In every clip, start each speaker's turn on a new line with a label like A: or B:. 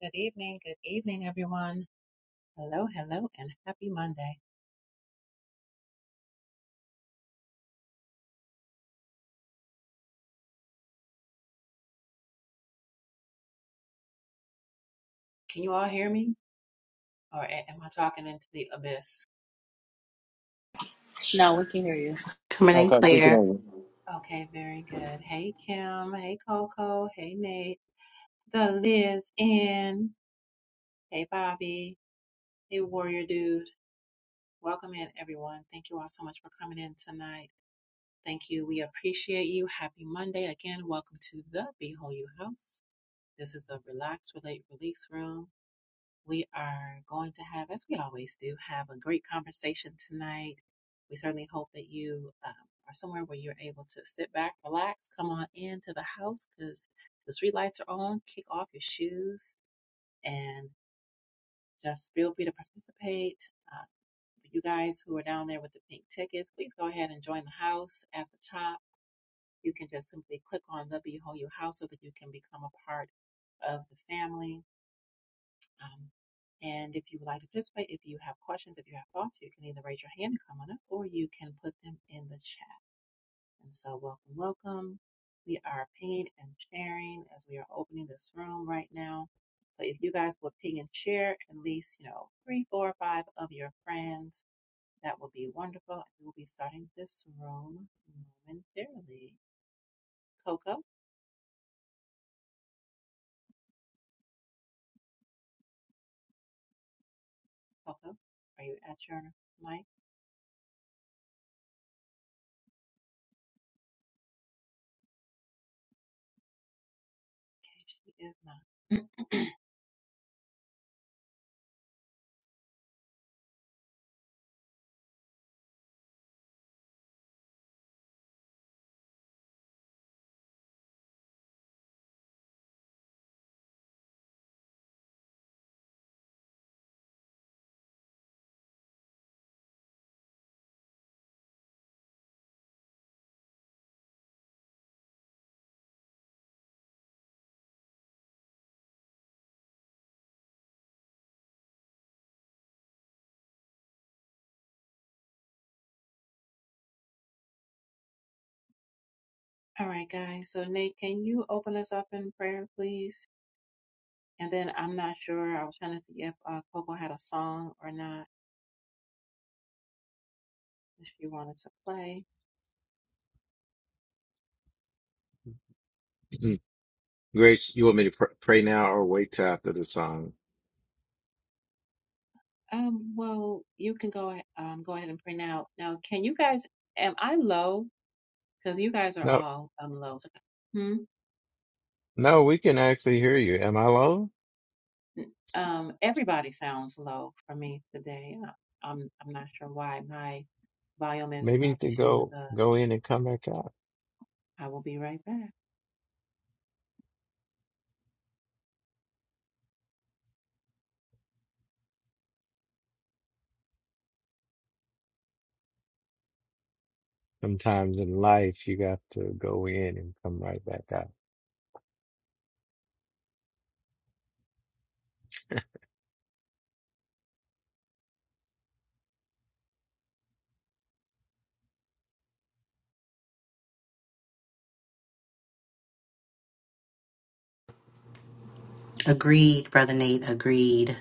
A: Good evening, good evening, everyone. Hello, hello, and happy Monday. Can you all hear me? Or a- am I talking into the abyss?
B: No, we can hear you.
C: Coming
D: No,
C: in
D: God, take it
C: clear.
D: over.
A: Okay, very good. Hey, Kim. Hey, Coco. Hey, Nate. The Liz in. Hey, Bobby. Hey, Warrior Dude. Welcome in, everyone. Thank you all so much for coming in tonight. Thank you. We appreciate you. Happy Monday. Again, welcome to the Behold You House. This is the Relax, Relate, Release Room We are going to have, as we always do, have a great conversation tonight. We certainly hope that you um, are somewhere where you're able to sit back, relax, come on into the house because the street lights are on. Kick off your shoes and just feel free to participate. Uh, you guys who are down there with the pink tickets, please go ahead and join the house at the top. You can just simply click on the Behold Your House so that you can become a part of the family Um, and if you would like to participate, if you have questions, if you have thoughts, you can either raise your hand and come on up, or you can put them in the chat. And so, welcome, welcome. We are pinging and sharing as we are opening this room right now. So, if you guys would ping and share at least, you know, three, four, five of your friends, that would be wonderful. And we will be starting this room momentarily. Coco, Coco, are you at your mic? She is not. All right, guys. So, Nate, can you open us up in prayer, please? And then I'm not sure. I was trying to see if uh, Coco had a song or not, if she wanted to play.
D: Mhm. Grace, you want me to pr pray now or wait till after the song?
A: Um, well, you can go ahead, um, go ahead and print out. Now, can you guys, am I low? Because you guys are
D: No,
A: all um, low. So, Hmm?
D: no, we can actually hear you. Am I low?
A: Um, everybody sounds low for me today. Uh, I'm, I'm not sure why. My volume is
D: Maybe you
A: up
D: need to
A: to
D: go
A: the,
D: go in and come back out.
A: I will be right back.
D: Sometimes in life, you got to go in and come right back out.
C: Agreed, Brother Nate. Agreed.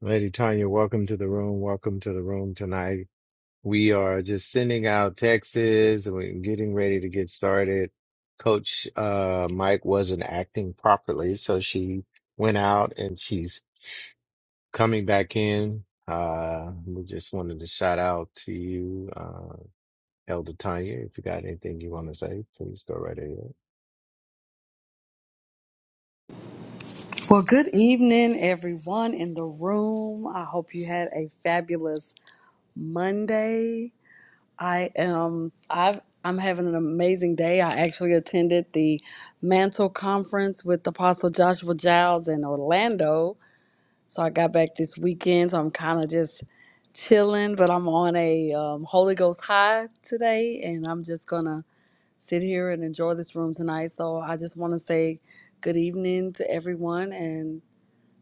D: Lady Tanya, welcome to the room. Welcome to the room tonight. We are just sending out texts and we're getting ready to get started. Coach uh, Mike wasn't acting properly, so she went out and she's coming back in. Uh, we just wanted to shout out to you, uh, Elder Tanya. If you got anything you want to say, please go right ahead.
E: Well, good evening, everyone in the room. I hope you had a fabulous Monday. I am I've I'm having an amazing day. I actually attended the Mantle Conference with Apostle Joshua Giles in Orlando. So I got back this weekend. So I'm kind of just chilling, but I'm on a um, Holy Ghost high today, and I'm just gonna sit here and enjoy this room tonight. So I just want to say good evening to everyone, and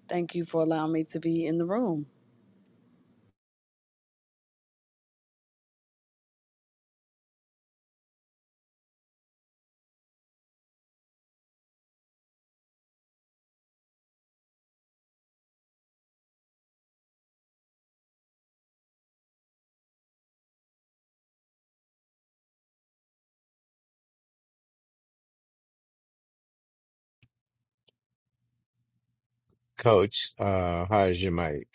E: Thank you for allowing me to be in the room.
D: Coach, uh, how's your mic?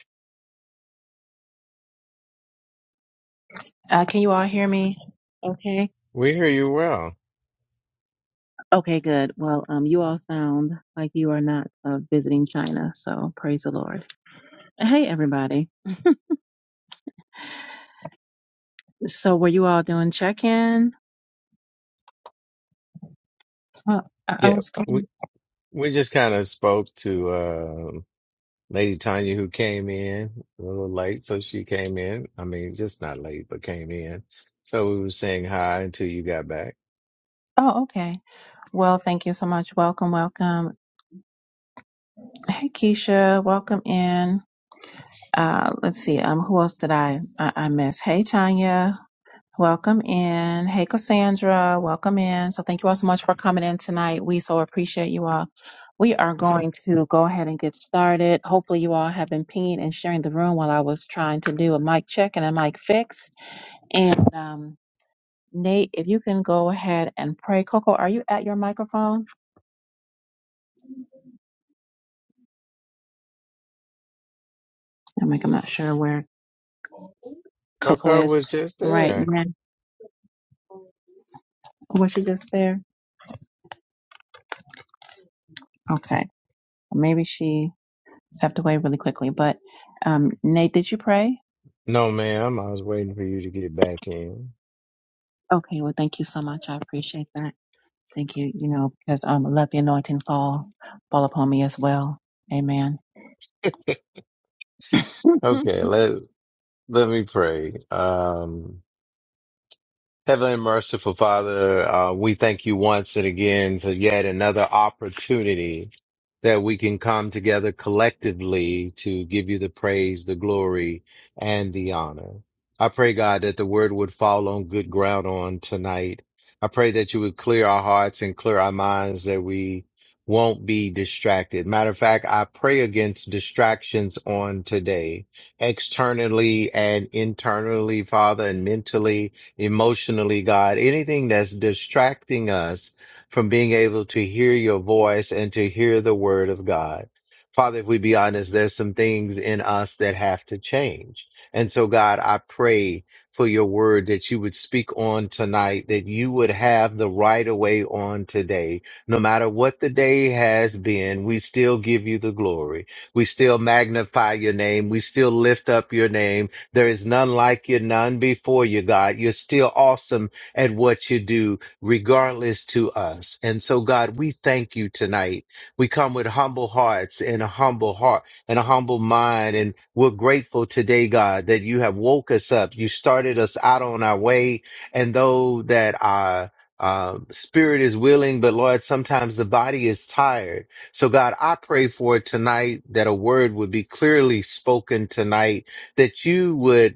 A: Uh, can you all hear me? Okay.
D: We hear you well.
A: Okay, good. Well, um, you all sound like you are not uh, visiting China, so praise the Lord. Hey, everybody. So, were you all doing check-in? Well, I, I
D: Yeah,
A: was.
D: we
A: going-
D: we just kind of spoke to. uh, Lady Tanya, who came in a little late, so she came in. I mean, just not late, but came in. So we were saying hi until you got back.
A: Oh, okay. Well, thank you so much. Welcome, welcome. Hey, Keisha, welcome in. Uh, let's see. Um, who else did I I, I miss? Hey, Tanya. Welcome in. Hey, Cassandra. Welcome in. So, thank you all so much for coming in tonight. We so appreciate you all. We are going to go ahead and get started. Hopefully, you all have been pinging and sharing the room while I was trying to do a mic check and a mic fix. And um, Nate, if you can go ahead and pray. Coco, are you at your microphone? I'm like, I'm not sure where Coco
D: Coco
A: is
D: was just
A: right
D: there.
A: now. Was she just there? Okay. Maybe she stepped away really quickly. But um, Nate, did you pray?
D: No, ma'am, I was waiting for you to get back in.
A: Okay, well, thank you so much. I appreciate that. Thank you, you know, because um, let the anointing fall fall upon me as well. Amen.
D: Okay, let let me pray. Um, Heavenly and merciful Father, uh, we thank you once and again for yet another opportunity that we can come together collectively to give you the praise, the glory, and the honor. I pray, God, that the word would fall on good ground on tonight. I pray that you would clear our hearts and clear our minds that we won't be distracted. Matter of fact, I pray against distractions on today, externally and internally, Father, and mentally emotionally, God, anything that's distracting us from being able to hear your voice and to hear the word of God. Father, if we be honest, there's some things in us that have to change. And so, God, I pray for your word that you would speak on tonight, that you would have the right of way on today. No matter what the day has been, we still give you the glory. We still magnify your name. We still lift up your name. There is none like you, none before you, God. You're still awesome at what you do, regardless to us. And so, God, we thank you tonight. We come with humble hearts and a humble heart and a humble mind. And we're grateful today, God, that you have woke us up. You started us out on our way. And though that our uh, spirit is willing, but Lord, sometimes the body is tired. So God, I pray for tonight that a word would be clearly spoken tonight that you would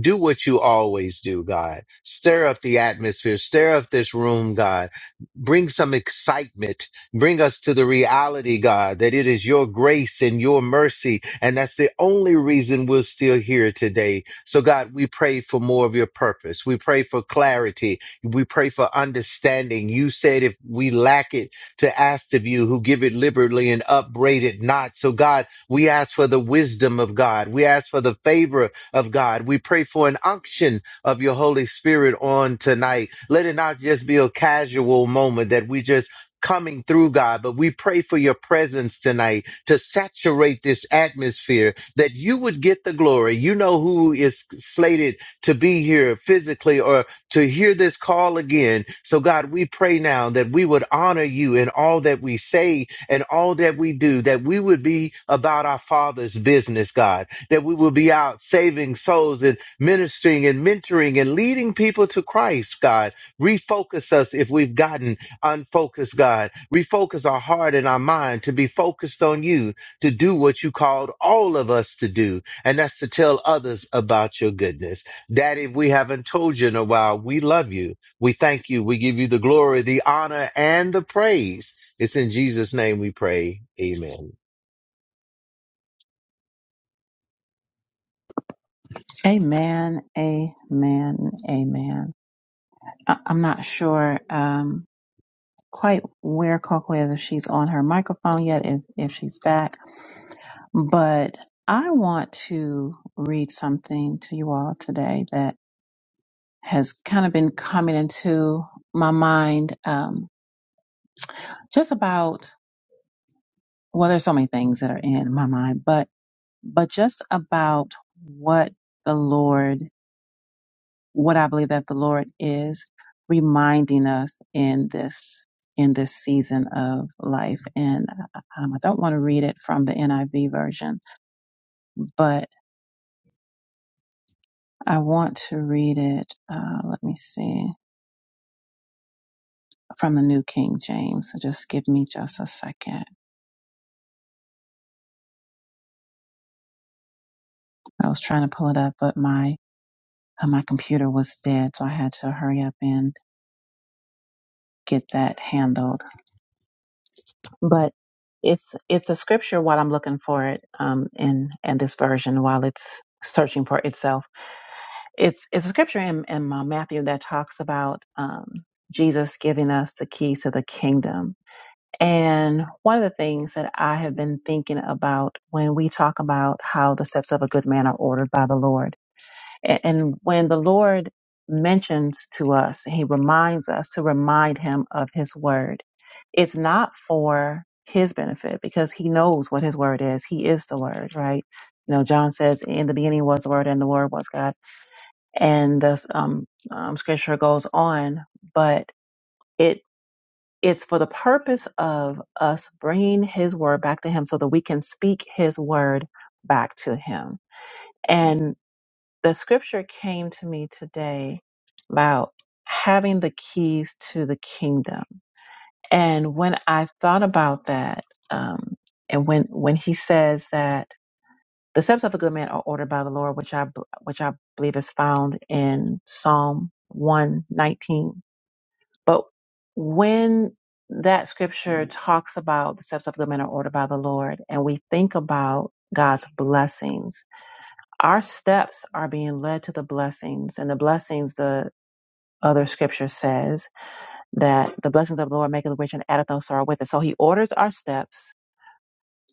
D: do what you always do, God. Stir up the atmosphere. Stir up this room, God. Bring some excitement. Bring us to the reality, God, that it is your grace and your mercy. And that's the only reason we're still here today. So, God, we pray for more of your purpose. We pray for clarity. We pray for understanding. You said if we lack it, to ask of you who give it liberally and upbraid it not. So, God, we ask for the wisdom of God. We ask for the favor of God. We pray for an unction of your Holy Spirit on tonight. Let it not just be a casual moment that we just coming through God, but we pray for your presence tonight to saturate this atmosphere that you would get the glory. You know who is slated to be here physically or to hear this call again. So God, we pray now that we would honor you in all that we say and all that we do, that we would be about our Father's business, God that we will be out saving souls and ministering and mentoring and leading people to Christ, God. Refocus us if we've gotten unfocused, God. Refocus our heart and our mind to be focused on you, to do what you called all of us to do, and that's to tell others about your goodness. Daddy, if we haven't told you in a while, we love you. We thank you. We give you the glory, the honor, and the praise. It's in Jesus' name we pray. Amen.
A: amen. Amen. Amen. I- I'm not sure. Um, quite where Coco is, if she's on her microphone yet, if, if she's back. But I want to read something to you all today that has kind of been coming into my mind um, just about, well, there's so many things that are in my mind, but, but just about what the Lord what I believe that the Lord is reminding us in this in this season of life. And uh, um, I don't want to read it from the NIV version, but I want to read it. Uh, let me see from the New King James. So just give me just a second. I was trying to pull it up, but my uh, my computer was dead, so I had to hurry up and get that handled. but it's it's a scripture while I'm looking for it um in in this version while it's searching for itself. It's it's a scripture in, in uh, Matthew that talks about um Jesus giving us the keys to the kingdom. And one of the things that I have been thinking about when we talk about how the steps of a good man are ordered by the Lord a- And when the Lord mentions to us, He reminds us to remind Him of His word. It's not for His benefit because He knows what His word is. He is the word, right? You know, John says, "In the beginning was the word, and the word was God." And the um, um, scripture goes on, but it it's for the purpose of us bringing His word back to Him, so that we can speak His word back to Him. And the scripture came to me today about having the keys to the kingdom. And when I thought about that, um, and when when he says that the steps of a good man are ordered by the Lord, which I b- which I believe is found in Psalm one nineteen. But when that scripture talks about the steps of a good man are ordered by the Lord, and we think about God's blessings our steps are being led to the blessings and the blessings the other scripture says that the blessings of the lord make it rich and addeth no sorrow with it so he orders our steps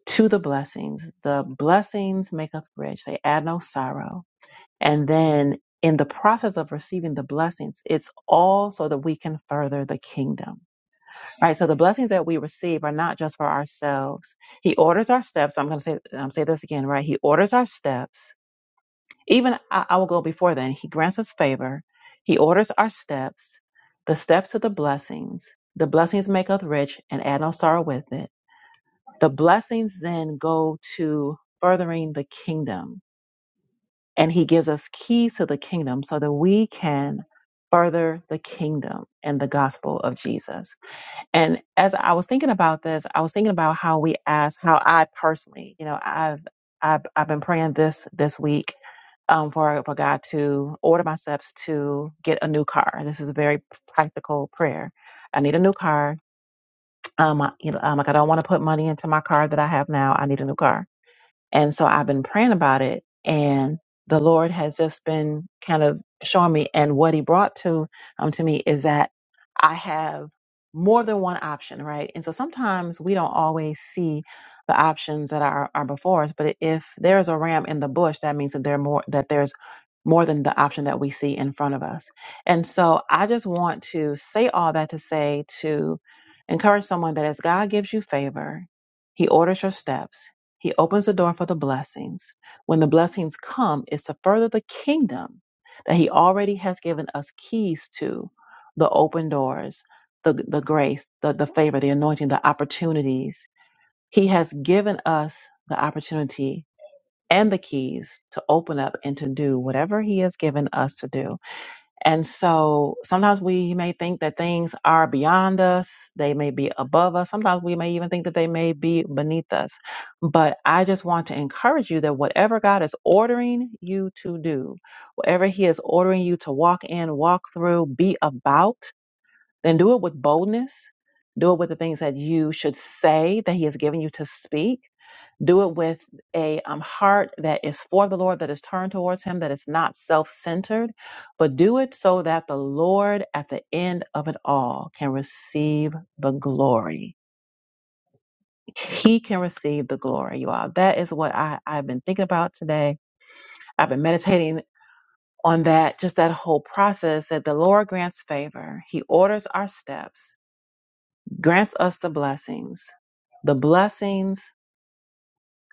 A: to the blessings the blessings make us rich they add no sorrow and then in the process of receiving the blessings it's all so that we can further the kingdom right so the blessings that we receive are not just for ourselves he orders our steps So i'm going to say i'm say this again right he orders our steps Even I, I will go before then. He grants us favor. He orders our steps, the steps of the blessings. The blessings make us rich and add no sorrow with it. The blessings then go to furthering the kingdom. And he gives us keys to the kingdom so that we can further the kingdom and the gospel of Jesus. And as I was thinking about this, I was thinking about how we ask, how I personally, you know, I've I've I've been praying this this week um, for for God to order my steps to get a new car. This is a very practical prayer. I need a new car. Um, I, you know, um, like I don't want to put money into my car that I have now. I need a new car and so I've been praying about it and the Lord has just been kind of showing me and what he brought to um to me is that I have more than one option, right? And so sometimes we don't always see the options that are, are before us, but if there's a ram in the bush, that means that there are more that there's more than the option that we see in front of us. And so I just want to say all that to say to encourage someone that as God gives you favor, he orders your steps he opens the door for the blessings. When the blessings come, it's to further the kingdom that He already has given us keys to the open doors, the, the grace, the, the favor, the anointing, the opportunities. He has given us the opportunity and the keys to open up and to do whatever He has given us to do. And so sometimes we may think that things are beyond us, they may be above us. Sometimes we may even think that they may be beneath us. But I just want to encourage you that whatever God is ordering you to do, whatever He is ordering you to walk in, walk through, be about, then do it with boldness. Do it with the things that you should say that He has given you to speak do it with a um, heart that is for the Lord, that is turned towards Him, that is not self centered, but do it so that the Lord at the end of it all can receive the glory. He can receive the glory, you all. That is what I, I've been thinking about today. I've been meditating on that, just that whole process that the Lord grants favor. He orders our steps, grants us the blessings. The blessings,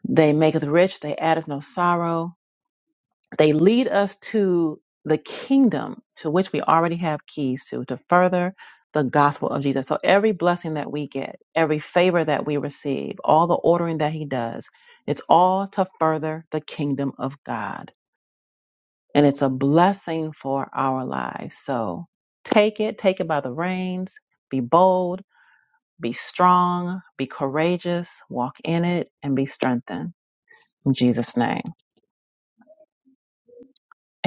A: they make us rich, they add us no sorrow They lead us to the kingdom to which we already have keys to, to further the gospel of Jesus. So every blessing that we get, every favor that we receive, all the ordering that he does, it's all to further the kingdom of God. And it's a blessing for our lives. So take it, take it by the reins, be bold, be strong, be courageous, walk in it, and be strengthened. In Jesus' name,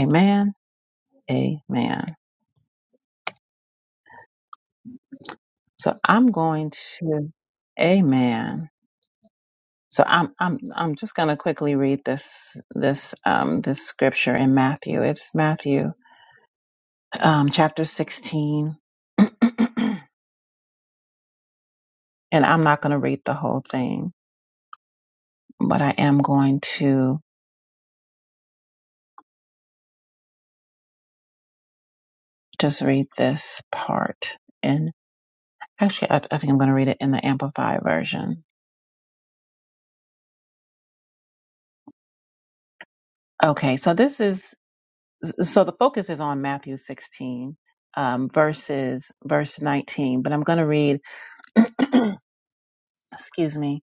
A: amen. Amen. So I'm going to Amen. So I'm I'm I'm just gonna quickly read this this um this scripture in Matthew. It's Matthew um chapter sixteen. and I'm not gonna read the whole thing, but I am going to just read this part. And actually I, I think I'm gonna read it in the amplified version. Okay, so this is so the focus is on Matthew sixteen, um, verses verse nineteen, but I'm gonna read excuse me.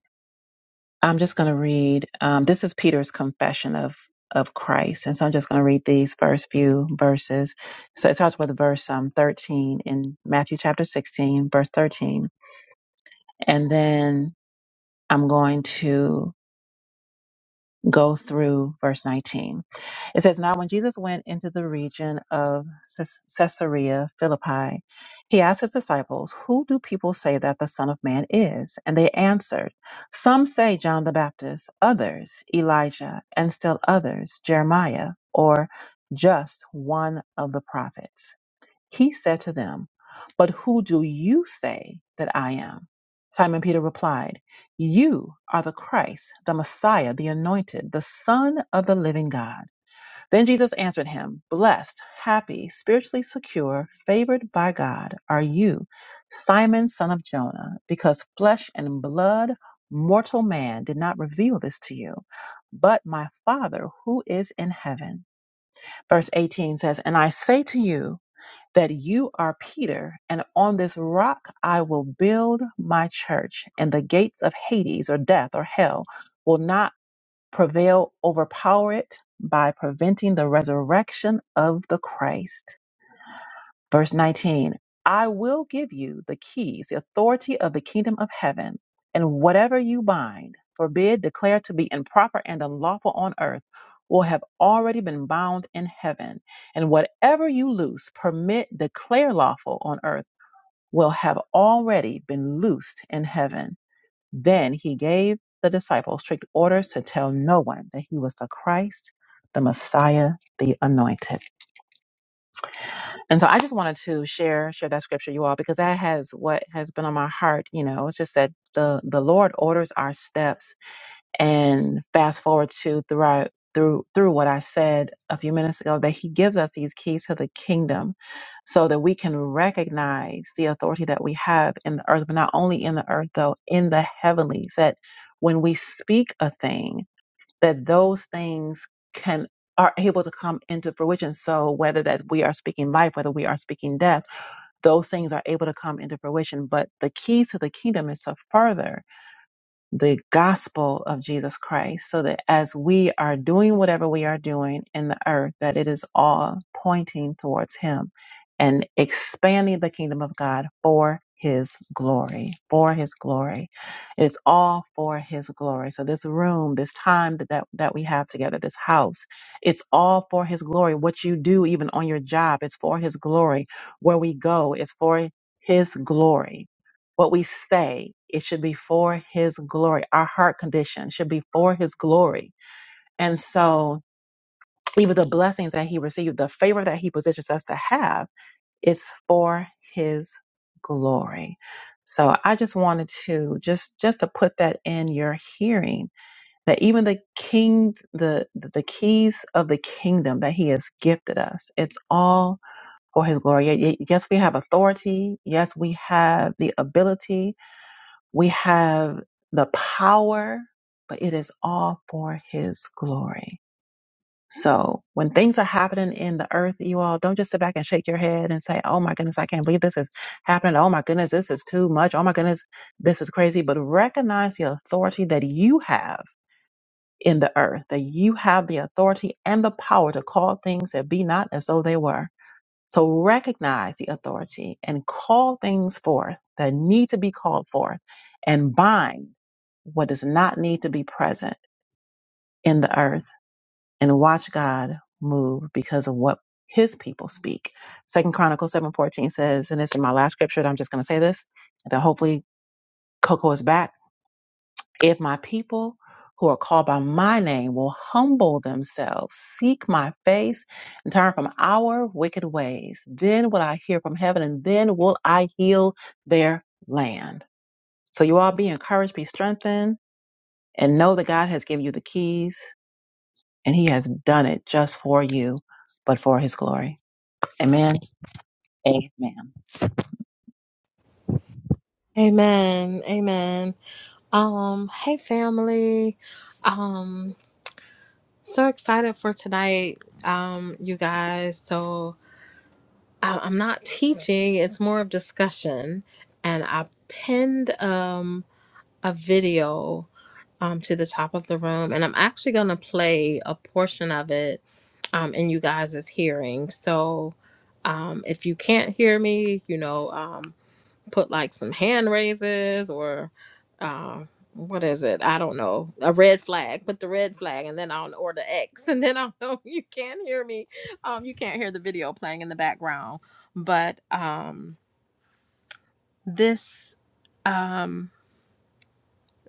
A: I'm just going to read. Um, this is Peter's confession of of Christ, and so I'm just going to read these first few verses. So it starts with verse um, 13 in Matthew chapter 16, verse 13, and then I'm going to go through verse 19. It says, Now when Jesus went into the region of Ces- Caesarea Philippi, he asked his disciples, 'Who do people say that the Son of Man is? And they answered, 'Some say John the Baptist, others Elijah, and still others Jeremiah, or just one of the prophets. He said to them, But who do you say that I am? Simon Peter replied, You are the Christ, the Messiah, the Anointed, the Son of the living God. Then Jesus answered him, Blessed, happy, spiritually secure, favored by God are you, Simon, son of Jonah, because flesh and blood, mortal man, did not reveal this to you, but my Father who is in heaven. Verse 18 says, And I say to you, that you are Peter, and on this rock I will build my church, and the gates of Hades or death or hell will not prevail, overpower it by preventing the resurrection of the Christ. Verse 19 I will give you the keys, the authority of the kingdom of heaven, and whatever you bind, forbid, declare to be improper and unlawful on earth, will have already been bound in heaven. And whatever you loose, permit, declare lawful on earth, will have already been loosed in heaven. Then he gave the disciples strict orders to tell no one that he was the Christ, the Messiah, the anointed. And so I just wanted to share share that scripture, you all, because that has what has been on my heart. You know, it's just that the the Lord orders our steps. And fast forward to through our, through through what I said a few minutes ago, that He gives us these keys to the kingdom, so that we can recognize the authority that we have in the earth, but not only in the earth though, in the heavenlies. That when we speak a thing that those things can are able to come into fruition. So whether that we are speaking life, whether we are speaking death, those things are able to come into fruition. But the keys to the kingdom is to further the gospel of Jesus Christ so that as we are doing whatever we are doing in the earth, that it is all pointing towards Him and expanding the kingdom of God for His glory, for His glory. It's all for His glory. So this room, this time that, that, that we have together, this house, it's all for His glory. What you do, even on your job, it's for His glory. Where we go, it's for His glory what we say, it should be for his glory. Our heart condition should be for his glory. And so even the blessings that he received, the favor that he positions us to have, it's for his glory. So I just wanted to just just to put that in your hearing that even the kings the the keys of the kingdom that he has gifted us it's all for his glory. Ye- ye- Yes, we have authority. Yes, we have the ability we have the power, but it is all for His glory. So when things are happening in the earth, you all don't just sit back and shake your head and say, Oh my goodness, I can't believe this is happening. Oh my goodness, this is too much. Oh my goodness, this is crazy. But recognize the authority that you have in the earth, that you have the authority and the power to call things that be not as though they were. So recognize the authority and call things forth that need to be called forth and bind what does not need to be present in the earth and watch God move because of what his people speak. Second Chronicles 7:14 says, and this is my last scripture, and I'm just gonna say this, and then hopefully Coco is back if my people who are called by my name will humble themselves, seek my face, and turn from our wicked ways, then will I hear from heaven and then will I heal their land. So you all be encouraged, be strengthened, and know that God has given you the keys and he has done it just for you, but for his glory. Amen. Amen.
F: Amen. Amen. Um, hey family. Um, so excited for tonight, um, you guys. So I- I'm not teaching, it's more of discussion. And I pinned um a video um to the top of the room, and I'm actually gonna play a portion of it um in you guys' hearing. So um if you can't hear me, you know, um, put like some hand raises or uh, what is it? I don't know. A red flag. Put the red flag, and then I'll or the X, and then I'll know you can't hear me. Um, you can't hear the video playing in the background, but um, this um,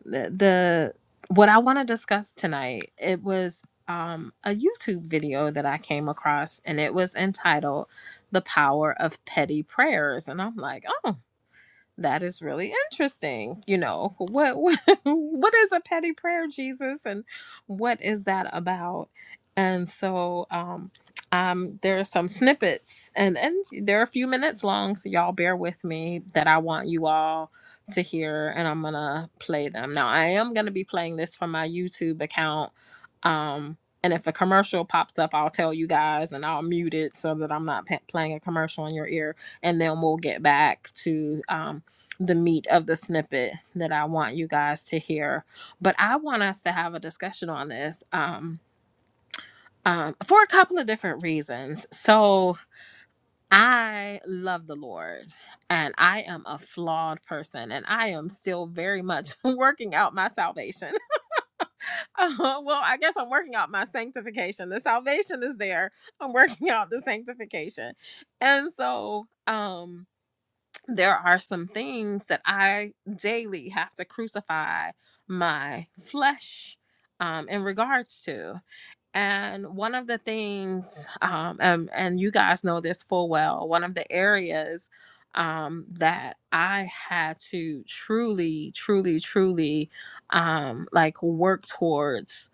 F: the, the what I want to discuss tonight it was um a YouTube video that I came across, and it was entitled "The Power of Petty Prayers," and I'm like, oh. that is really interesting. You know, what what, what is a petty prayer, Jesus, and what is that about? And so um um there are some snippets and and they're a few minutes long, so y'all bear with me that I want you all to hear and I'm going to play them. Now, I am going to be playing this from my YouTube account. Um and if a commercial pops up, I'll tell you guys and I'll mute it so that I'm not pa- playing a commercial in your ear and then we'll get back to um the meat of the snippet that I want you guys to hear. But I want us to have a discussion on this um, um, for a couple of different reasons. So I love the Lord and I am a flawed person and I am still very much working out my salvation. Uh, well, I guess I'm working out my sanctification. The salvation is there. I'm working out the sanctification. And so, um, there are some things that I daily have to crucify my flesh um, in regards to. And one of the things, um, and, and you guys know this full well, one of the areas um, that I had to truly, truly, truly um, like work towards.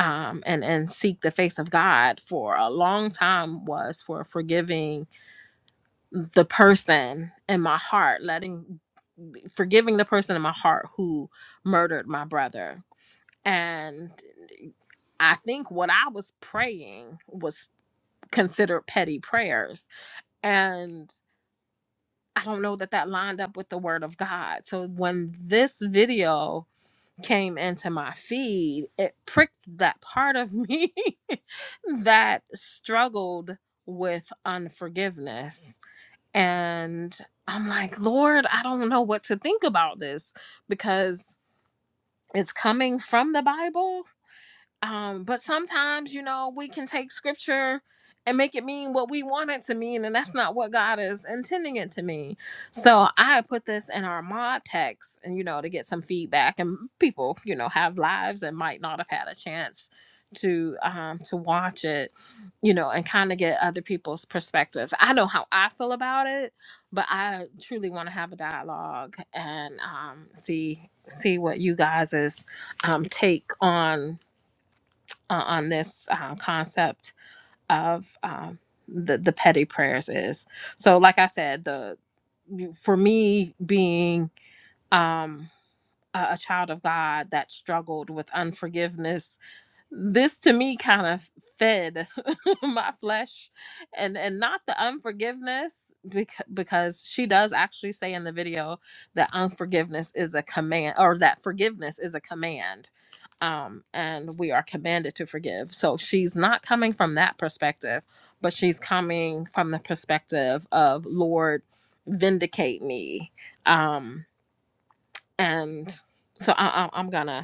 F: Um, and and seek the face of God for a long time was for forgiving the person in my heart, letting forgiving the person in my heart who murdered my brother. And I think what I was praying was considered petty prayers. And I don't know that that lined up with the word of God. So when this video came into my feed, it pricked that part of me that struggled with unforgiveness and I'm like, Lord, I don't know what to think about this because it's coming from the Bible um, but sometimes, you know, we can take scripture and make it mean what we want it to mean, and that's not what God is intending it to mean. So I put this in our mod text and you know, to get some feedback and people, you know, have lives and might not have had a chance to um to watch it, you know, and kind of get other people's perspectives. I know how I feel about it, but I truly want to have a dialogue and um see see what you guys' um take on uh, on this uh, concept of um, the the petty prayers is. So, like I said, the for me being um, a, a child of God that struggled with unforgiveness, this to me kind of fed. my flesh and and not the unforgiveness because because she does actually say in the video that unforgiveness is a command or that forgiveness is a command um and we are commanded to forgive so she's not coming from that perspective but she's coming from the perspective of lord vindicate me um and so I, I, i'm gonna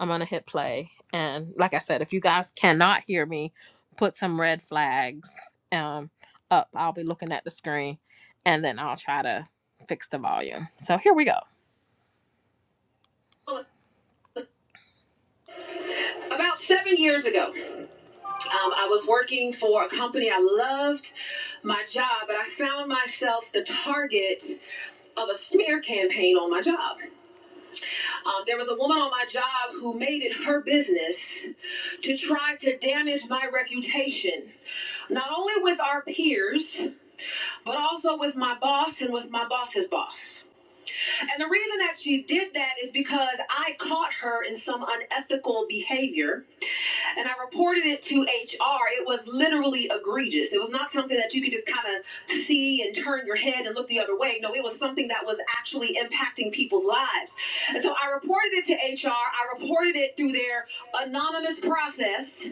F: I'm gonna hit play. And like I said, if you guys cannot hear me, put some red flags um up. I'll be looking at the screen and then I'll try to fix the volume. So here we go. About seven years ago, um, I was working for a company I loved my job, but I found myself the target of a smear campaign on my job. Um, there was a woman on my job who made it her business to try to damage my reputation not only with our peers, but also with my boss and with my boss's boss. And the reason that she did that is because I caught her in some unethical behavior and I reported it to HR. It was literally egregious. It was not something that you could just kind of see and turn your head and look the other way. No, it was something that was actually impacting people's lives. And so I reported it to HR. I reported it through their anonymous process.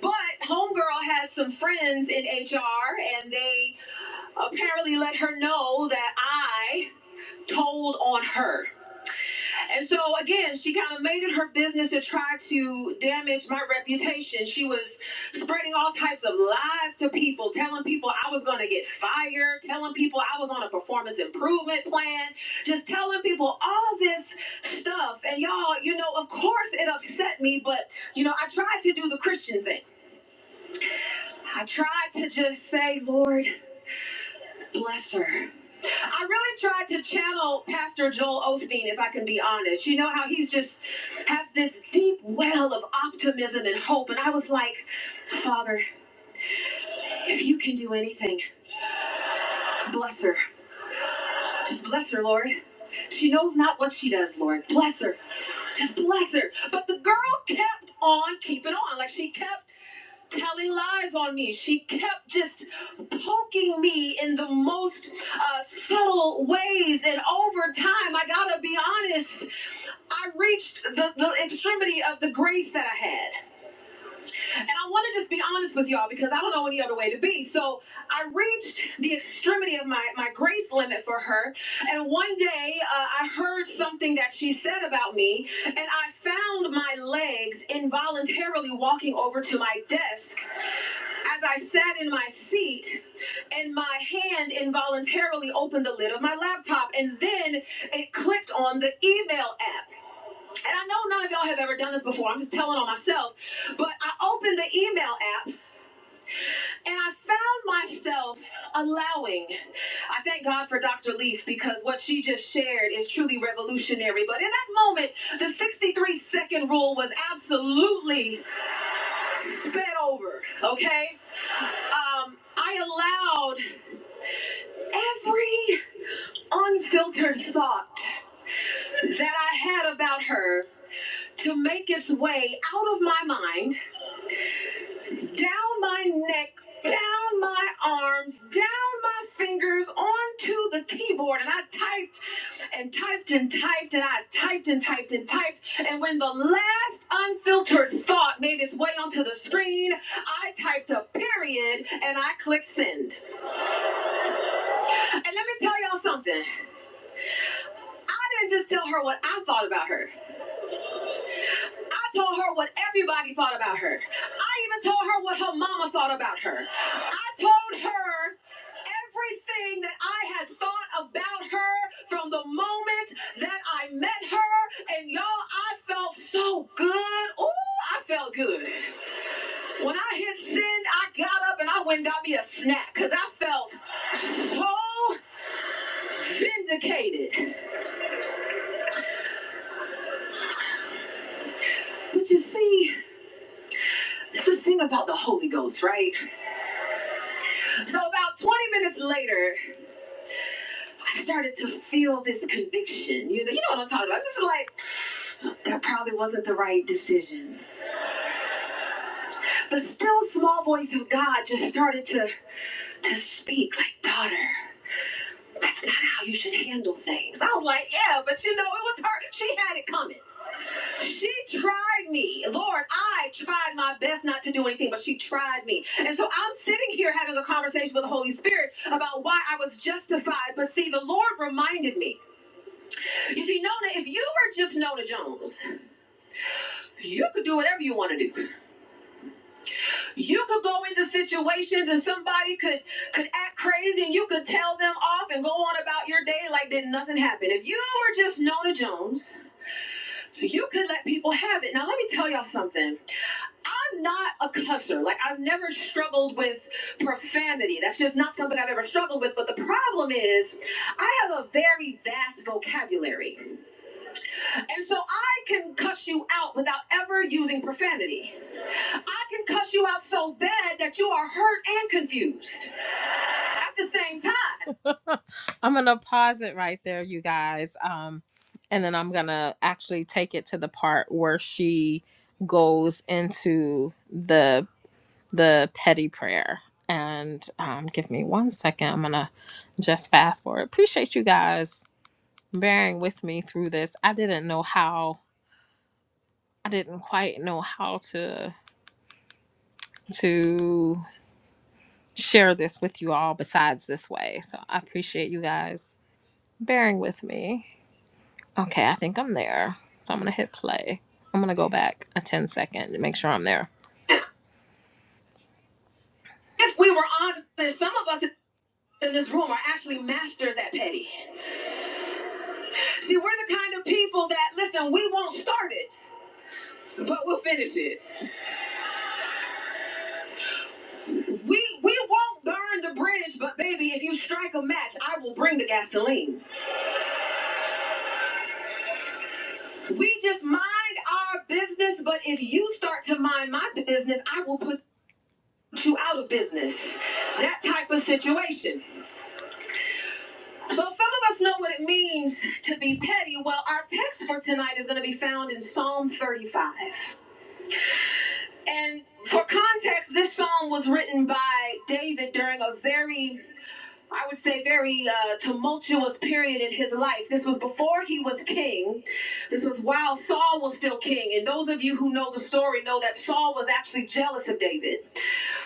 F: But Homegirl had some friends in HR and they apparently let her know that I told on her. And so again, she kind of made it her business to try to damage my reputation. She was spreading all types of lies to people, telling people I was going to get fired, telling people I was on a performance improvement plan, just telling people all this stuff. And y'all, you know, of course it upset me, but you know, I tried to do the Christian thing. I tried to just say, Lord, bless her. I really tried to channel Pastor Joel Osteen, if I can be honest. You know how he's just has this deep well of optimism and hope. And I was like, Father, if you can do anything, bless her. Just bless her, Lord. She knows not what she does, Lord. Bless her. Just bless her. But the girl kept on keeping on. Like she kept telling lies on me. She kept just poking me in the most uh, subtle ways. And over time, I gotta be honest, I reached the, the extremity of the grace that I had. And I want to just be honest with y'all because I don't know any other way to be. So I reached the extremity of my, my grace limit for her. And one day uh, I heard something that she said about me. And I found my legs involuntarily walking over to my desk as I sat in my seat and my hand involuntarily opened the lid of my laptop. And then it clicked on the email app. And I know none of y'all have ever done this before. I'm just telling on myself. But I opened the email app and I found myself allowing. I thank God for Dr. Leaf because what she just shared is truly revolutionary. But in that moment, the 63 second rule was absolutely sped over, okay? Um, I allowed every unfiltered thought that I had about her to make its way out of my mind down my neck, down my arms, down my fingers onto the keyboard. And I typed and typed and typed and I typed and typed and typed. And when the last unfiltered thought made its way onto the screen, I typed a period and I clicked send. And let me tell y'all something. I didn't just tell her what I thought about her. I told her what everybody thought about her. I even told her what her mama thought about her. I told her everything that I had thought about her from the moment that I met her. And y'all, I felt so good. Ooh, I felt good. When I hit send, I got up and I went and got me a snack because I felt so vindicated. But you see, this is the thing about the Holy Ghost, right? So about 20 minutes later, I started to feel this conviction. You know, you know what I'm talking about. This is like that probably wasn't the right decision. The still small voice of God just started to to speak like, daughter, that's not how you should handle things. I was like, yeah, but you know, it was her. She had it coming. She tried me. Lord, I tried my best not to do anything, but she tried me. And so I'm sitting here having a conversation with the Holy Spirit about why I was justified. But see, the Lord reminded me. You see, Nona, if you were just Nona Jones, you could do whatever you want to do. You could go into situations and somebody could could act crazy and you could tell them off and go on about your day like did nothing happen. If you were just Nona Jones, you could let people have it. Now let me tell y'all something. I'm not a cusser. Like I've never struggled with profanity. That's just not something I've ever struggled with. But the problem is I have a very vast vocabulary. And so I can cuss you out without ever using profanity. I can cuss you out so bad that you are hurt and confused at the same time. I'm going to pause it right there, you guys. Um, and then I'm going to actually take it to the part where she goes into the the petty prayer. And um, give me one second. I'm going to just fast forward. Appreciate you guys bearing with me through this. I didn't know how. I didn't quite know how to to share this with you all besides this way. So I appreciate you guys bearing with me. Okay, I think I'm there. So I'm gonna hit play. I'm gonna go back a 10 second to make sure I'm there. If we were honest, some of us in this room are actually masters at petty. See, we're the kind of people that listen, we won't start it, but we'll finish it. We we won't burn the bridge, but baby, if you strike a match, I will bring the gasoline. We just mind our business, but if you start to mind my business, I will put you out of business. That type of situation. So some of us know what it means to be petty. Well, our text for tonight is going to be found in Psalm 35. And for context, this psalm was written by David during a very I would say, very uh, tumultuous period in his life. This was before he was king. This was while Saul was still king. And those of you who know the story know that Saul was actually jealous of David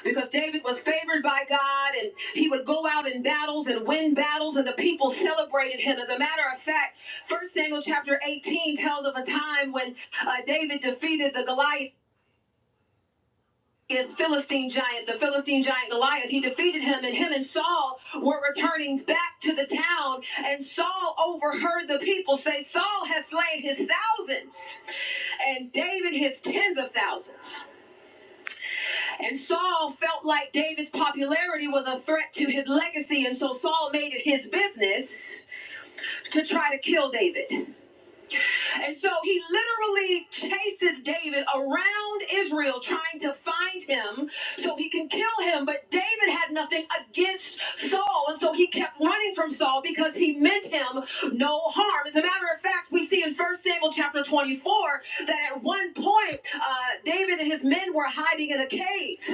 F: because David was favored by God and he would go out in battles and win battles, and the people celebrated him. As a matter of fact, First Samuel chapter 18 tells of a time when uh, David defeated the Goliath. Is Philistine giant, the Philistine giant Goliath. He defeated him, and him and Saul were returning back to the town. And Saul overheard the people say, Saul has slain his thousands, and David his tens of thousands. And Saul felt like David's popularity was a threat to his legacy, and so Saul made it his business to try to kill David. And so he literally chases David around Israel trying to find him so he can kill him. But David had nothing against Saul. And so he kept running from Saul because he meant him no harm. As a matter of fact, we see in First Samuel chapter 24 that at one point, uh, David and his men were hiding in a cave.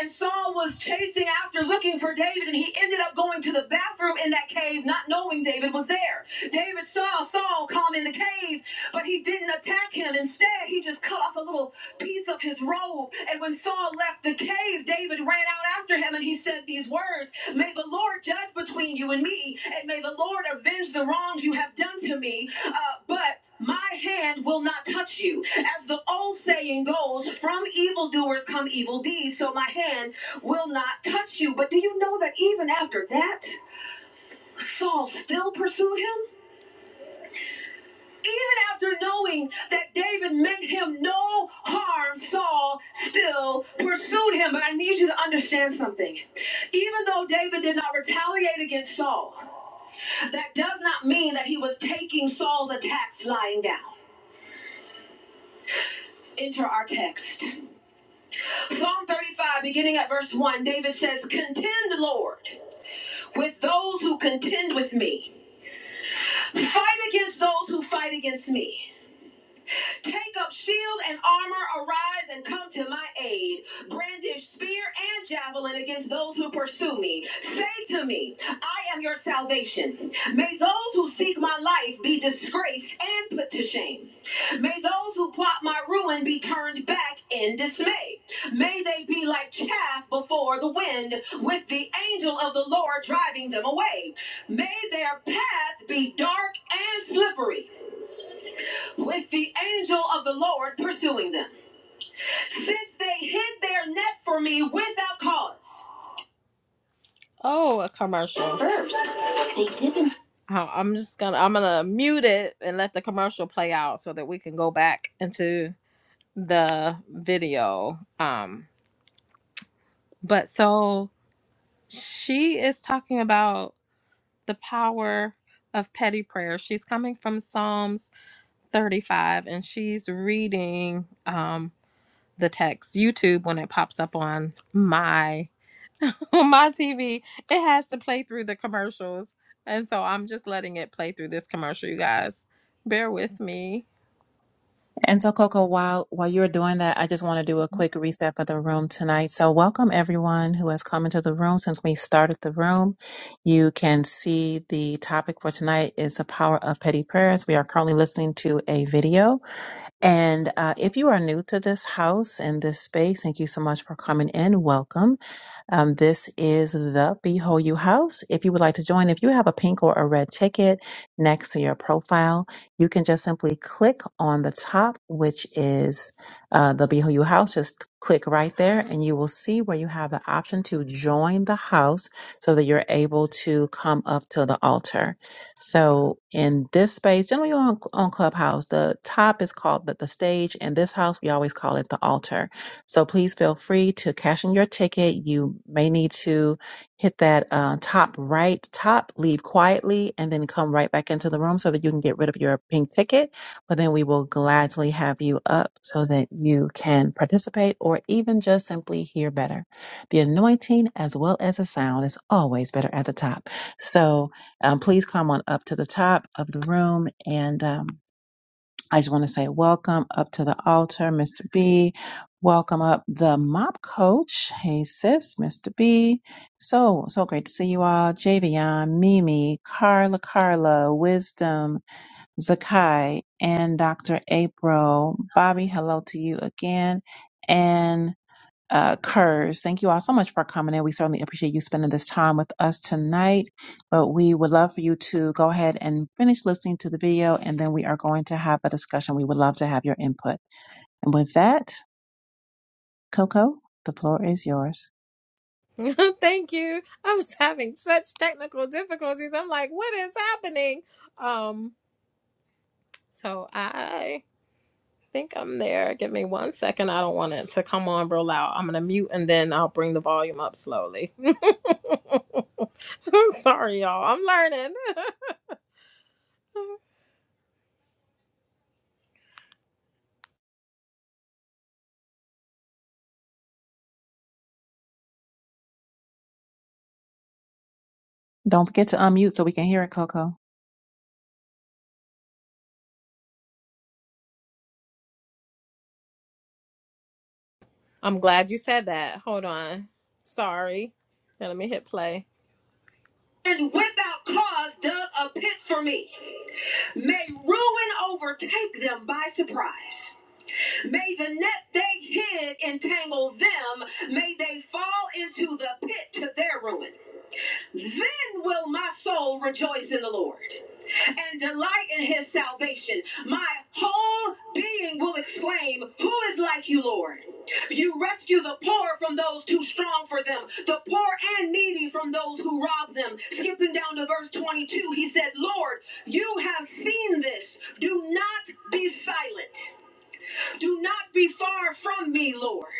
F: And Saul was chasing after looking for David, and he ended up going to the bathroom in that cave, not knowing David was there. David saw Saul come in the cave, but he didn't attack him. Instead, he just cut off a little piece of his robe. And when Saul left the cave, David ran out after him and he said these words May the Lord judge between you and me, and may the Lord avenge the wrongs you have done to me. Uh, but my hand will not touch you. As the old saying goes, from evildoers come evil deeds, so my hand will not touch you. But do you know that even after that, Saul still pursued him? Even after knowing that David meant him no harm, Saul still pursued him. But I need you to understand something. Even though David did not retaliate against Saul, that does not mean that he was taking Saul's attacks lying down. Enter our text. Psalm 35, beginning at verse 1, David says, Contend, Lord, with those who contend with me. Fight against those who fight against me. Take up shield and armor, arise and come to my aid. Brandish spear and javelin against those who pursue me. Say to me, I am your salvation. May those who seek my life be disgraced and put to shame. May those who plot my ruin be turned back in dismay. May they be like chaff before the wind, with the angel of the Lord driving them away. May their path be dark and slippery with the angel of the Lord pursuing them, since they hid their net for me without cause. Oh, a commercial. First, they didn't. I- am just gonna I'm gonna mute it and let the commercial play out so that we can go back into the video. Um, but so she is talking about the power of petty prayer. She's coming from Psalms 35 and she's reading. um the text. YouTube, when it pops up on my on my TV, it has to play through the commercials. And so I'm just letting it play through this commercial, you guys. Bear with me.
A: And so, Coco, while while you're doing that, I just want to do a quick reset for the room tonight. So, welcome everyone who has come into the room since we started the room. You can see the topic for tonight is the power of petty prayers. We are currently listening to a video And uh, if you are new to this house and this space, thank you so much for coming in. Welcome. Um, this is the Behold You House. If you would like to join, if you have a pink or a red ticket next to your profile, you can just simply click on the top, which is uh, the Behold You House. Just click right there, and you will see where you have the option to join the house so that you're able to come up to the altar. So in this space, generally on, on Clubhouse, the top is called the, the stage, and this house we always call it the altar so please feel free to cash in your ticket. You may need to hit that uh, top right, top, leave quietly, and then come right back into the room so that you can get rid of your pink ticket. But then we will gladly have you up so that you can participate or even just simply hear better. The anointing as well as the sound is always better at the top. So um, please come on up to the top of the room and. Um, I just want to say welcome up to the altar, Mr. B. Welcome up the mop coach. Hey sis, Mr. B. So, so great to see you all. Javion, Mimi, Carla, Carla, Wisdom, Zakai, and Dr. April. Bobby, hello to you again. And uh, Kurz. Thank you all so much for coming in. We certainly appreciate you spending this time with us tonight. But we would love for you to go ahead and finish listening to the video, and then we are going to have a discussion. We would love to have your input. And with that, Coco, the floor is yours.
F: Thank you. I was having such technical difficulties. I'm like, what is happening? Um, so I think I'm there. Give me one second. I don't want it to come on real loud. I'm gonna mute and then I'll bring the volume up slowly. Sorry, y'all. I'm learning.
A: Don't forget to unmute so we can hear it, Coco.
F: I'm glad you said that. Hold on. Sorry. Now let me hit play. And without cause dug a pit for me. May ruin overtake them by surprise. May the net they hid entangle them. May they fall into the pit to their ruin. Then will my soul rejoice in the Lord and delight in his salvation. My whole being will exclaim, Who is like you, Lord? You rescue the poor from those too strong for them, the poor and needy from those who rob them. Skipping down to verse 22, he said, Lord, you have seen this. Do not be silent. Do not be far from me, Lord.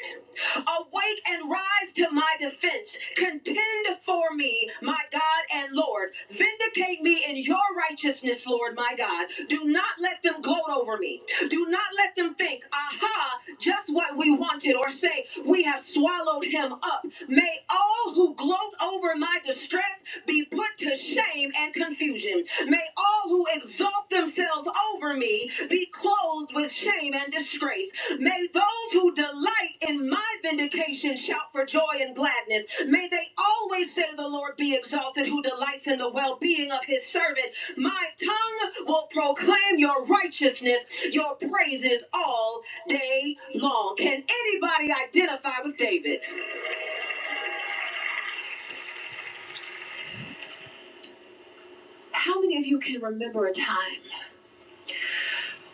F: Awake and rise to my defense. Contend for me, my God and Lord. Vindicate me in your righteousness, Lord, my God. Do not let them gloat over me. Do not let them think, aha, just what we wanted, or say, we have swallowed him up. May all who gloat over my distress be put to shame and confusion. May all who exalt themselves over me be clothed with shame and disgrace. May those who delight in my vindication shout for joy and gladness. May they always say, The Lord be exalted, who delights in the well being of his servant. My tongue will proclaim your righteousness, your praises all day long. Can anybody identify with David? How many of you can remember a time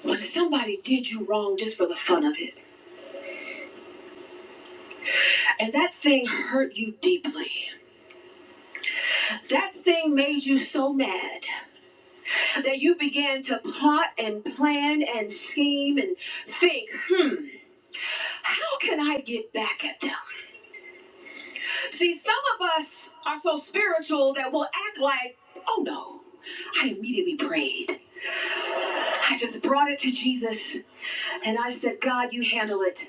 F: when somebody did you wrong just for the fun of it? And that thing hurt you deeply. That thing made you so mad that you began to plot and plan and scheme and think, hmm, how can I get back at them? See, some of us are so spiritual that we'll act like, oh no, I immediately prayed. I just brought it to Jesus and I said, God, you handle it.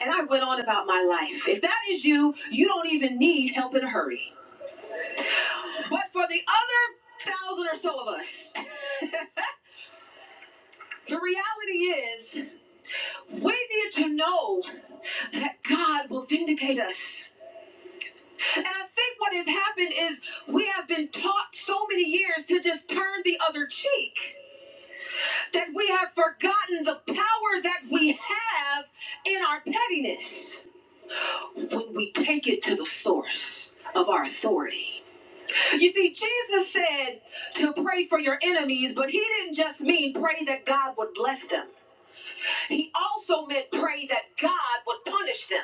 F: And I went on about my life. If that is you, you don't even need help in a hurry. But for the other thousand or so of us, the reality is we need to know that God will vindicate us. And I think what has happened is we have been taught so many years to just turn the other cheek that we have forgotten the power that we have in our pettiness when we take it to the source of our authority. You see, Jesus said to pray for your enemies, but he didn't just mean pray that God would bless them, he also meant pray that God would punish them.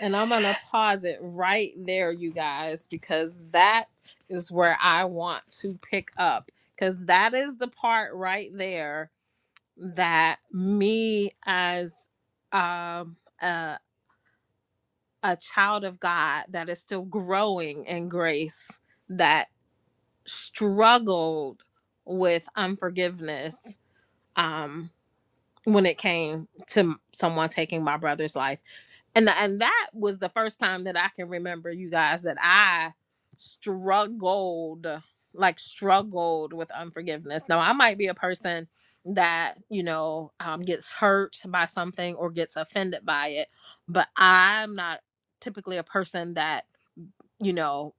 F: And I'm going to pause it right there, you guys, because that is where I want to pick up. Because that is the part right there that me as um, a, a child of God that is still growing in grace, that struggled with unforgiveness um, when it came to someone taking my brother's life and th- and that was the first time that I can remember you guys that I struggled like struggled with unforgiveness. Now I might be a person that you know um, gets hurt by something or gets offended by it, but I'm not typically a person that you know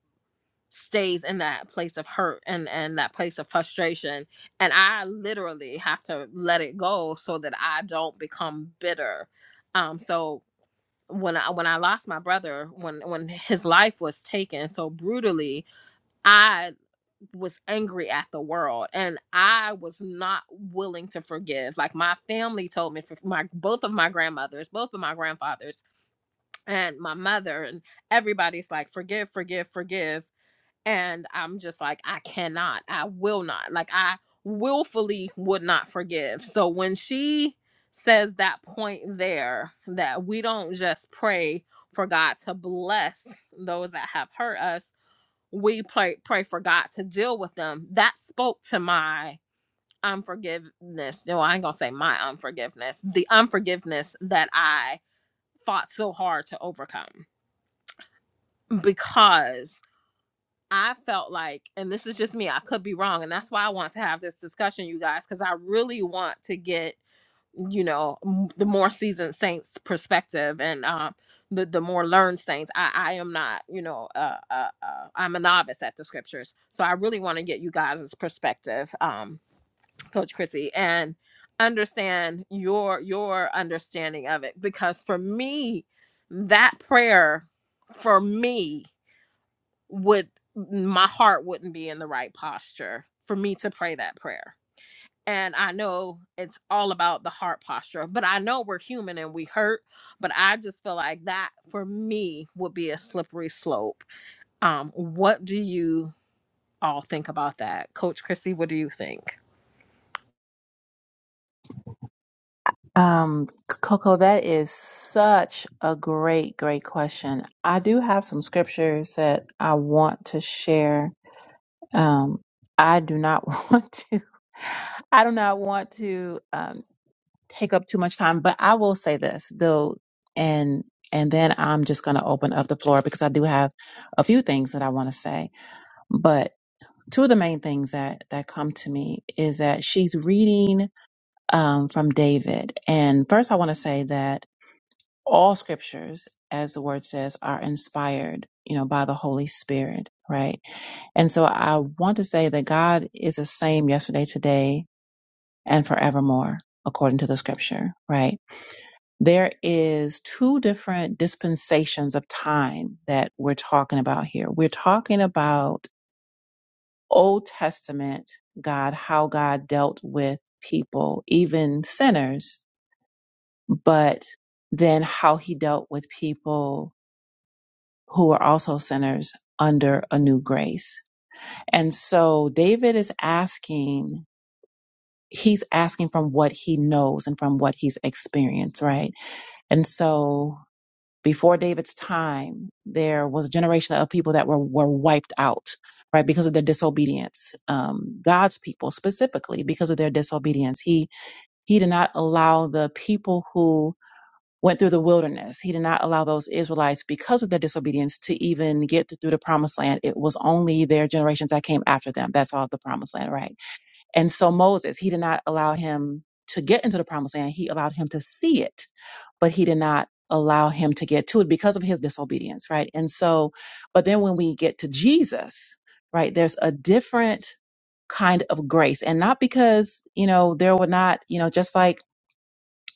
F: stays in that place of hurt and and that place of frustration and I literally have to let it go so that I don't become bitter. Um so when I when I lost my brother, when when his life was taken so brutally, I was angry at the world and I was not willing to forgive. Like my family told me for my both of my grandmothers, both of my grandfathers and my mother and everybody's like forgive, forgive, forgive. And I'm just like, I cannot, I will not. Like, I willfully would not forgive. So when she says that point there, that we don't just pray for God to bless those that have hurt us, we pray, pray for God to deal with them. That spoke to my unforgiveness. No, I ain't gonna say my unforgiveness, the unforgiveness that I fought so hard to overcome because I felt like, and this is just me, I could be wrong. And that's why I want to have this discussion, you guys, because I really want to get, you know, m- the more seasoned saints perspective and um, the, the more learned saints. I, I am not, you know, uh, uh, uh, I'm a novice at the scriptures. So I really want to get you guys' perspective, um, Coach Chrissy, and understand your your understanding of it. Because for me, that prayer, for me, would my heart wouldn't be in the right posture for me to pray that prayer. And I know it's all about the heart posture, but I know we're human and we hurt, but I just feel like that for me would be a slippery slope. Um what do you all think about that? Coach Chrissy, what do you think?
A: Um, Coco, that is such a great, great question. I do have some scriptures that I want to share Um, I do not want to. I do not want to um, take up too much time, but I will say this though, and and then I'm just going to open up the floor because I do have a few things that I want to say. But two of the main things that that come to me is that she's reading um, from David, and first I want to say that all scriptures, as the word says, are inspired, you know, by the Holy Spirit, right? And so I want to say that God is the same yesterday, today, and forevermore, according to the scripture, right? There is two different dispensations of time that we're talking about here. We're talking about Old Testament God, how God dealt with people, even sinners, but then how he dealt with people who are also sinners under a new grace. And so David is asking, he's asking from what he knows and from what he's experienced, right? And so before David's time, there was a generation of people that were, were wiped out, right? Because of their disobedience. Um, God's people specifically because of their disobedience. He, he did not allow the people who went through the wilderness. He did not allow those Israelites, because of their disobedience, to even get through the promised land. It was only their generations that came after them. that saw the promised land, right? And so Moses, he did not allow him to get into the promised land. He allowed him to see it, but he did not allow him to get to it because of his disobedience, right? And so, but then when we get to Jesus, right, there's a different kind of grace and not because, you know, there were not, you know, just like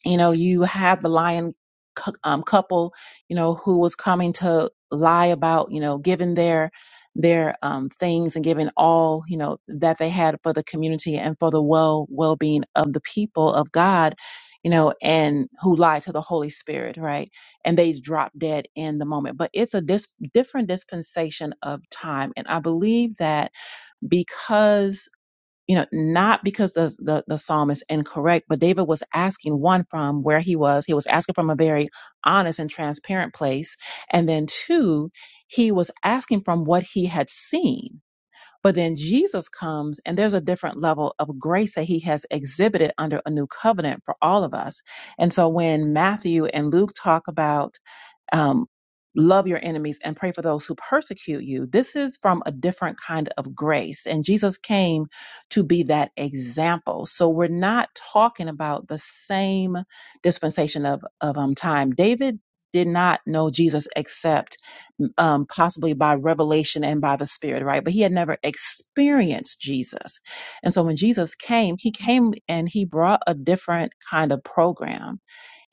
A: you know you have the lion cou- um, couple you know who was coming to lie about you know giving their their um, things and giving all you know that they had for the community and for the well well-being of the people of god you know and who lied to the holy spirit right and they dropped dead in the moment but it's a dis- different dispensation of time and i believe that because you know, not because the, the the psalm is incorrect, but David was asking one from where he was. He was asking from a very honest and transparent place, and then two, he was asking from what he had seen. But then Jesus comes, and there's a different level of grace that he has exhibited under a new covenant for all of us. And so when Matthew and Luke talk about um, love your enemies and pray for those who persecute you. This is from a different kind of grace. And Jesus came to be that example. So we're not talking about the same dispensation of, of um, time. David did not know Jesus except um, possibly by revelation and by the Spirit, right? But he had never experienced Jesus. And so when Jesus came, he came and he brought a different kind of program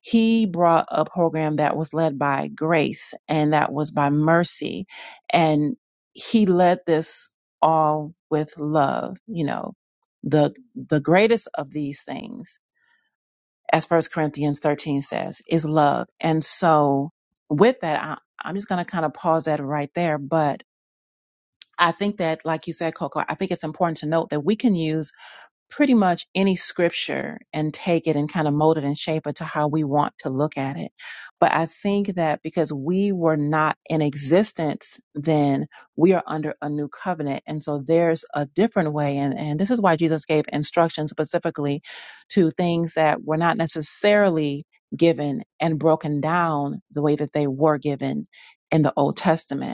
A: he brought a program that was led by grace and that was by mercy and he led this all with love you know the the greatest of these things as first corinthians 13 says is love and so with that I, i'm just going to kind of pause that right there but i think that like you said coco i think it's important to note that we can use pretty much any scripture and take it and kind of mold it and shape it to how we want to look at it. But I think that because we were not in existence then, we are under a new covenant. And so there's a different way. And, and this is why Jesus gave instructions specifically to things that were not necessarily given and broken down the way that they were given in the Old Testament.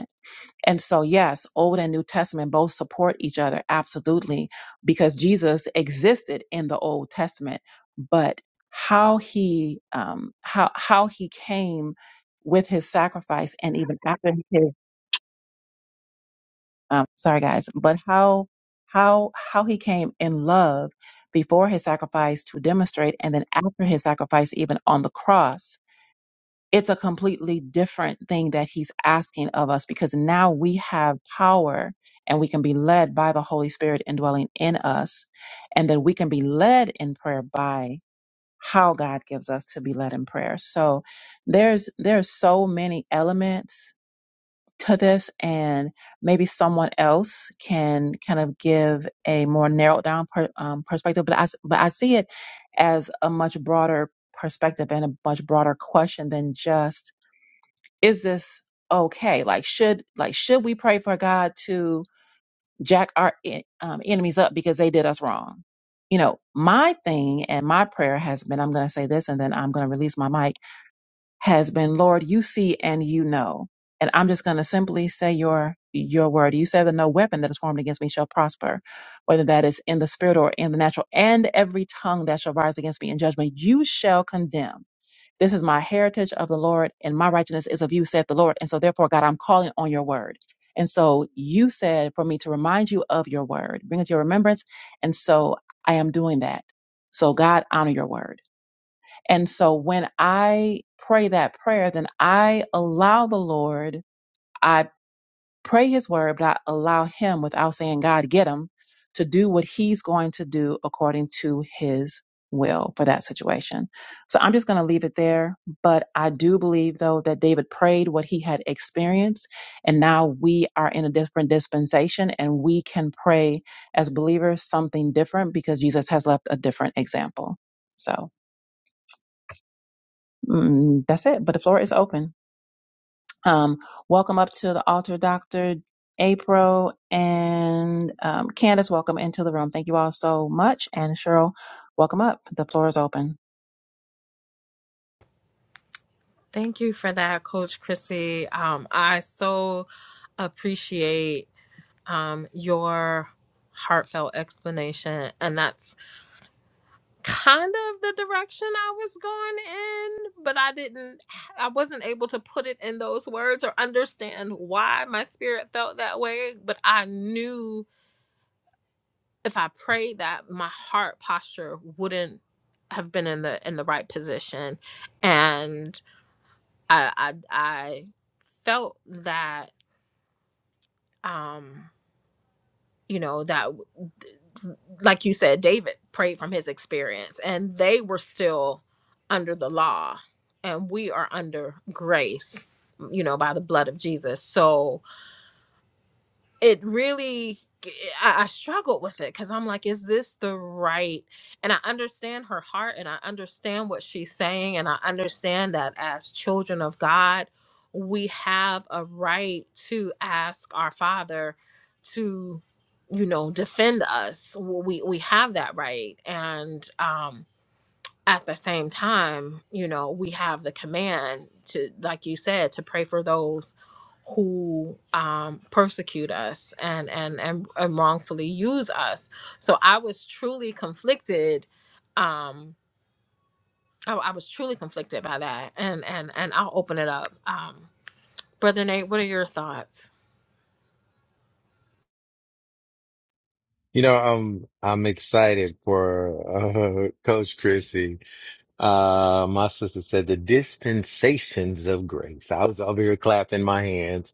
A: And so, yes, Old and New Testament both support each other, absolutely, because Jesus existed in the Old Testament, but how he um, how how he came with his sacrifice, and even after his um, sorry guys, but how how how he came in love before his sacrifice to demonstrate, and then after his sacrifice, even on the cross it's a completely different thing that he's asking of us because now we have power and we can be led by the Holy Spirit indwelling in us, and that we can be led in prayer by how God gives us to be led in prayer. So there's there's so many elements to this and maybe someone else can kind of give a more narrowed down per, um, perspective but I s- but I see it as a much broader perspective and a much broader question than just is this okay? Like, should like should we pray for God to jack our en- um, enemies up because they did us wrong? You know, my thing and my prayer has been, I'm going to say this and then I'm going to release my mic, has been, Lord, you see and you know. And I'm just going to simply say your, your word. You said that no weapon that is formed against me shall prosper, whether that is in the spirit or in the natural and every tongue that shall rise against me in judgment, you shall condemn. This is my heritage of the Lord, and my righteousness is of you, saith the Lord. And so, therefore, God, I'm calling on your word. And so, you said for me to remind you of your word, bring it to your remembrance. And so, I am doing that. So, God, honor your word. And so, when I pray that prayer, then I allow the Lord. I Pray his word, but I allow him without saying, God, get him to do what he's going to do according to his will for that situation. So I'm just going to leave it there. But I do believe though that David prayed what he had experienced and now we are in a different dispensation and we can pray as believers something different because Jesus has left a different example. So mm, that's it. But the floor is open. Um, welcome up to the altar, Dr. April and um, Candace. Welcome into the room. Thank you all so much. And Cheryl, welcome up. The floor is open.
F: Thank you for that, Coach Chrissy. Um, I so appreciate um, your heartfelt explanation, and that's kind of the direction I was going in, but I didn't, I wasn't able to put it in those words or understand why my spirit felt that way. But I knew if I prayed that my heart posture wouldn't have been in the in the right position, and I I, I felt that. Um, you know that like you said David prayed from his experience and they were still under the law and we are under grace you know by the blood of Jesus so it really I, I struggled with it because I'm like, is this the right? And I understand her heart and I understand what she's saying. And I understand that as children of God, we have a right to ask our father to, you know, defend us. We we have that right. And um at the same time, you know, we have the command to, like you said, to pray for those who um, persecute us and, and and and wrongfully use us. So I was truly conflicted. Um, I, I was truly conflicted by that, and and and I'll open it up, um, brother Nate. What are your thoughts?
D: You know, I'm I'm excited for uh, Coach Chrissy. Uh, my sister said the dispensations of grace. I was over here clapping my hands.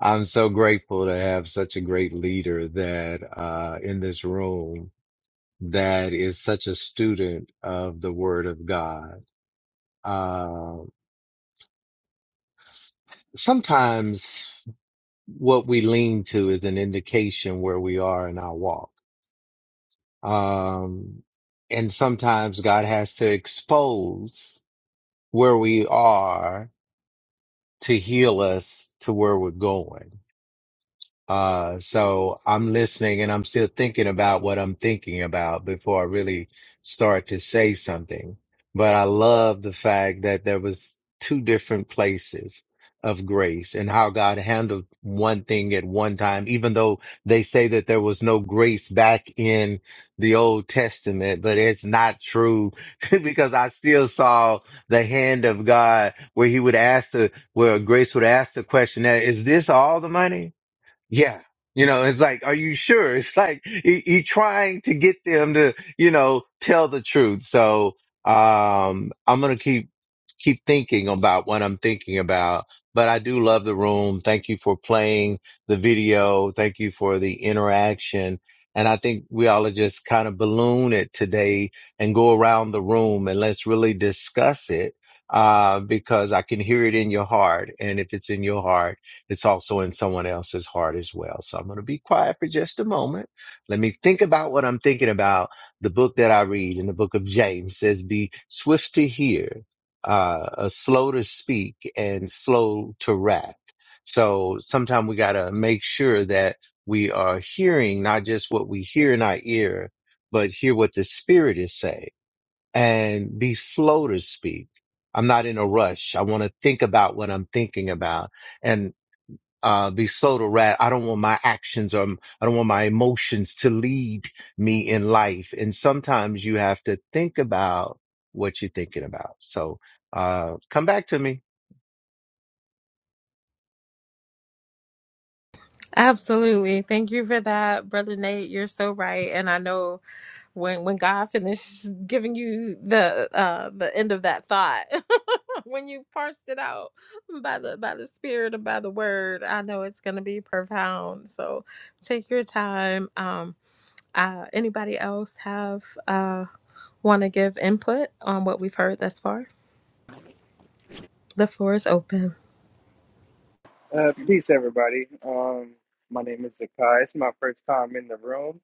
D: I'm so grateful to have such a great leader that uh, in this room that is such a student of the Word of God. Uh, sometimes what we lean to is an indication where we are in our walk Um, and sometimes God has to expose where we are to heal us to where we're going. Uh, so I'm listening and I'm still thinking about what I'm thinking about before I really start to say something. But I love the fact that there was two different places of grace and how God handled one thing at one time, even though they say that there was no grace back in the Old Testament, but it's not true because I still saw the hand of God where he would ask the, where grace would ask the question, "Now, is this all the money? Yeah. You know, it's like, are you sure? It's like you, you trying to get them to, you know, tell the truth. So, um, I'm going to keep, keep thinking about what I'm thinking about, but I do love the room. Thank you for playing the video. Thank you for the interaction. And I think we all are just kind of balloon it today and go around the room and let's really discuss it. Uh, because I can hear it in your heart. And if it's in your heart, it's also in someone else's heart as well. So I'm going to be quiet for just a moment. Let me think about what I'm thinking about. The book that I read in the book of James says, be swift to hear, uh, uh, slow to speak and slow to wrath. So sometimes we got to make sure that we are hearing not just what we hear in our ear, but hear what the spirit is saying and be slow to speak. I'm not in a rush. I want to think about what I'm thinking about. and uh, be soda rat. I don't want my actions or I don't want my emotions to lead me in life. And sometimes you have to think about what you're thinking about. So, uh, come back to me.
F: Absolutely. Thank you for that, Brother Nate. You're so right. And I know. when when God finishes giving you the uh the end of that thought when you parsed it out by the by the spirit and by the word I know it's going to be profound so take your time um uh anybody else have uh want to give input on what we've heard thus far the floor is open
G: Uh, peace, everybody. Um, my name is Zakai. It's my first time in the room,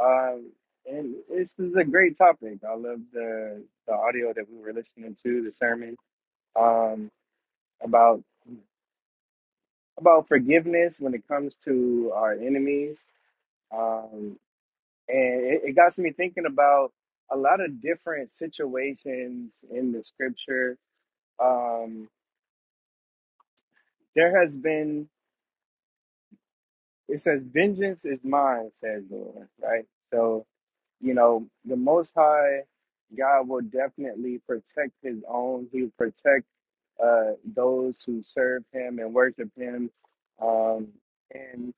G: um, and this is a great topic. I love the the audio that we were listening to, the sermon um, about about forgiveness when it comes to our enemies, um, and it, it got me thinking about a lot of different situations in the scripture. Um, there has been it says, "Vengeance is mine," says the Lord. Right, so you know, the Most High God will definitely protect His own. He will protect uh, those who serve Him and worship Him. Um, and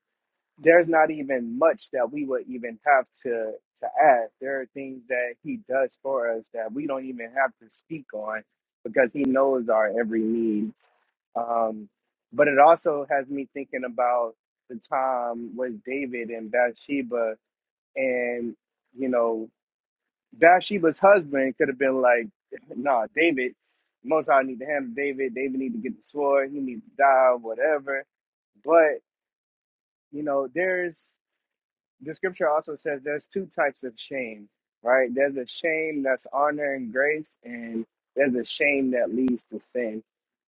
G: there's not even much that we would even have to to ask. There are things that He does for us that we don't even have to speak on because He knows our every need. Um, but it also has me thinking about the time with David and Bathsheba and you know Bathsheba's husband could have been like, nah, David, most I need to handle David. David need to get the sword. He needs to die, whatever. But, you know, there's the scripture also says there's two types of shame, right? There's a shame that's honor and grace, and there's a shame that leads to sin.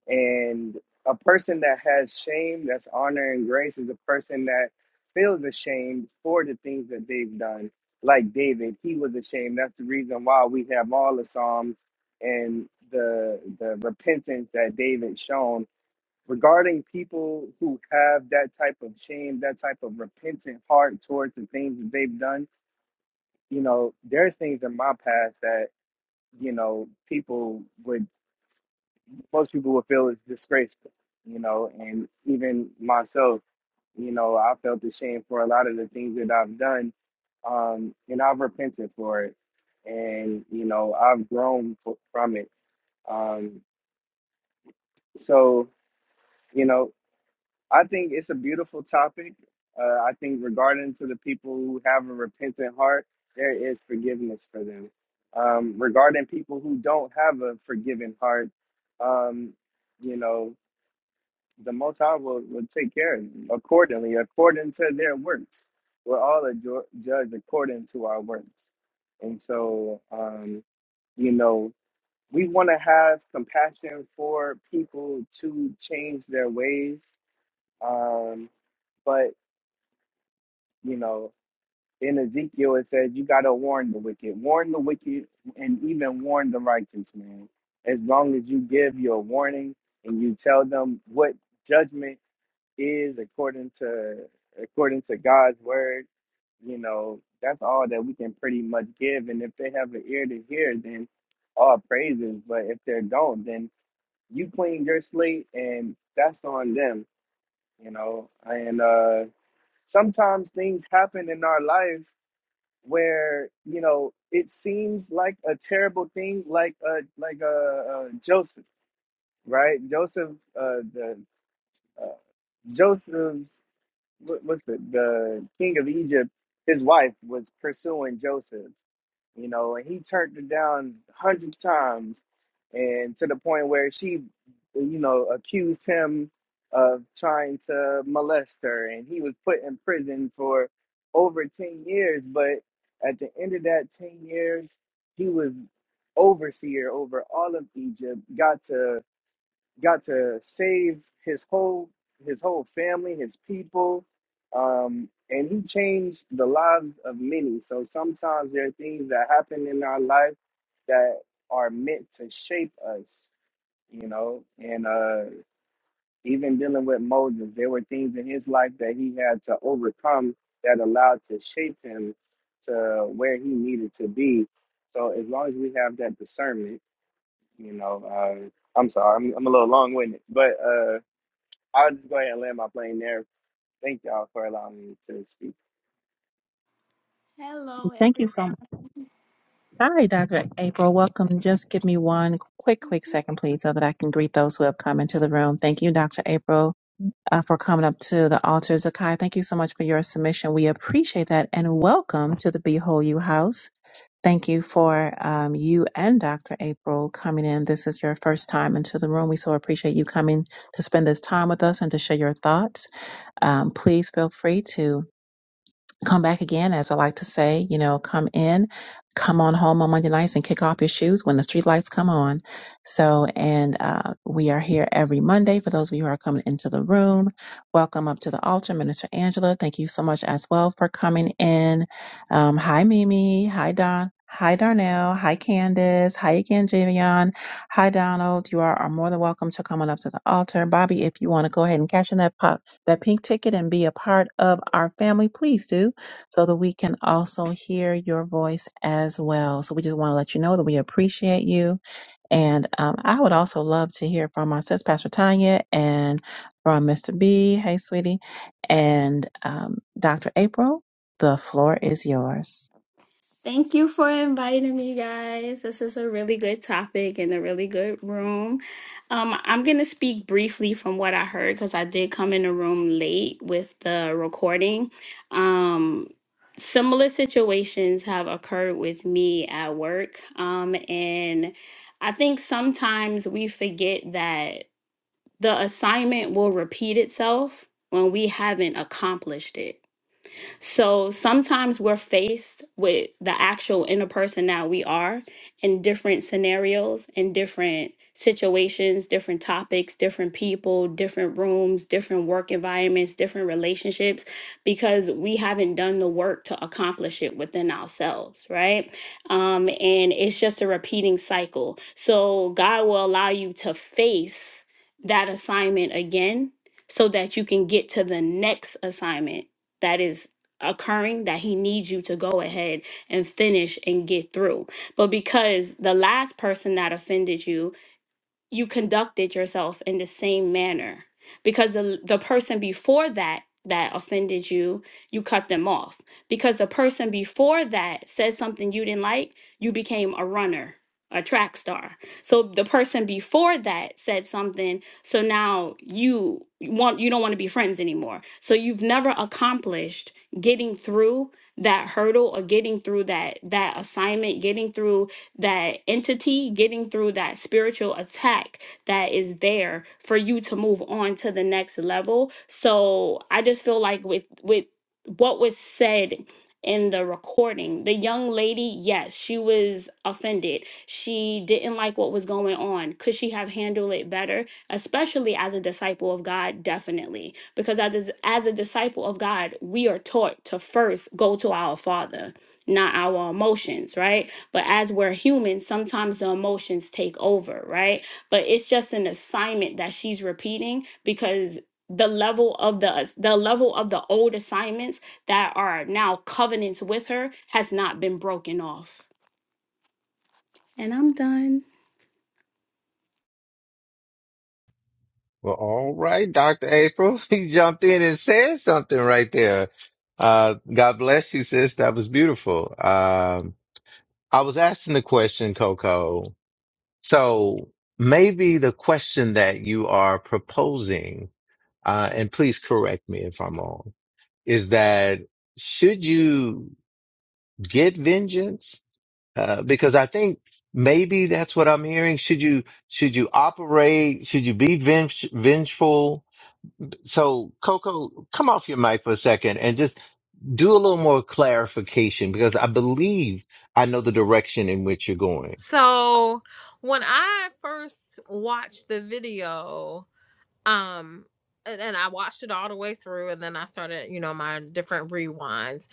G: And a person that has shame that's honor and grace is a person that feels ashamed for the things that they've done. Like David, he was ashamed. That's the reason why we have all the Psalms and the the repentance that David shown regarding people who have that type of shame, that type of repentant heart towards the things that they've done, you know, there's things in my past that, you know, people would, most people would feel is disgraceful, you know, and even myself, you know, I felt ashamed for a lot of the things that I've done. Um, and I've repented for it. And, you know, I've grown f- from it. Um, so, you know, I think it's a beautiful topic. Uh, I think regarding to the people who have a repentant heart, there is forgiveness for them. Um, regarding people who don't have a forgiving heart, um, you know, the Most High will, will take care of them accordingly, according to their works. We're all adjo- judged according to our works. And so, um, you know, we want to have compassion for people to change their ways. Um, but you know, in Ezekiel it says you gotta warn the wicked, warn the wicked, and even warn the righteous man. As long as you give your warning and you tell them what judgment is according to according to God's word, you know that's all that we can pretty much give. And if they have an ear to hear, then all praises. But if they don't, then you clean your slate, and that's on them. You know, and uh, sometimes things happen in our life where you know it seems like a terrible thing like uh like uh, uh joseph right joseph uh the uh, joseph's what, what's the the king of egypt his wife was pursuing joseph you know, and he turned her down a hundred times, and to the point where she, you know, accused him of trying to molest her, and he was put in prison for over ten years. But at the end of that ten years, he was overseer over all of Egypt, got to got to save his whole his whole family, his people, um, and he changed the lives of many. So sometimes there are things that happen in our life that are meant to shape us, you know. And uh, even dealing with Moses, there were things in his life that he had to overcome that allowed to shape him to where he needed to be. So as long as we have that discernment, you know, uh, I'm sorry, I'm, I'm a little long winded, but. Uh, I'll just go ahead and land my plane there. Thank y'all for allowing me to speak.
H: Hello,
A: Thank you
H: everyone.
A: so much. Hi, Dr. April. Welcome. Just give me one quick, quick second, please, so that I can greet those who have come into the room. Thank you, Dr. April, uh, for coming up to the altar. Zakai, thank you so much for your submission. We appreciate that. And welcome to the Behold You House. Thank you for um, you and Dr. April coming in. This is your first time into the room. We so appreciate you coming to spend this time with us and to share your thoughts. Um, please feel free to come back again, as I like to say, you know, come in, come on home on Monday nights and kick off your shoes when the street lights come on. So, and uh, we are here every Monday. For those of you who are coming into the room, welcome up to the altar, Minister Angela. Thank you so much as well for coming in. Um, hi, Mimi. Hi, Don. Hi, Darnell. Hi, Candace. Hi again, Javion. Hi, Donald. You are, are more than welcome to come on up to the altar. Bobby, if you want to go ahead and cash in that pop, that pink ticket and be a part of our family, please do so that we can also hear your voice as well. So we just want to let you know that we appreciate you. And um, I would also love to hear from our sis, Pastor Tanya, and from Mr. B. Hey, sweetie. And um, Dr. April, the floor is yours.
H: Thank you for inviting me, guys. This is a really good topic and a really good room. Um, I'm going to speak briefly from what I heard because I did come in the room late with the recording. Um, similar situations have occurred with me at work. Um, and I think sometimes we forget that the assignment will repeat itself when we haven't accomplished it. So sometimes we're faced with the actual inner person that we are in different scenarios, in different situations, different topics, different people, different rooms, different work environments, different relationships, because we haven't done the work to accomplish it within ourselves, right? Um, and it's just a repeating cycle. So God will allow you to face that assignment again so that you can get to the next assignment that is occurring that he needs you to go ahead and finish and get through. But because the last person that offended you you conducted yourself in the same manner because the the person before that that offended you you cut them off because the person before that said something you didn't like you became a runner a track star so the person before that said something so now you want you don't want to be friends anymore so you've never accomplished getting through that hurdle or getting through that that assignment getting through that entity, getting through that spiritual attack that is there for you to move on to the next level. So I just feel like with with what was said in the recording, the young lady, yes, she was offended. She didn't like what was going on. Could she have handled it better? Especially as a disciple of God, definitely. Because as, as a disciple of God, we are taught to first go to our Father, not our emotions, right? But as we're human, sometimes the emotions take over, right? But it's just an assignment that she's repeating because the level of the the level of the old assignments that are now covenants with her has not been broken off. And I'm done.
D: Well, all right, Dr. April, you jumped in and said something right there. Uh, God bless you, sis. That was beautiful. Um, I was asking the question, Coco. So maybe the question that you are proposing, uh, and please correct me if I'm wrong is that should you get vengeance? Uh, because I think maybe that's what I'm hearing. Should you, should you operate? Should you be venge- vengeful? So Coco, come off your mic for a second and just do a little more clarification because I believe I know the direction in which you're going.
F: so when I first watched the video um and, and i watched it all the way through and then i started you know my different rewinds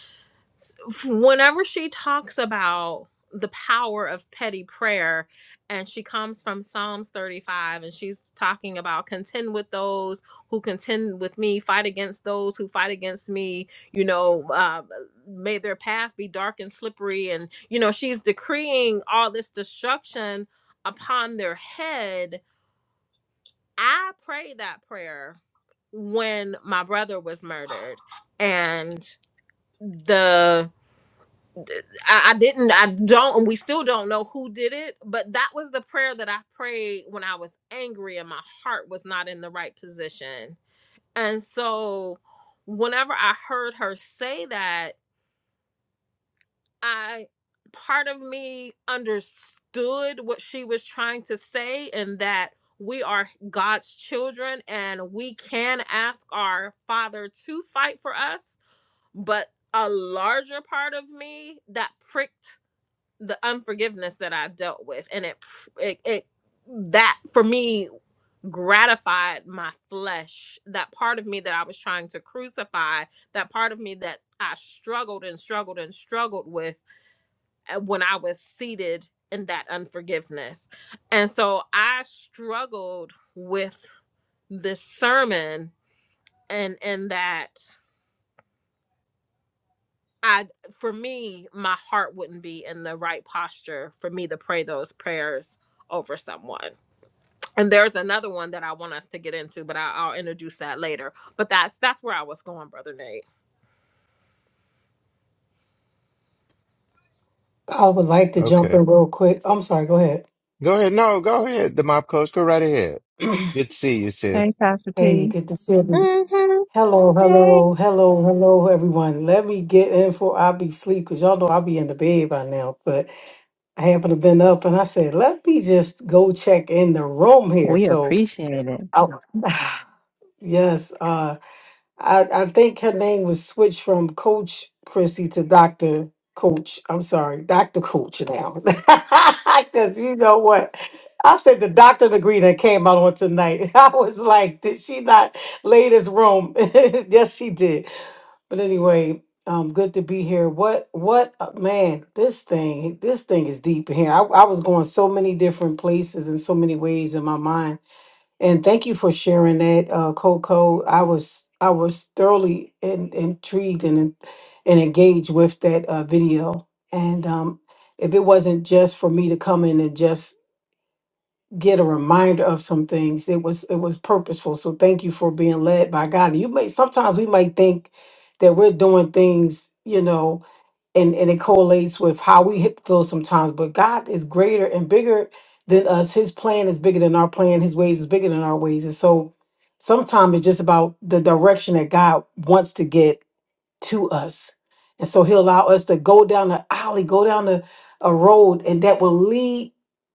F: whenever she talks about the power of petty prayer and she comes from psalms 35 and she's talking about contend with those who contend with me fight against those who fight against me you know uh, may their path be dark and slippery and you know she's decreeing all this destruction upon their head I prayed that prayer when my brother was murdered, and the I, I didn't I don't and we still don't know who did it, but that was the prayer that I prayed when I was angry and my heart was not in the right position. And so whenever I heard her say that I part of me understood what she was trying to say and that we are God's children and we can ask our father to fight for us, but a larger part of me that pricked the unforgiveness that I've dealt with and it it, it that for me gratified my flesh that part of me that I was trying to crucify that part of me that I struggled and struggled and struggled with uh, when I was seated in that unforgiveness. And so I struggled with this sermon and and that I for me my heart wouldn't be in the right posture for me to pray those prayers over someone. And there's another one that I want us to get into, but I, I'll introduce that later. But that's that's where I was going, brother Nate.
I: I would like to
D: Okay.
I: jump in real quick. I'm sorry, go ahead.
D: Go ahead. No, go ahead. The mob coach, go right ahead. Good to see you,
A: Hey,
D: sis.
A: Pastor
I: Hey,
A: T.
I: good to see you.
A: Mm-hmm.
I: Hello,
A: Hey.
I: hello, hello, hello, everyone. Let me get in for I'll be sleep because y'all know I'll be in the bed by now. But I happen to been up and I said, let me just go check in the room here.
A: We
I: So
A: appreciate it.
I: I, yes, uh I, I think her name was switched from Coach Chrissy to Doctor Coach. I'm sorry, Doctor Coach now, because you know what. I said the doctor degree that came out on tonight. I was like, did she not lay this room? yes, she did. But anyway, um, good to be here. What, what, uh, man? This thing, this thing is deep in here. I, I was going so many different places in so many ways in my mind and thank you for sharing that, uh, Coco. I was I was thoroughly in, intrigued and and engaged with that uh, video. And um, if it wasn't just for me to come in and just get a reminder of some things, it was it was purposeful. So thank you for being led by God. You may sometimes we might think that we're doing things, you know, and and it correlates with how we hit- feel sometimes but god is greater and bigger than us his plan is bigger than our plan his ways is bigger than our ways and so sometimes it's just about the direction that god wants to get to us. And so he'll allow us to go down the alley, go down the a road, and that will lead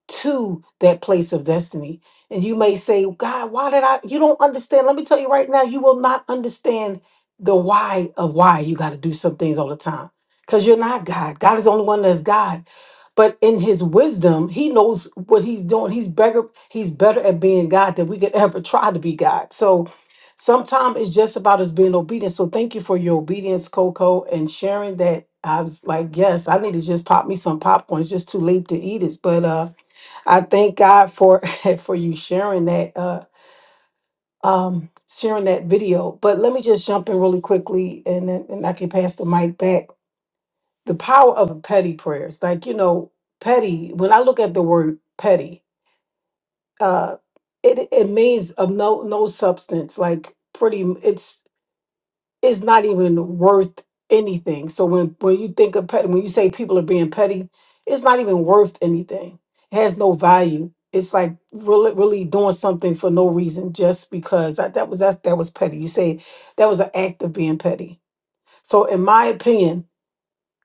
I: to that place of destiny. And you may say, God, why did I? You don't understand. Let me tell you right now, you will not understand the why of why you got to do some things all the time. Because you're not God. God is the only one that's God. But in his wisdom, he knows what he's doing. He's better, he's better at being God than we could ever try to be God. So Sometimes it's just about us being obedient. So thank you for your obedience, Coco, and sharing that. I was like, yes, I need to just pop me some popcorn. It's just too late to eat it. But uh, I thank God for for you sharing that. Uh, um sharing that video but let me just jump in really quickly and then and i can pass the mic back the power of petty prayers like you know petty when i look at the word petty uh it it means of no no substance like pretty it's it's not even worth anything. So when when you think of petty, when you say people are being petty, it's not even worth anything. It has no value. It's like really really doing something for no reason just because that, that was that that was petty. You say that was an act of being petty. So in my opinion,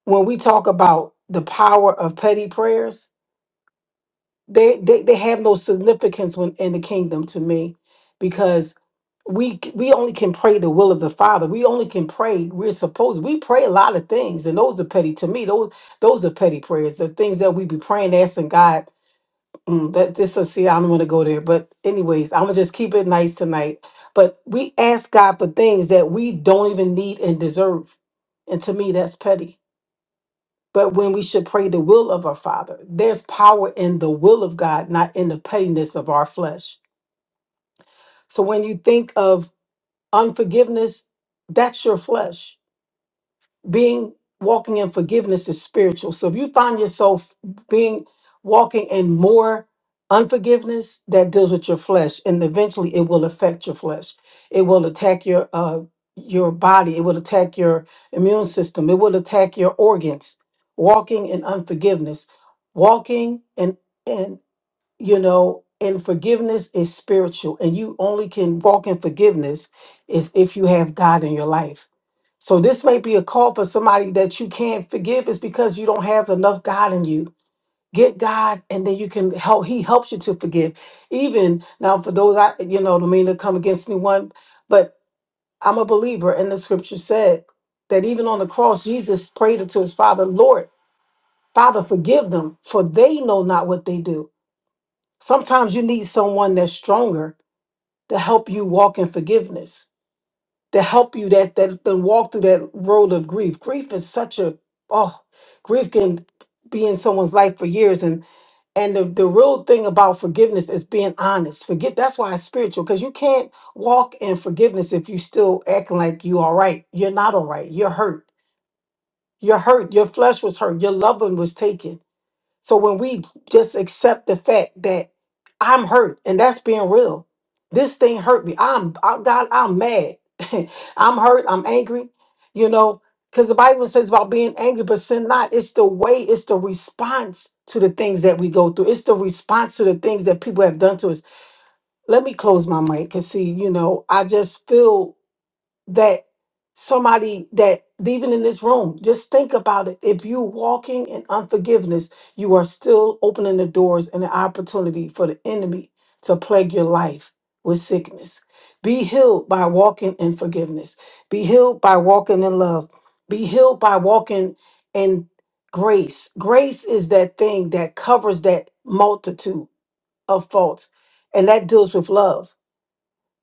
I: when we talk about the power of petty prayers, they they, they have no significance when in the kingdom to me because we c- we only can pray the will of the father we only can pray we're supposed we pray a lot of things and those are petty to me those those are petty prayers the things that we be praying asking god mm, that this is see i don't want to go there but anyways i'm gonna just keep it nice tonight but we ask god for things that we don't even need and deserve and to me that's petty but when we should pray the will of our father there's power in the will of god not in the pettiness of our flesh so when you think of unforgiveness that's your flesh being walking in forgiveness is spiritual so if you find yourself being walking in more unforgiveness that deals with your flesh and eventually it will affect your flesh it will attack your uh your body it will attack your immune system it will attack your organs walking in unforgiveness walking in you know and forgiveness is spiritual and you only can walk in forgiveness is if you have god in your life so this may be a call for somebody that you can't forgive is because you don't have enough god in you get god and then you can help he helps you to forgive even now for those i you know don't mean to come against anyone but i'm a believer and the scripture said that even on the cross jesus prayed to his father lord father forgive them for they know not what they do Sometimes you need someone that's stronger to help you walk in forgiveness, to help you that that to walk through that road of grief. Grief is such a oh, grief can be in someone's life for years and and the, the real thing about forgiveness is being honest. Forget that's why it's spiritual because you can't walk in forgiveness if you still acting like you all right. You're not all right. You're hurt. You're hurt. Your flesh was hurt. Your loved one was taken so when we just accept the fact that I'm hurt and that's being real, this thing hurt me. I'm I, God. I'm mad. I'm hurt. I'm angry. You know, because the Bible says about being angry, but sin not. It's the way. It's the response to the things that we go through. It's the response to the things that people have done to us. Let me close my mic because see, you know, I just feel that somebody that even in this room just think about it if you walking in unforgiveness you are still opening the doors and the opportunity for the enemy to plague your life with sickness be healed by walking in forgiveness be healed by walking in love be healed by walking in grace grace is that thing that covers that multitude of faults and that deals with love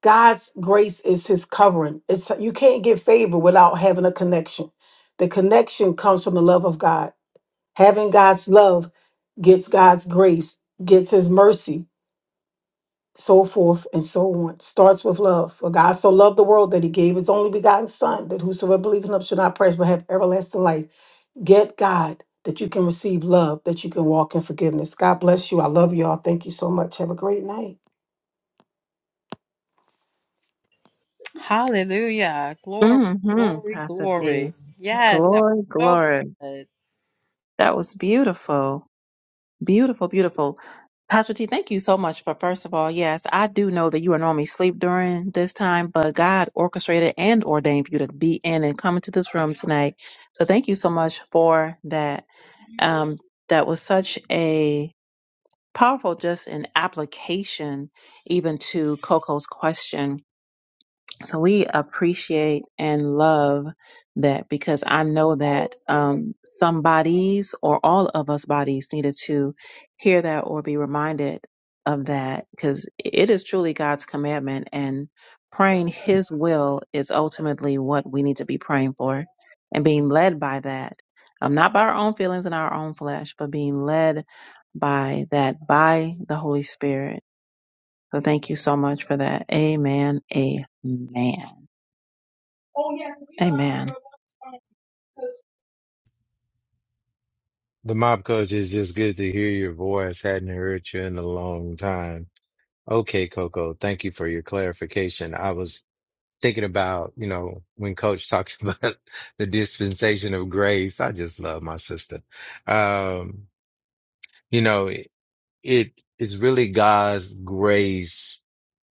I: God's grace is his covering. It's you can't get favor without having a connection. The connection comes from the love of God. Having God's love gets God's grace, gets his mercy, so forth and so on. Starts with love. For God so loved the world that he gave his only begotten son, that whosoever believes in him should not perish but have everlasting life. Get God that you can receive love, that you can walk in forgiveness. God bless you. I love you all. Thank you so much. Have a great night.
F: Hallelujah. Glory,
A: Mm-hmm,
F: glory,
A: Pastor T.
F: glory. Yes, that
A: Glory,
F: was so
A: glory.
F: good.
A: That was beautiful. Beautiful, beautiful. Pastor T, thank you so much for first of all, yes, I do know that you are normally asleep during this time, but God orchestrated and ordained for you to be in and come into this room tonight. So thank you so much for that. Um, that was such a powerful just an application even to Coco's question so we appreciate and love that because I know that um, some bodies or all of us bodies needed to hear that or be reminded of that because it is truly God's commandment and praying His will is ultimately what we need to be praying for and being led by that. Um, not by our own feelings and our own flesh, but being led by that, by the Holy Spirit. So thank you so much for that. Amen. Amen. Amen.
D: The mob coach is just good to hear your voice. Hadn't heard you in a long time. Okay, Coco. Thank you for your clarification. I was thinking about, you know, when coach talks about the dispensation of grace. I just love my sister. Um, you know, it, it is really God's grace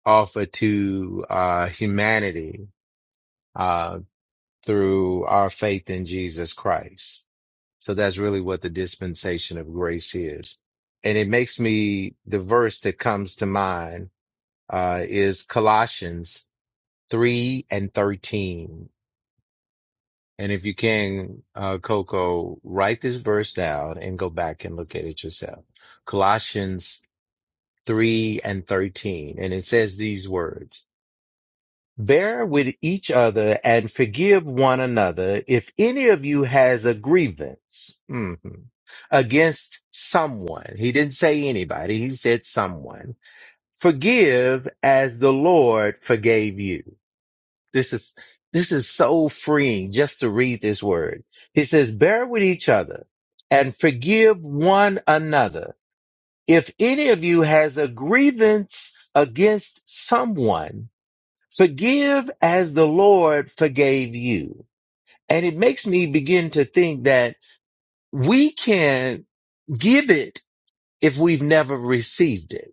D: offered to, uh, humanity, uh, through our faith in Jesus Christ So that's really what the dispensation of grace is. And it makes me, the verse that comes to mind, uh, is Colossians 3 and 13. And if you can, uh, Coco, write this verse down and go back and look at it yourself. Colossians 3 and 13. And it says these words. Bear with each other and forgive one another if any of you has a grievance mhm, against someone. He didn't say anybody. He said someone. Forgive as the Lord forgave you. This is, this is so freeing just to read this word. He says, bear with each other and forgive one another. If any of you has a grievance against someone, Forgive as the Lord forgave you. And it makes me begin to think that we can give it if we've never received it.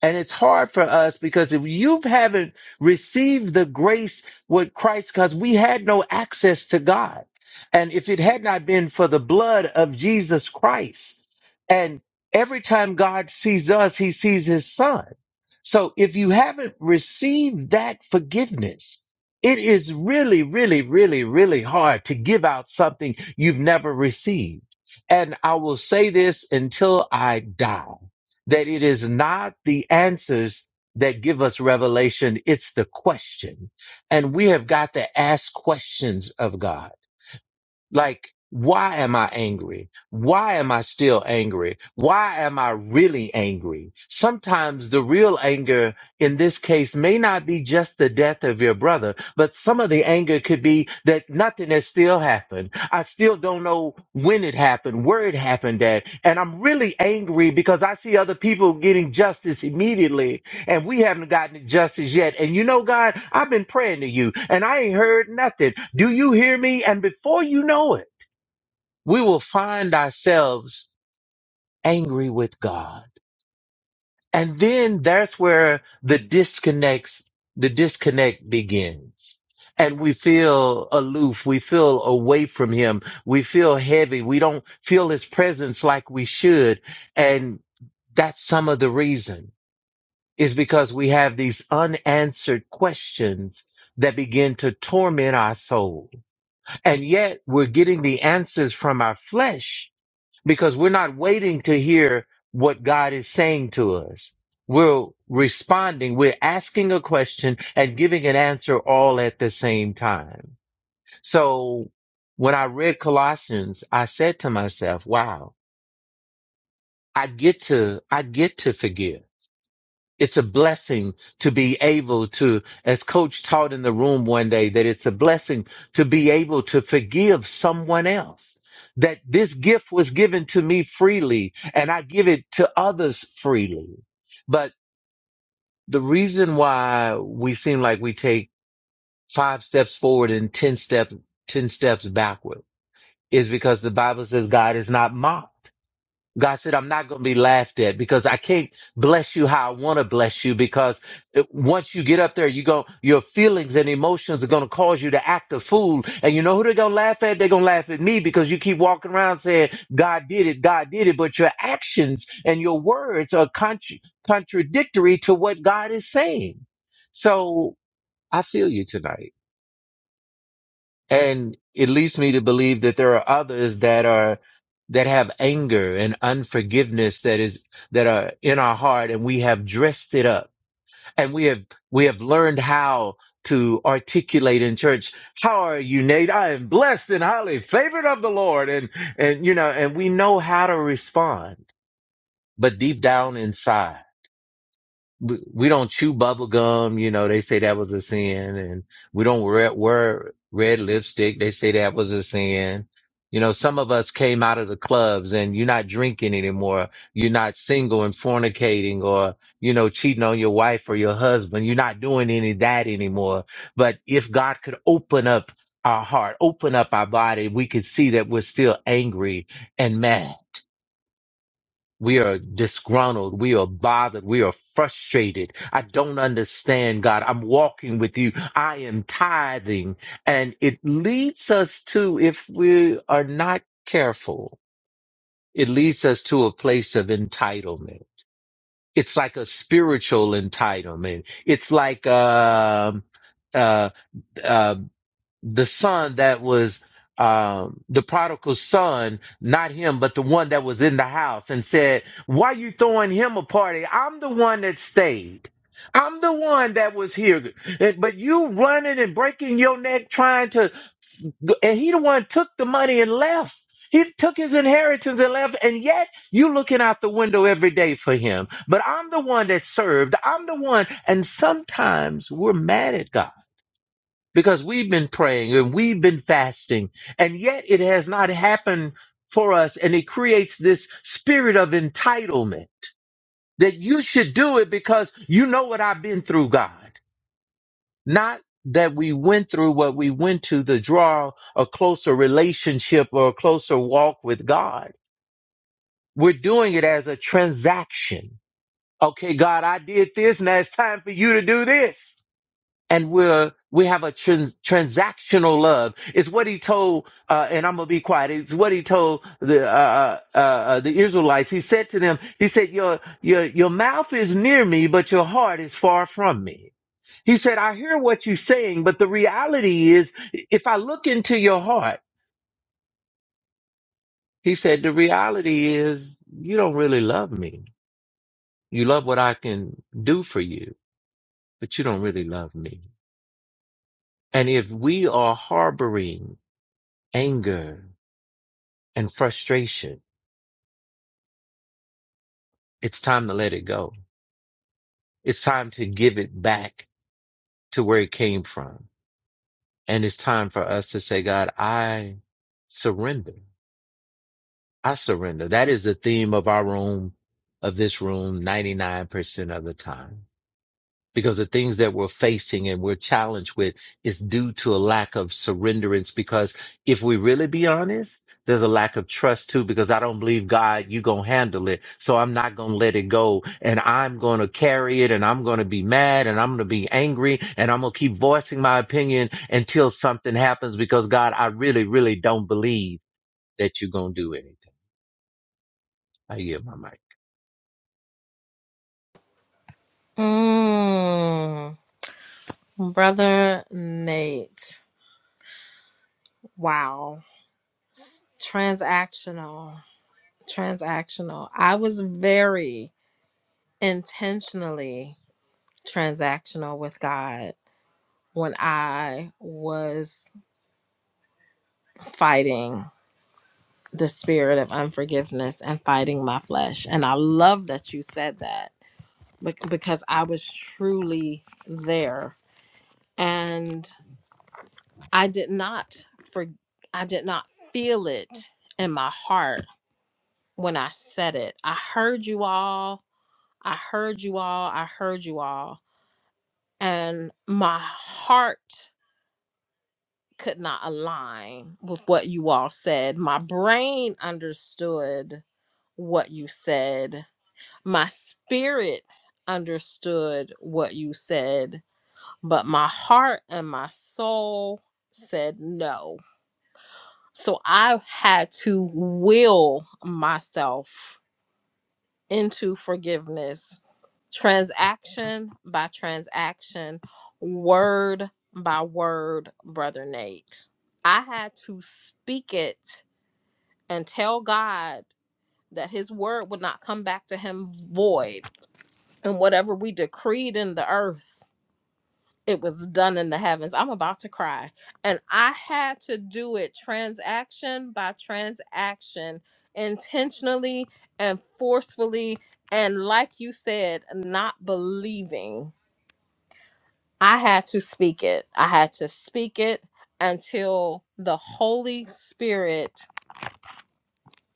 D: And it's hard for us because if you haven't received the grace with Christ, because we had no access to God. And if it had not been for the blood of Jesus Christ, and every time God sees us, he sees his son. So if you haven't received that forgiveness, it is really, really, really, really hard to give out something you've never received. And I will say this until I die that it is not the answers that give us revelation. It's the question. And we have got to ask questions of God. Like, why am I angry? Why am I still angry? Why am I really angry? Sometimes the real anger in this case may not be just the death of your brother, but some of the anger could be that nothing has still happened. I still don't know when it happened, where it happened at. And I'm really angry because I see other people getting justice immediately and we haven't gotten it justice yet. And you know, God, I've been praying to you and I ain't heard nothing. Do you hear me? And before you know it, we will find ourselves angry with God. And then that's where the disconnects, the disconnect begins. And we feel aloof. We feel away from him. We feel heavy. We don't feel his presence like we should. And that's some of the reason. is because we have these unanswered questions that begin to torment our soul. And yet we're getting the answers from our flesh because we're not waiting to hear what God is saying to us. We're responding, we're asking a question and giving an answer all at the same time. So when I read Colossians, I said to myself, wow, I get to, I get to forgive. it's a blessing to be able to, as coach taught in the room one day, that it's a blessing to be able to forgive someone else. That this gift was given to me freely and I give it to others freely. But the reason why we seem like we take five steps forward and 10 steps, 10 steps backward is because the Bible says God is not mocked. God said, I'm not going to be laughed at because I can't bless you how I want to bless you because it- once you get up there, you go, your feelings and emotions are going to cause you to act a fool. And you know who they're going to laugh at? They're going to laugh at me because you keep walking around saying, God did it, God did it. But your actions and your words are contra- contradictory to what God is saying. So I feel you tonight. And it leads me to believe that there are others that are that have anger and unforgiveness that is that are in our heart and we have dressed it up and we have we have learned how to articulate in church how are you nate i am blessed and highly favored of the lord and and you know and we know how to respond but deep down inside we we don't chew bubble gum. You know, they say that was a sin and we don't wear, wear red lipstick. They say that was a sin. You know, some of us came out of the clubs and you're not drinking anymore. You're not single and fornicating or, you know, cheating on your wife or your husband. You're not doing any of that anymore. But if God could open up our heart, open up our body, we could see that we're still angry and mad we are disgruntled. We are bothered. We are frustrated. I don't understand, God. I'm walking with you. I am tithing. And it leads us to, if we are not careful, it leads us to a place of entitlement. It's like a spiritual entitlement. It's like, um, uh, uh, the son that was um the prodigal son not him but the one that was in the house and said why you throwing him a party i'm the one that stayed i'm the one that was here And- but you running and breaking your neck trying to and he the one took the money and left he took his inheritance and left and yet you looking out the window every day for him but i'm the one that served i'm the one and sometimes we're mad at god because we've been praying and we've been fasting, and yet it has not happened for us. And it creates this spirit of entitlement that you should do it because you know what I've been through, God. Not that we went through what we went to to draw a closer relationship or a closer walk with God. We're doing it as a transaction. Okay, God, I did this. Now it's time for you to do this. and we're we have a trans- transactional love. It's what he told, uh, and I'm gonna be quiet. It's what he told the uh, uh, uh, uh, the Israelites. He said to them, he said, "Your your your mouth is near me, but your heart is far from me." He said, "I hear what you're saying, but the reality is, if I look into your heart, he said, the reality is you don't really love me. You love what I can do for you, but you don't really love me. And if we are harboring anger." and frustration, it's time to let it go. It's time to give it back to where it came from. And it's time for us to say, God, I surrender. I surrender. That is the theme of our room, of this room, 99% of the time. because the things that we're facing and we're challenged with is due to a lack of surrenderance. Because if we really be honest, there's a lack of trust too, because I don't believe God, you going to handle it. So I'm not going to let it go and I'm going to carry it and I'm going to be mad and I'm going to be angry and I'm going to keep voicing my opinion until something happens because God, I really, really don't believe that you're going to do anything. I hear my mic.
F: Mm. Brother Nate, wow. Transactional, transactional. I was very intentionally transactional with God when I was fighting the spirit of unforgiveness and fighting my flesh. And I love that you said that bec- because I was truly there and I did not for I did not feel it in my heart when I said it. I heard you all. I heard you all. I heard you all. And my heart could not align with what you all said. My brain understood what you said. My spirit understood what you said. But my heart and my soul said no. So I had to will myself into forgiveness, transaction by transaction, word by word, Brother Nate. I had to speak it and tell God that his word would not come back to him void. And whatever we decreed in the earth, it was done in the heavens. I'm about to cry. And I had to do it transaction by transaction, intentionally and forcefully. And like you said, not believing. I had to speak it. I had to speak it until the Holy Spirit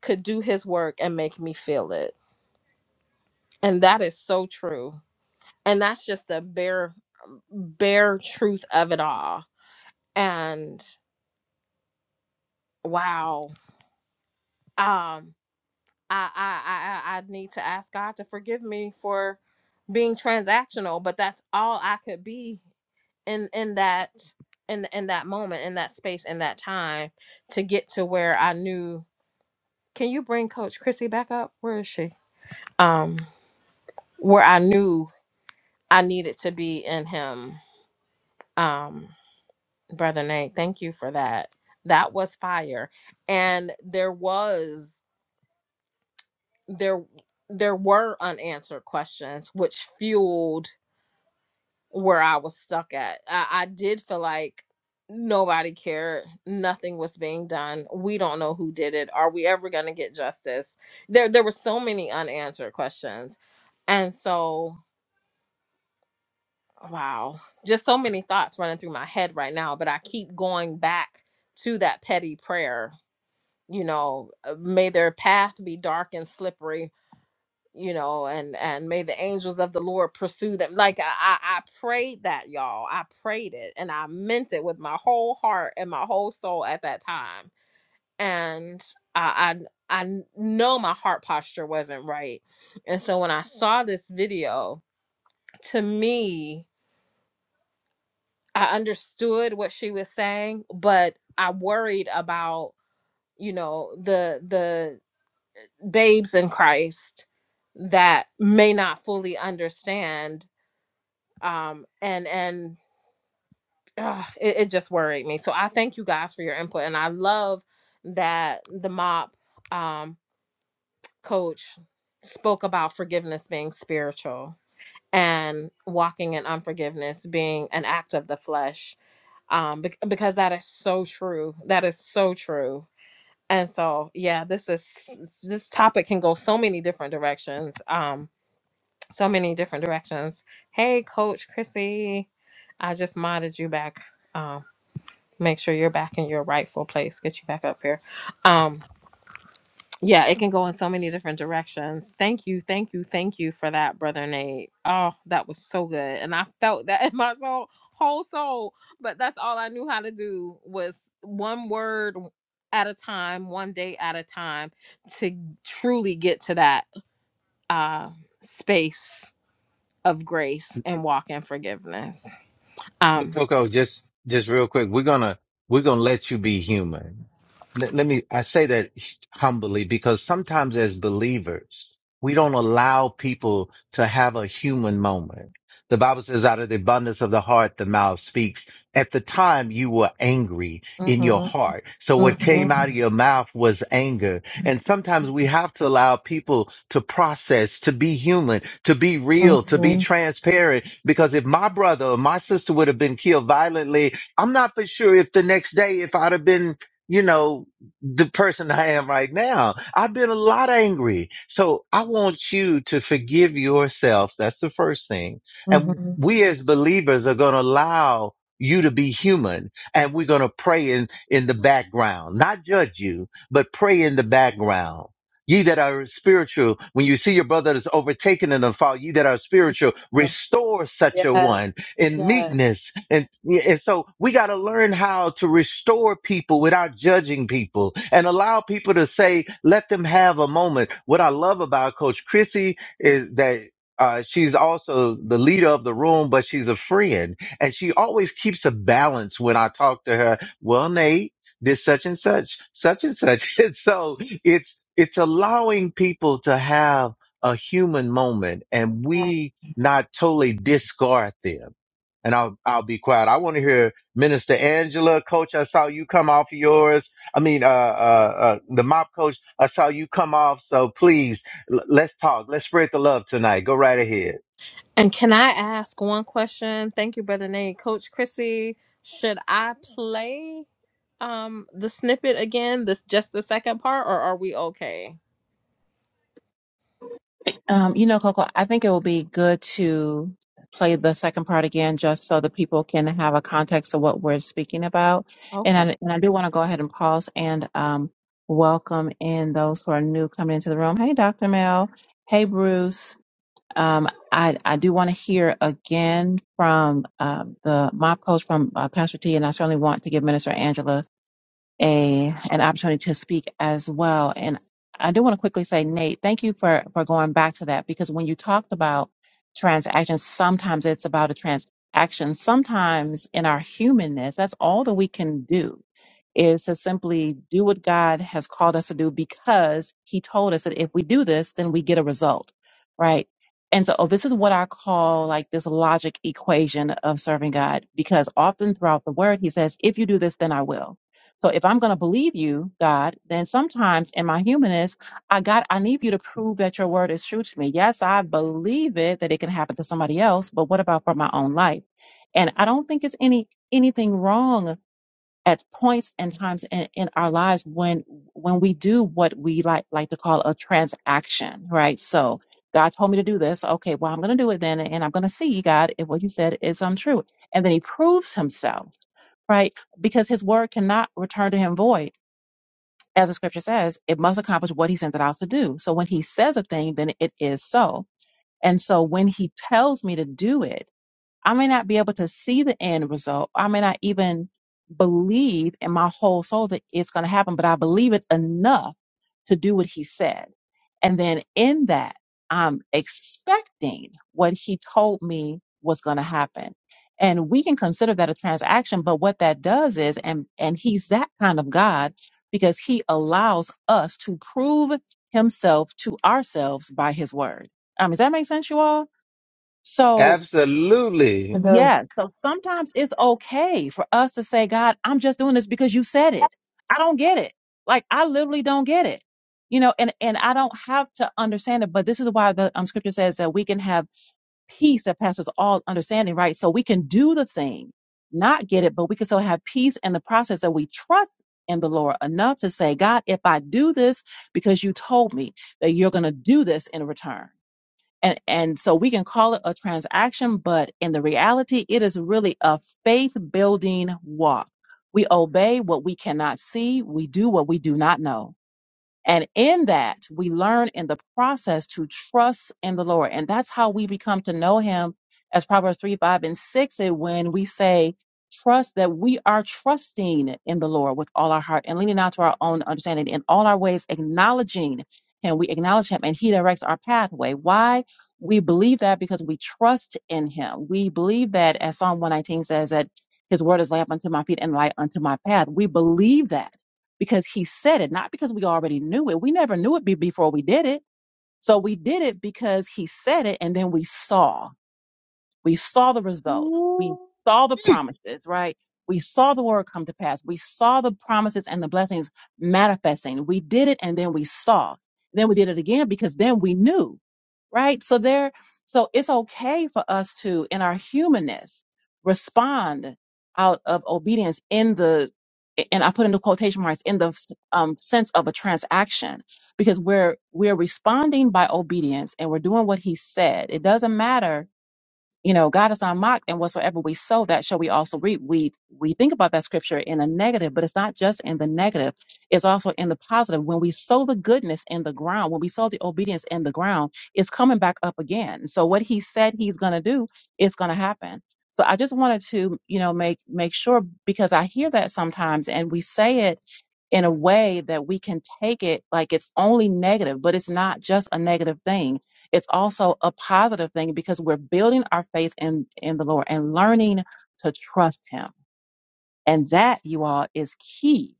F: could do his work and make me feel it. And that is so true. And that's just the bare, bare truth of it all. And wow um I, I i i I need to ask god to forgive me for being transactional but that's all i could be in in that in in that moment in that space in that time to get to where i knew can you bring coach chrissy back up where is she um where i knew i needed to be in him um brother nate thank you for that that was fire and there was there there were unanswered questions which fueled where I was stuck at. I, I did feel like nobody cared, nothing was being done. We don't know who did it. Are we ever gonna get justice? There there were so many unanswered questions. And so wow, just so many thoughts running through my head right now, but I keep going back to that petty prayer, you know, uh, may their path be dark and slippery you know and and may the angels of the lord pursue them like i i, I prayed that y'all i prayed it and i meant it with my whole heart and my whole soul at that time and i i, I know my heart posture wasn't right and so when i saw this video to me i understood what she was saying but i worried about you know the the babes in christ that may not fully understand um and and ugh, it, it just worried me so i thank you guys for your input and i love that the mop um coach spoke about forgiveness being spiritual and walking in unforgiveness being an act of the flesh um bec- because that is so true that is so true and so yeah this is this topic can go so many different directions um so many different directions. Hey, Coach Chrissy, I just modded you back. Um, make sure you're back in your rightful place. Get you back up here. Um, yeah, it can go in so many different directions. Thank you, thank you, thank you for that, brother Nate. Oh, that was so good, and I felt that in my soul, whole soul. But that's all I knew how to do was one word at a time, one day at a time, to truly get to that uh, space of grace and walk in forgiveness. Um,
D: But Coco, just just real quick, we're gonna we're gonna let you be human. Let, let me I say that humbly because sometimes as believers, we don't allow people to have a human moment. The Bible says out of the abundance of the heart, the mouth speaks. At the time you were angry in your
F: Mhm.
D: heart. So what came out of
F: Mhm.
D: your mouth was anger and sometimes we have to allow people to process, to be human, to be real, to be
F: Mhm.
D: transparent. Because if my brother or my sister would have been killed violently, I'm not for sure if the next day, if I'd have been, you know, the person I am right now, I've been a lot angry. So I want you to forgive yourself. That's the first thing. And
F: Mhm.
D: we as believers are going to allow you to be human and we're going to pray in, in the background, not judge you, but pray in the background. Ye that are spiritual, when you see your brother that's overtaken in the fall, ye that are spiritual,
F: Oh,
D: restore such a
F: Yes.
D: one in
F: Yes.
D: meekness. And, yeah, and so we got to learn how to restore people without judging people and allow people to say, let them have a moment. What I love about Coach Chrissy is that uh, she's also the leader of the room, but she's a friend and she always keeps a balance when I talk to her. Well, Nate, this such and such, such and such. And so it's, it's allowing people to have a human moment and we not totally discard them. And I'll, I'll be quiet. I want to hear Minister Angela, coach. I saw you come off yours. I mean, uh, uh, uh, the mop coach. I saw you come off. So please l- let's talk. Let's spread the love tonight. Go right ahead.
F: and can I ask one question? Thank you, Brother Nate. Coach Chrissy, should I play um the snippet again, this just the second part, or are we okay?
A: Um, you know, Coco, I think it will be good to play the second part again just so the people can have a context of what we're speaking about. And
F: Okay.
A: I, and I do want to go ahead and pause and um, welcome in those who are new coming into the room. Hey, Dr. Mel. Hey, Bruce. Um, I, I do want to hear again from um, the mob coach from uh, Pastor T, and I certainly want to give Minister Angela a an opportunity to speak as well. And I do want to quickly say, Nate, thank you for for going back to that because when you talked about transactions, sometimes it's about a transaction. Sometimes in our humanness, that's all that we can do is to simply do what God has called us to do because He told us that if we do this, then we get a result, right? And so oh, this is what I call like this logic equation of serving God because often throughout the word, He says, if you do this, then I will. So if I'm going to believe you, God, then sometimes in my humanness, I got, I need you to prove that your word is true to me. Yes, I believe it that it can happen to somebody else, but what about for my own life? And I don't think it's any, anything wrong at points and times in, in our lives when when we do what we like like to call a transaction, right? So God told me to do this. Okay, well I'm going to do it then, and I'm going to see God if what you said is untrue. And then He proves Himself, right? Because His word cannot return to Him void, as the Scripture says. It must accomplish what He sent it out to do. So when He says a thing, then it is so. And so when He tells me to do it I may not be able to see the end result. I may not even believe in my whole soul that it's going to happen, but I believe it enough to do what he said. And then in that, I'm expecting what he told me was going to happen. And we can consider that a transaction, but what that does is, and, and he's that kind of God because he allows us to prove himself to ourselves by his word. Um, does that make sense, you all? So
D: Absolutely.
I: So those
A: Yes. So sometimes it's okay for us to say, God, I'm just doing this because you said it. I don't get it. Like I literally don't get it. You know, and, and I don't have to understand it, but this is why the um, scripture says that we can have peace that passes all understanding, right? So we can do the thing, not get it, but we can still have peace in the process that we trust in the Lord enough to say, God, if I do this because you told me that you're going to do this in return and and so we can call it a transaction but in the reality it is really a faith building walk we obey what we cannot see we do what we do not know and in that, we learn in the process to trust in the Lord. And that's how we become to know Him, as Proverbs 3, 5, and 6 is when we say, trust that we are trusting in the Lord with all our heart and leaning not to our own understanding in all our ways, acknowledging Him. We acknowledge Him and He directs our pathway. Why? We believe that because we trust in Him. We believe that, as Psalm 119 says, that His word is a lamp unto my feet and light unto my path. We believe that because he said it, not because we already knew it. We never knew it be- before we did it. So we did it because he said it and then we saw. We saw the result. We
D: Ooh.
A: saw the promises, right? We saw the word come to pass. We saw the promises and the blessings manifesting. We did it and then we saw. Then we did it again because then we knew, right? So there, so it's okay for us to, in our humanness, respond out of obedience in the, and I put into quotation marks in the um, sense of a transaction because we're, we're responding by obedience and we're doing what he said. It doesn't matter you know, God is not mocked, and whatsoever we sow, that shall we also reap. We we think about that scripture in a negative, but it's not just in the negative; it's also in the positive. When we sow the goodness in the ground, when we sow the obedience in the ground, it's coming back up again. So what He said He's going to do is going to happen. So I just wanted to, you know, make make sure because I hear that sometimes, and we say it in a way that we can take it like it's only negative, but it's not just a negative thing it's also a positive thing because we're building our faith in, in the Lord and learning to trust Him. And that, you all, is key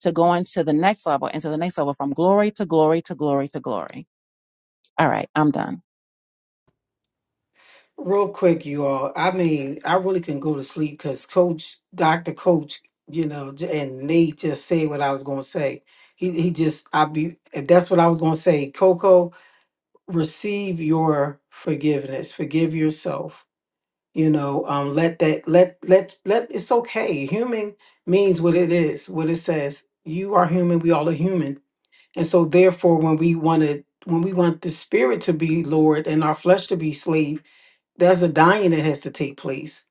A: to going to the next level and to the next level from glory to glory to glory to glory. All right, I'm done.
I: real quick, you all. I mean, I really couldn't go to sleep because Coach, Doctor Coach, you know, j- and Nate just said what I was gonna say. He he just I be if that's what I was gonna say. Coco, receive your forgiveness. Forgive yourself. You know, um, let that let let let. It's okay. Human means what it is, what it says. You are human. We all are human And so therefore when we want to when we want the spirit to be lord and our flesh to be slave, there's a dying that has to take place.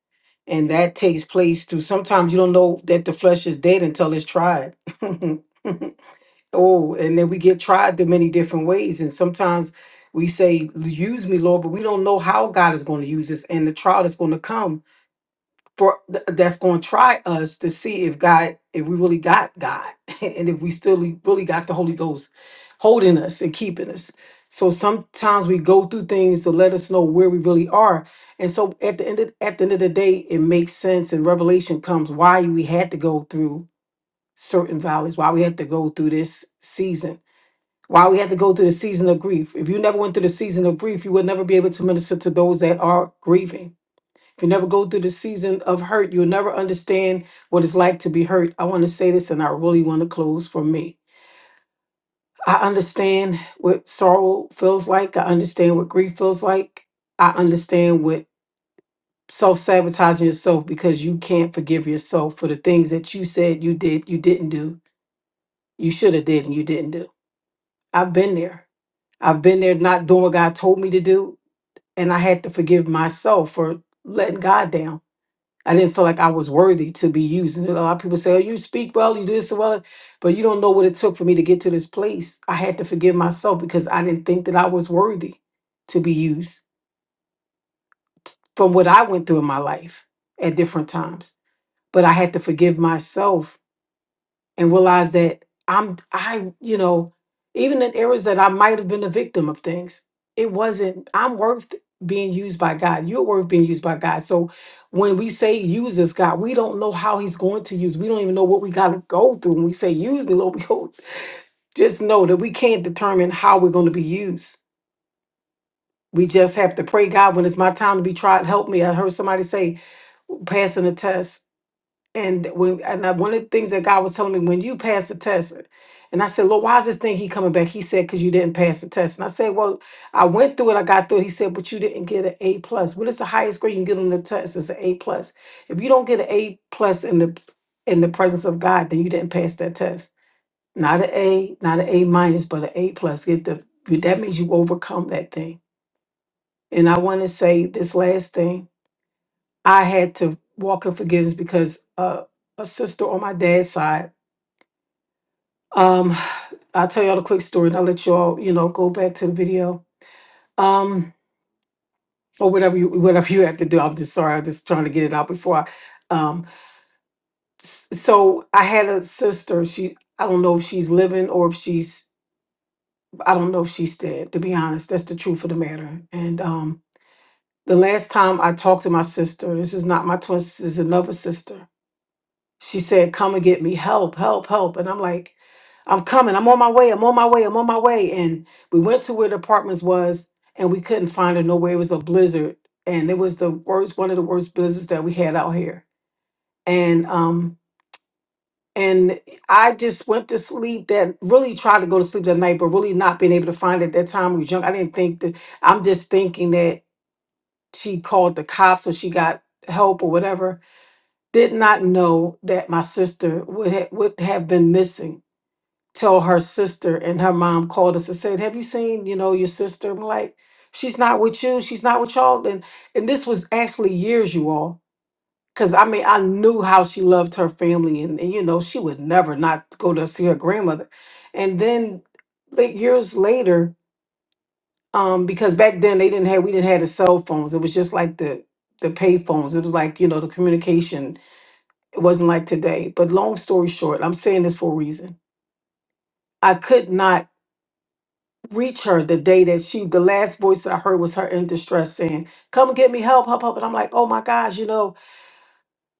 I: And that takes place through sometimes you don't know that the flesh is dead until it's tried. oh, and then we get tried through many different ways. And sometimes we say, Use me, Lord, but we don't know how God is going to use us and the trial that's going to come for th- that's going to try us to see if God, if we really got God, and if we still really really got the Holy Ghost holding us and keeping us. So sometimes we go through things to let us know where we really are. And so at the end of, at the end of the day, it makes sense, and revelation comes why we had to go through certain valleys, why we had to go through this season. Why we had to go through the season of grief. If you never went through the season of grief, you would never be able to minister to those that are grieving if you never go through the season of hurt, you'll never understand what it's like to be hurt. I want to say this and I really want to close for me. I understand what sorrow feels like. I understand what grief feels like. I understand what self sabotaging yourself because you can't forgive yourself for the things that you said you did, you didn't do, you should have did, and you didn't do. I've been there. I've been there not doing what God told me to do. And I had to forgive myself for letting God down I didn't feel like I was worthy to be used. And a lot of people say, Oh, you speak well, you do this well, but you don't know what it took for me to get to this place. I had to forgive myself because I didn't think that I was worthy to be used from what I went through in my life at different times. But I had to forgive myself and realize that I'm I you know even in areas that I might have been a victim of things it wasn't I'm worth being used by God you're worth being used by God so when we say use us God we don't know how he's going to use we don't even know what we got to go through when we say use me Lord we don't- just know that we can't determine how we're going to be used we just have to pray God when it's my time to be tried help me I heard somebody say passing a test and when and I, one of the things that God was telling me when you pass the test, and I said, Lord, why is this thing he coming back? He said, because you didn't pass the test. And I said, Well, I went through it, I got through it. He said, but you didn't get an A plus. What is the highest grade you can get on the test? It's an A plus. If you don't get an A plus in the in the presence of God, then you didn't pass that test. Not an A, not an A minus, but an A plus. Get the that means you overcome that thing. And I want to say this last thing I had to walk in forgiveness because uh, a sister on my dad's side. Um, I'll tell y'all a quick story, and I'll let y'all, you know, go back to the video um, or whatever you whatever you have to do. I'm just sorry, I'm just trying to get it out before I. Um, s- so I had a sister. She, I don't know if she's living or if she's, I don't know if she's dead. To be honest, that's the truth of the matter. And um, the last time I talked to my sister, this is not my twin sister, this is another sister She said, Come and get me help, help, help. And I'm like, I'm coming. I'm on my way. I'm on my way. I'm on my way. And we went to where the apartments was and we couldn't find her nowhere. It was a blizzard. And it was the worst, one of the worst blizzards that we had out here. And um, and I just went to sleep that really tried to go to sleep that night, but really not being able to find it. At that time we was young. I didn't think that I'm just thinking that she called the cops or she got help or whatever did not know that my sister would ha- would have been missing till her sister and her mom called us and said, "Have you seen, you know, your sister?" I'm like, "She's not with you. She's not with y'all." And and this was actually years, you all, because I mean, I knew how she loved her family, and, and you know, she would never not go to see her grandmother. And then like, years later, um, because back then they didn't have we didn't have the cell phones. It was just like the the pay phones. It was like you know the communication it wasn't like today. But long story short, I'm saying this for a reason. I could not reach her the day that she, the last voice that I heard was her in distress saying, Come get me help, help, help. And I'm like, Oh my gosh, you know,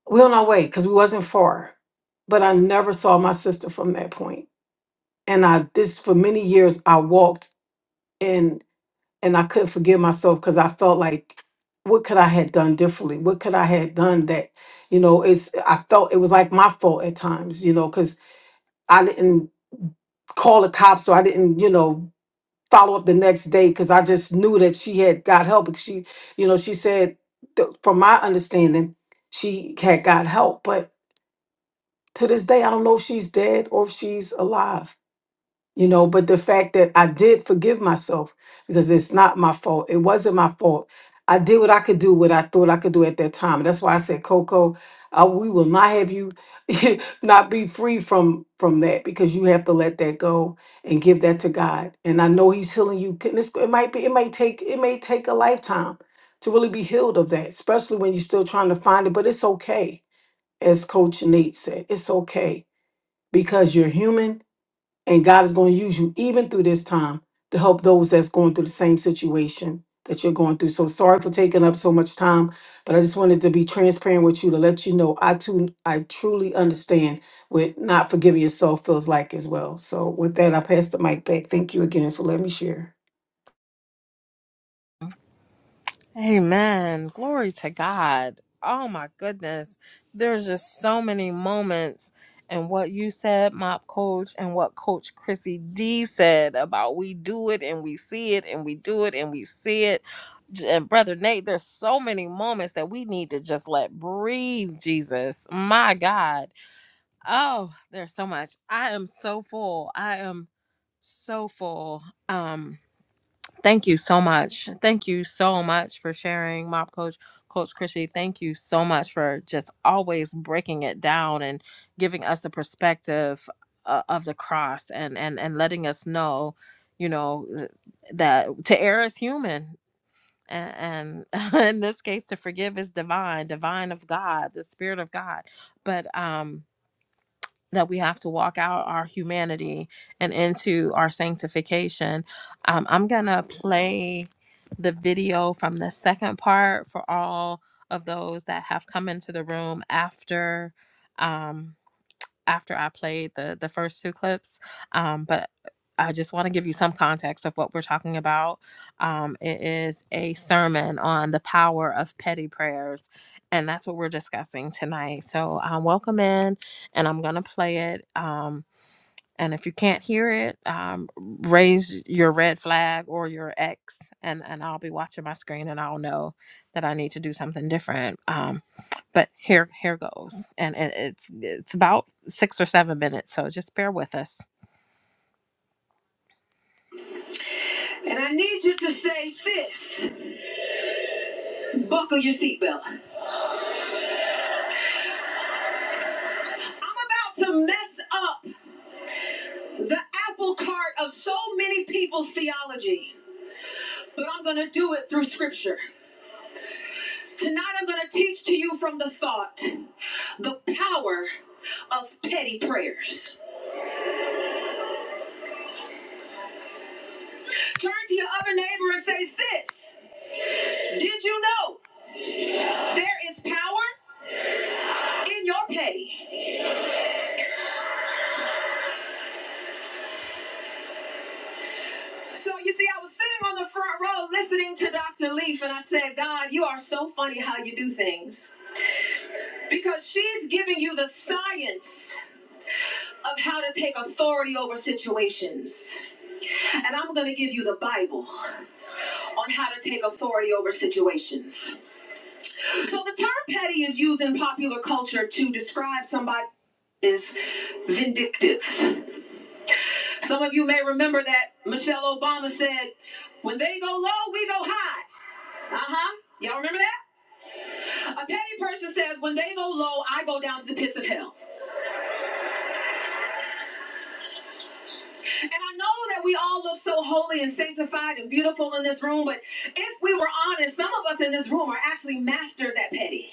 I: we're on our way because we wasn't far. But I never saw my sister from that point. And I, this for many years, I walked in and I couldn't forgive myself because I felt like, what could I had done differently? What could I had done that, you know, it's, I felt it was like my fault at times, you know, because. I didn't call the cops or I didn't, you know, follow up the next day because I just knew that she had got help. Because she, you know, she said, th- from my understanding, she had got help. But to this day, I don't know if she's dead or if she's alive you know but the fact that i did forgive myself because it's not my fault it wasn't my fault i did what i could do what i thought i could do at that time that's why i said coco uh, we will not have you not be free from from that because you have to let that go and give that to god and i know he's healing you Can- this- it might be it may take it may take a lifetime to really be healed of that especially when you're still trying to find it but it's okay as coach nate said it's okay because you're human and God is going to use you even through this time to help those that's going through the same situation that you're going through. So sorry for taking up so much time, but I just wanted to be transparent with you to let you know I too I truly understand what not forgiving yourself feels like as well. So with that, I pass the mic back. Thank you again for letting me share.
F: Amen. Glory to God. Oh my goodness. There's just so many moments and what you said, Mop Coach, and what Coach Chrissy D said about we do it and we see it and we do it and we see it. J- And Brother Nate, there's so many moments that we need to just let breathe, Jesus. My God. Oh, there's so much. I am so full. I am so full. Um, Thank you so much. Thank you so much for sharing, Mob Coach, Coach Chrissy. Thank you so much for just always breaking it down and giving us the perspective uh, of the cross and and and letting us know, you know, th- that to err is human. And, and in this case, to forgive is divine, divine of God, the Spirit of God. But um, that we have to walk out our humanity and into our sanctification. Um, I'm going to play the video from the second part for all of those that have come into the room after. Um, after I played the the first two clips. Um, but I just want to give you some context of what we're talking about. Um, it is a sermon on the power of petty prayers, and that's what we're discussing tonight. So um, welcome in, and I'm gonna play it. Um, and if you can't hear it, um, raise your red flag or your X, and, and I'll be watching my screen and I'll know that I need to do something different. Um, but here here goes, and it, it's it's about six or seven minutes, so just bear with us. And I need you to say, sis, buckle your seatbelt. I'm about to mess up the apple cart of so many people's theology, but I'm gonna do it through scripture. Tonight I'm going to teach to you from the thought the power of petty prayers. Turn to your other neighbor and say, Sis, did you know there is power in your petty? So you see, I was sitting on the front row listening to Dr. Leaf, and I said, God, you are so funny how you do things. Because she's giving you the science of how to take authority over situations. And I'm going to give you the Bible on how to take authority over situations. So the term petty is used in popular culture to describe somebody as vindictive. Some of you may remember that Michelle Obama said, when they go low, we go high. Uh-huh. Y'all remember that? A petty person says, when they go low, I go down to the pits of hell. And I know that we all look so holy and sanctified and beautiful in this room, but if we were honest, some of us in this room are actually masters at petty.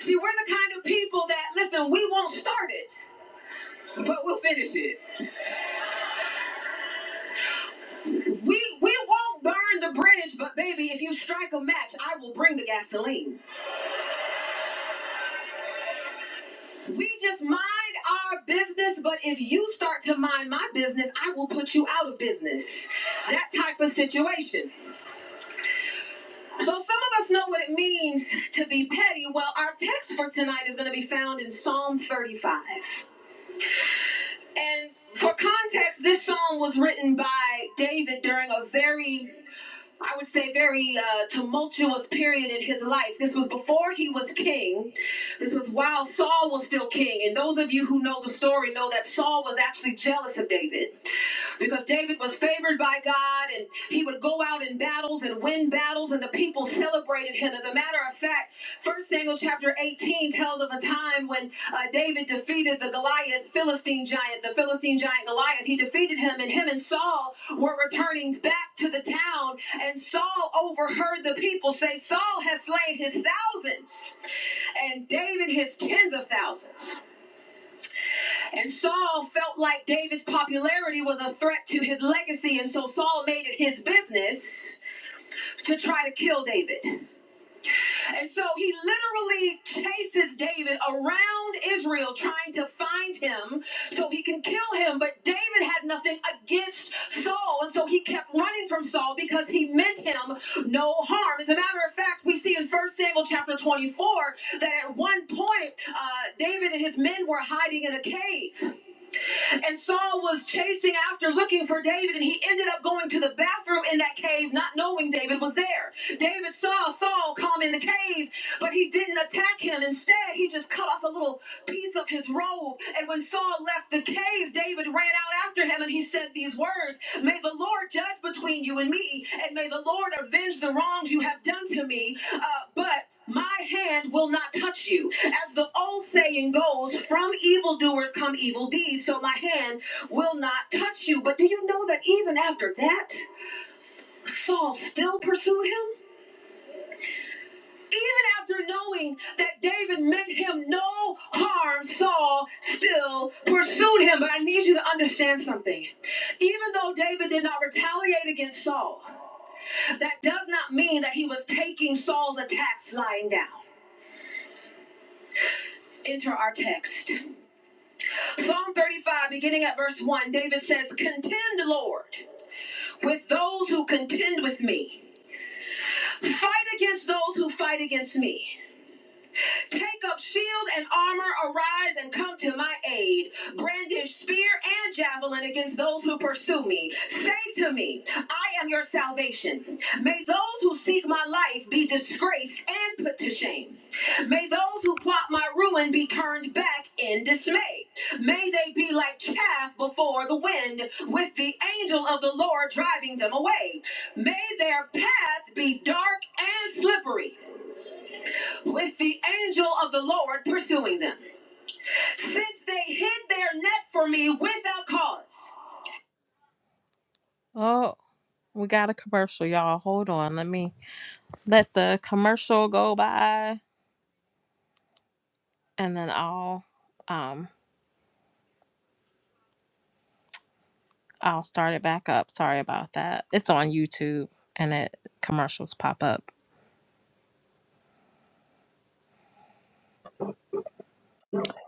F: See, we're the kind of people that, listen, we won't start it, but we'll finish it. We we won't burn the bridge, but baby, if you strike a match, I will bring the gasoline. We just mind our business, but if you start to mind my business, I will put you out of business. That type of situation. So some of us know what it means to be petty. Well, our text for tonight is going to be found in Psalm 35. And for context, this psalm was written by David during a very I would say, very uh, tumultuous period in his life. This was before he was king. This was while Saul was still king. And those of you who know the story know that Saul was actually jealous of David because David was favored by God and he would go out in battles and win battles, and the people celebrated him. As a matter of fact, 1 Samuel chapter 18 tells of a time when uh, David defeated the Goliath Philistine giant, the Philistine giant Goliath. He defeated him, and him and Saul were returning back to the town and Saul overheard the people say, Saul has slain his thousands and David his tens of thousands. And Saul felt like David's popularity was a threat to his legacy, and so Saul made it his business to try to kill David. And so he literally chases David around Israel trying to find him so he can kill him. But David had nothing against Saul. And so he kept running from Saul because he meant him no harm. As a matter of fact, we see in First Samuel chapter 24 that at one point, uh, David and his men were hiding in a cave. And Saul was chasing after looking for David, and he ended up going to the bathroom in that cave, not knowing David was there. David saw Saul come in the cave, but he didn't attack him. Instead, he just cut off a little piece of his robe. And when Saul left the cave, David ran out after him and he said these words May the Lord judge between you and me, and may the Lord avenge the wrongs you have done to me. Uh, but my hand will not touch you. As the old saying goes, from evildoers come evil deeds, so my hand will not touch you. But do you know that even after that, Saul still pursued him? Even after knowing that David meant him no harm, Saul still pursued him. But I need you to understand something. Even though David did not retaliate against Saul, that does not mean that he was taking Saul's attacks lying down. Enter our text. Psalm 35, beginning at verse 1, David says, Contend, Lord, with those who contend with me. Fight against those who fight against me. Take up shield and armor, arise and come to my aid. Brandish spear and javelin against those who pursue me. Say to me, I am your salvation. May those who seek my life be disgraced and put to shame. May those who plot my ruin be turned back in dismay. May they be like chaff before the wind, with the angel of the Lord driving them away. May their path be dark and slippery with the angel of the Lord pursuing them, since they hid their net for me without cause. Oh, we got a commercial, y'all. Hold on. Let me let the commercial go by and then I'll um I'll start it back up. Sorry about that. It's on YouTube and it commercials pop up.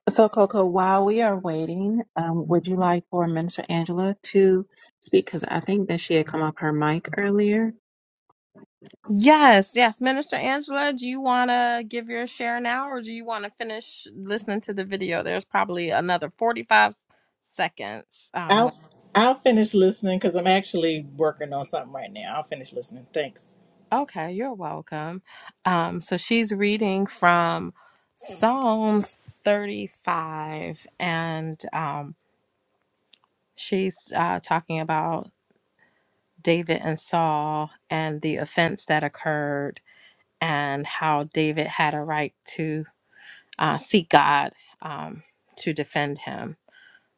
A: So, Coco, while we are waiting, um, would you like for Minister Angela to speak? Because I think that she had come off her mic earlier.
F: Yes, yes. Minister Angela, do you want to give your share now or do you want to finish listening to the video? There's probably another 45 seconds Um.
J: I'll I'll finish listening because I'm actually working on something right now. I'll finish listening. Thanks.
F: Okay, you're welcome. Um, so she's reading from Psalms 35, and um, she's uh, talking about David and Saul and the offense that occurred, and how David had a right to uh, seek God um, to defend him.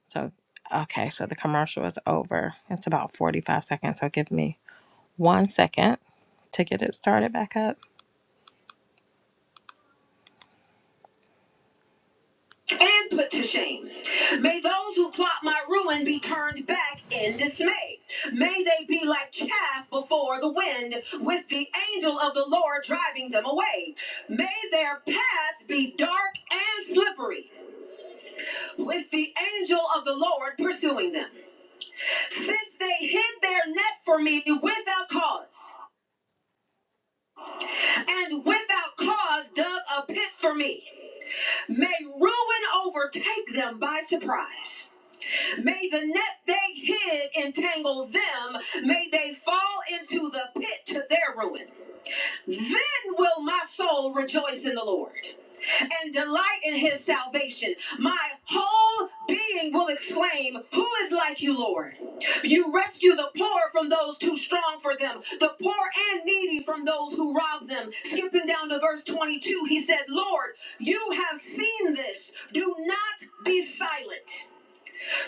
F: So, okay, so the commercial is over. It's about 45 seconds, so give me one second to get it started back up. and put to shame. May those who plot my ruin be turned back in dismay. May they be like chaff before the wind, with the angel of the Lord driving them away. May their path be dark and slippery, with the angel of the Lord pursuing them. Since they hid their net for me without cause, and without cause dug a pit for me, may ruin overtake them by surprise. May the net they hid entangle them. May they fall into the pit to their ruin. Then will my soul rejoice in the Lord and delight in his salvation. My whole being will exclaim, Who is like you, Lord? You rescue the poor from those too strong for them, the poor and needy from those who rob them. Skipping down to verse 22, he said, Lord, you have seen this. Do not be silent.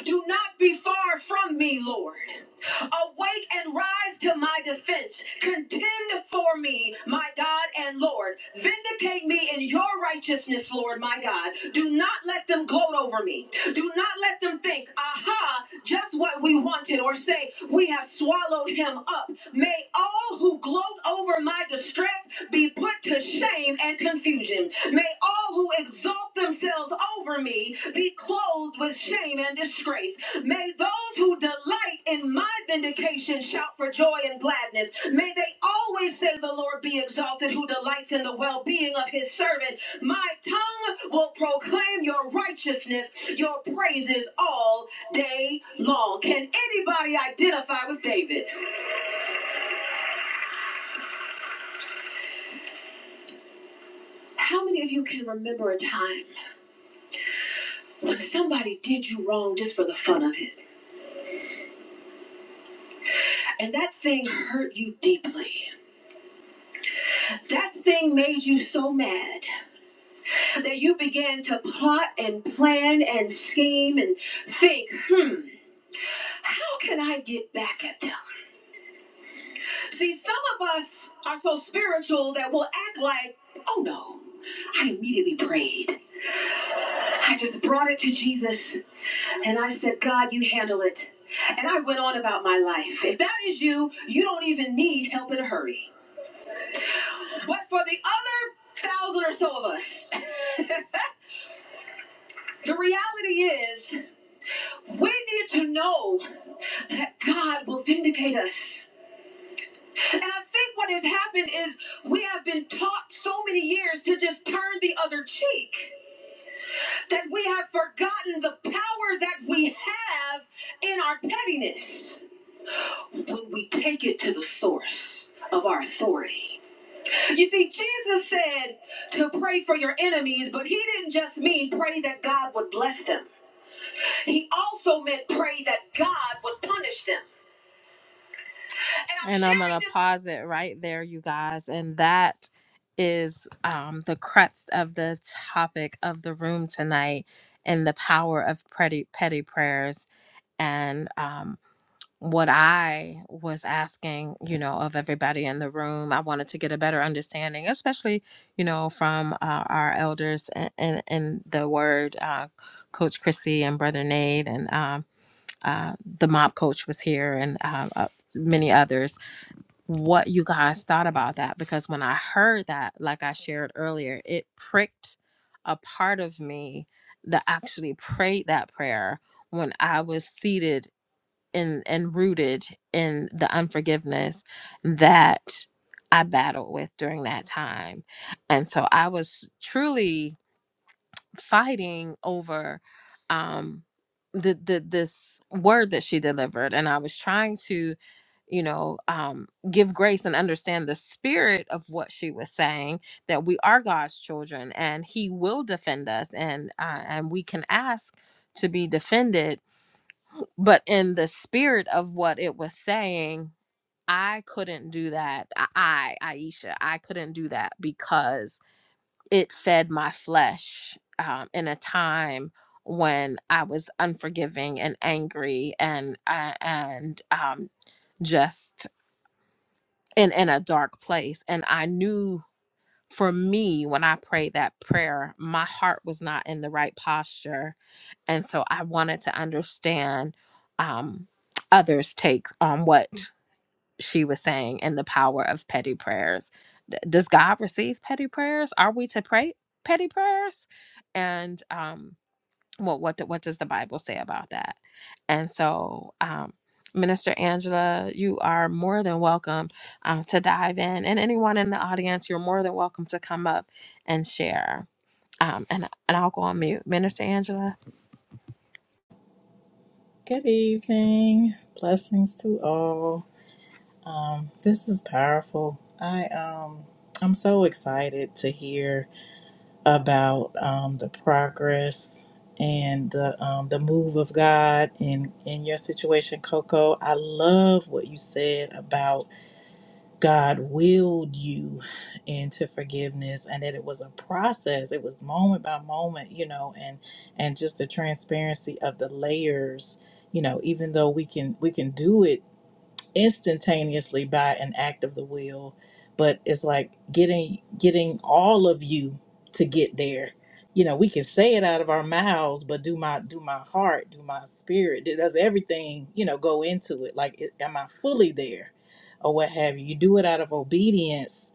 F: Do not be far from me, Lord. Awake and rise to my defense. Contend for me, my God and Lord. Vindicate me in your righteousness, Lord, my God. Do not let them gloat over me. Do not let them think, I aha, just what we wanted, or say, we have swallowed him up. May all who gloat over my distress be put to shame and confusion. May all who exalt themselves over me be clothed with shame and disgrace. May those who delight in my vindication shout for joy and gladness. May they always say, The Lord be exalted, who delights in the well being of his servant. My tongue will proclaim your righteousness, your praises all day long. Can anybody identify with David? How many of you can remember a time when somebody did you wrong just for the fun of it? And that thing hurt you deeply. That thing made you so mad that you began to plot and plan and scheme and think, hmm, how can I get back at them? See, some of us are so spiritual that we'll act like, oh no, I immediately prayed. I just brought it to Jesus And I said, God, you handle it. And I went on about my life. If that is you, you don't even need help in a hurry. But for the other thousand or so of us, the reality is we need to know that God will vindicate us. And I think what has happened is we have been taught so many years to just turn the other cheek that we have forgotten the power that we have in our pettiness. when we take it to the source of our authority. You see, Jesus said to pray for your enemies, but he didn't just mean pray that God would bless them. He also meant pray that God would punish them. And I'm, and I'm going to pause it right there, you guys. And that is um, the crux of the topic of the room tonight and the power of petty, petty prayers. And um, what I was asking, you know, of everybody in the room. I wanted to get a better understanding, especially, you know, from uh, our elders and in, in in the word, uh, Coach Chrissy and Brother Nate, and um, uh, the mob coach was here, and uh, uh, many others. What you guys thought about that? Because when I heard that, like I shared earlier, it pricked a part of me that actually prayed that prayer when I was seated and and rooted in the unforgiveness that I battled with during that time. And so I was truly fighting over um the the this word that she delivered and I was trying to you know um give grace and understand the spirit of what she was saying that we are God's children and he will defend us and uh, and we can ask to be defended but in the spirit of what it was saying i couldn't do that i I, aisha i couldn't do that because it fed my flesh um, in a time when i was unforgiving and angry and uh, and um, just in in a dark place and i knew for me when i prayed that prayer my heart was not in the right posture and so I wanted to understand um, others' takes on what she was saying and the power of petty prayers. D- does God receive petty prayers? Are we to pray petty prayers? And um, well what the, what does the bible say about that and so um minister angela you are more than welcome um, to dive in and anyone in the audience you're more than welcome to come up and share um, and, and i'll go on mute minister angela
J: Good evening. Blessings to all. Um, this is powerful. I um I'm so excited to hear about um the progress and the um the move of God in in your situation, Coco. I love what you said about God willed you into forgiveness and that it was a process. It was moment by moment, you know, and and just the transparency of the layers, you know, even though we can we can do it instantaneously by an act of the will but it's like getting getting all of you to get there you know we can say it out of our mouths but do my do my heart do my spirit do- does everything you know go into it like it- am i fully there or what have you you do it out of obedience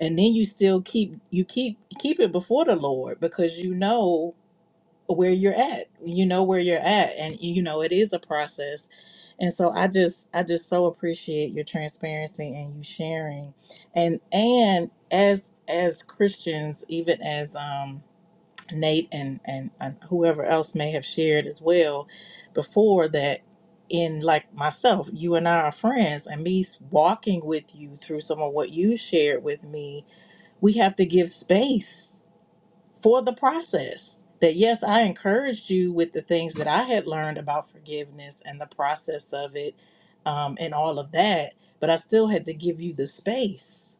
J: and then you still keep you keep keep it before the lord because you know where you're at you know where you're at and you know it is a process and so i just i just so appreciate your transparency and you sharing and and as as christians even as um nate and and, and whoever else may have shared as well before that in like myself you and i are friends and me walking with you through some of what you shared with me we have to give space for the process. That yes, I encouraged you with the things that I had learned about forgiveness and the process of it um, and all of that, but I still had to give you the space,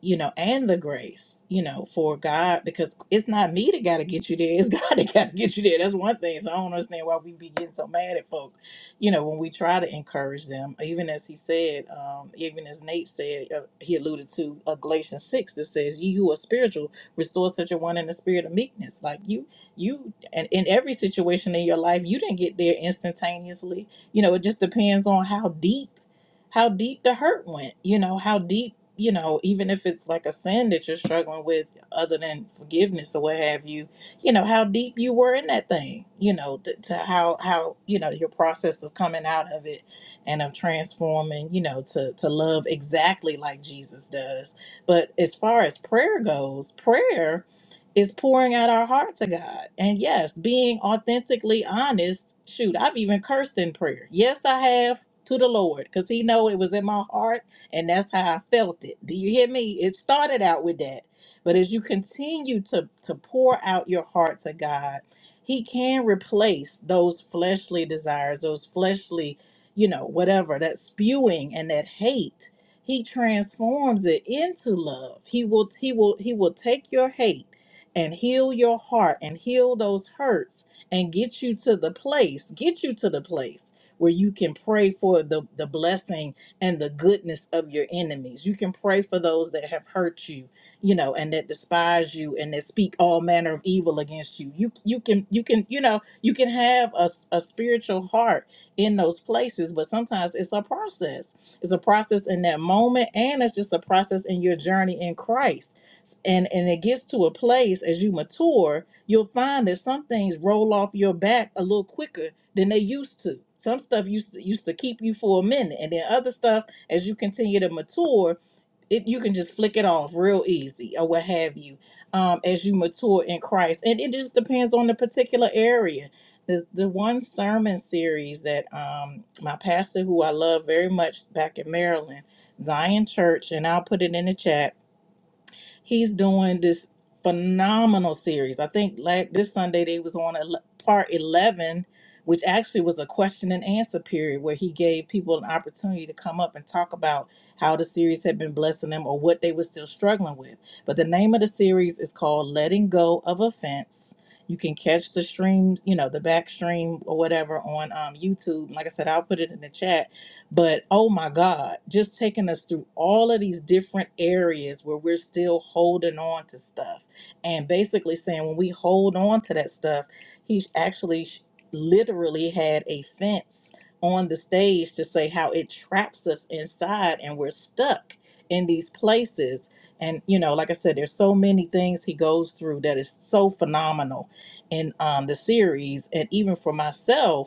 J: you know, and the grace, you know, for God, because it's not me that got to get you there. It's God that got to get you there. That's one thing. So I don't understand why we be getting so mad at folk, you know, when we try to encourage them. Even as he said, um, even as Nate said, uh, he alluded to uh, Galatians 6 that says, Ye who are spiritual, restore such a one in the spirit of meekness. Like you, you, and in every situation in your life, you didn't get there instantaneously. You know, it just depends on how deep, how deep the hurt went. You know, how deep. You know, even if it's like a sin that you're struggling with, other than forgiveness or what have you, you know how deep you were in that thing you know to, to how how you know your process of coming out of it and of transforming you know to to love exactly like jesus does but as far as prayer goes, prayer is pouring out our heart to God. And yes, being authentically honest. Shoot, I've even cursed in prayer. Yes, I have to the Lord because he know it was in my heart and that's how I felt it. Do you hear me? It started out with that. But as you continue to to pour out your heart to God, he can replace those fleshly desires, those fleshly, you know, whatever, that spewing and that hate he transforms it into love. He will he will he will take your hate and heal your heart and heal those hurts and get you to the place, get you to the place where you can pray for the, the blessing and the goodness of your enemies. You can pray for those that have hurt you, you know, and that despise you and that speak all manner of evil against you. You you can you can, you know, you can have a, a spiritual heart in those places, but sometimes it's a process it's a process in that moment, and it's just a process in your journey in Christ. And and it gets to a place as you mature, you'll find that some things roll off your back a little quicker than they used to. Some stuff used to, used to keep you for a minute, and then other stuff as you continue to mature it you can just flick it off real easy or what have you um as you mature in christ and it just depends on the particular area the the one sermon series that um my pastor who i love very much back in maryland zion church and i'll put it in the chat He's doing this phenomenal series. I think la this Sunday they was on ele- part 11, which actually was a question and answer period where he gave people an opportunity to come up and talk about how the series had been blessing them or what they were still struggling with. But the name of the series is called Letting Go of Offense. You can catch the stream, you know, the back stream or whatever on um, YouTube. Like I said, I'll put it in the chat but oh my God, just taking us through all of these different areas where we're still holding on to stuff and basically saying when we hold on to that stuff, he actually sh- literally had a fence on the stage to say how it traps us inside and we're stuck in these places and you know like i said there's so many things he goes through that is so phenomenal in um, the series and even for myself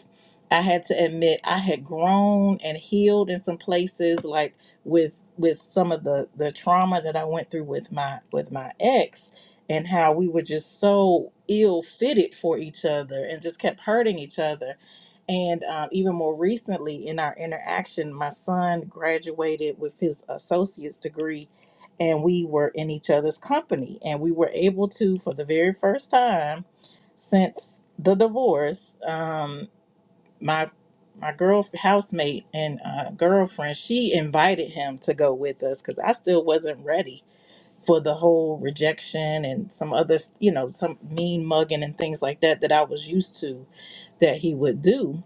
J: I had to admit I had grown and healed in some places, like with with some of the the trauma that I went through with my with my ex, and how we were just so ill fitted for each other and just kept hurting each other. And um, even more recently, in our interaction, my son graduated with his associate's degree, and we were in each other's company, and we were able to, for the very first time, since the divorce. Um, my my girl housemate and uh, girlfriend she invited him to go with us because i still wasn't ready for the whole rejection and some other you know some mean mugging and things like that that i was used to that he would do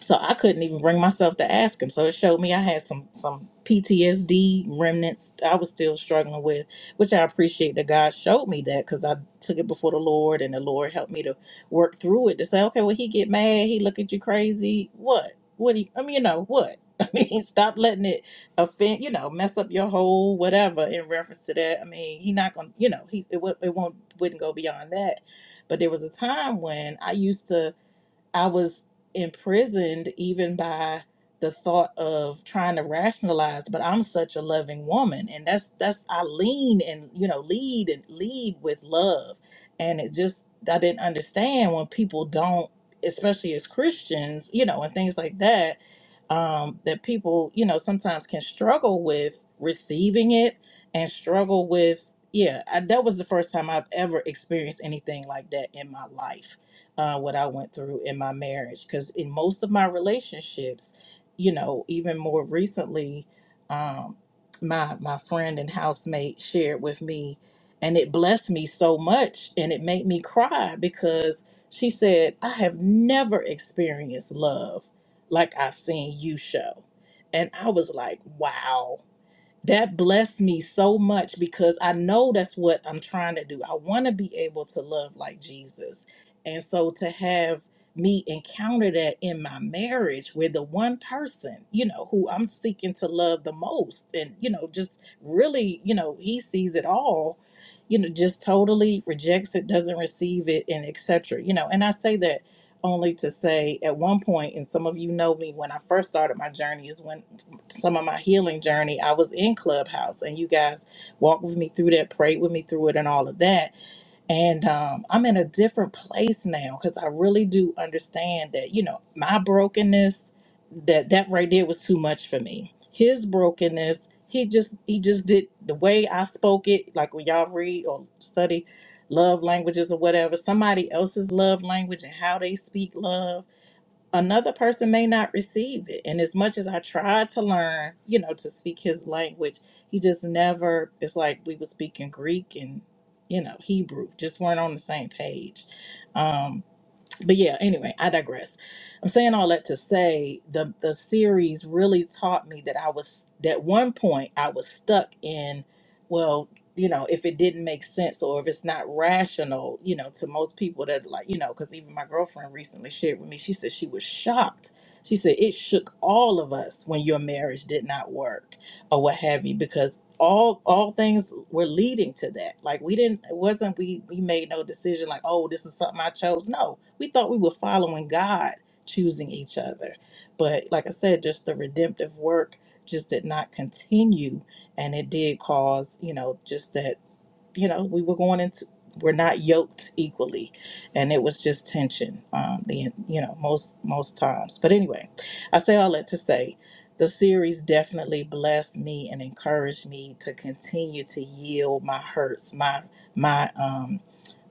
J: so I couldn't even bring myself to ask him. So it showed me I had some some PTSD remnants I was still struggling with, which I appreciate that God showed me that because I took it before the Lord and the Lord helped me to work through it to say, okay, well he get mad, he look at you crazy, what? What he? I mean, you know what? I mean, stop letting it offend, you know, mess up your whole whatever in reference to that. I mean, he not gonna, you know, he it, wo- it won't wouldn't go beyond that. But there was a time when I used to I was imprisoned even by the thought of trying to rationalize, but I'm such a loving woman. And that's that's I lean and you know, lead and lead with love. And it just I didn't understand when people don't, especially as Christians, you know, and things like that, um, that people, you know, sometimes can struggle with receiving it and struggle with yeah, I, that was the first time I've ever experienced anything like that in my life uh, what I went through in my marriage. Because in most of my relationships, you know, even more recently, um, my my friend and housemate shared with me, and it blessed me so much, and it made me cry because she said, "I have never experienced love like I've seen you show," and I was like, "Wow." that blessed me so much because I know that's what I'm trying to do. I want to be able to love like Jesus. And so to have me encounter that in my marriage with the one person, you know, who I'm seeking to love the most and, you know, just really, you know, he sees it all, you know, just totally rejects it, doesn't receive it and etc. You know, and I say that only to say at one point and some of you know me when I first started my journey is when some of my healing journey, I was in Clubhouse, and you guys walked with me through that, prayed with me through it, and all of that. And um, I'm in a different place now because I really do understand that you know my brokenness, that that right there was too much for me. His brokenness, he just he just did the way I spoke it, like when y'all read or study love languages or whatever, somebody else's love language and how they speak love another person may not receive it. And as much as I tried to learn, you know, to speak his language, he just never, it's like we were speaking Greek and, you know, Hebrew, just weren't on the same page. Um, but yeah anyway i digress i'm saying all that to say the the series really taught me that i was that one point i was stuck in well you know if it didn't make sense or if it's not rational you know to most people that like you know because even my girlfriend recently shared with me she said she was shocked she said it shook all of us when your marriage did not work or what have you because all all things were leading to that like we didn't it wasn't we we made no decision like oh this is something i chose no we thought we were following god choosing each other but like i said just the redemptive work just did not continue and it did cause you know just that you know, we were going into we're not yoked equally, and it was just tension. Um, the you know most most times, but anyway, I say all that to say. The series definitely blessed me and encouraged me to continue to yield my hurts, my my um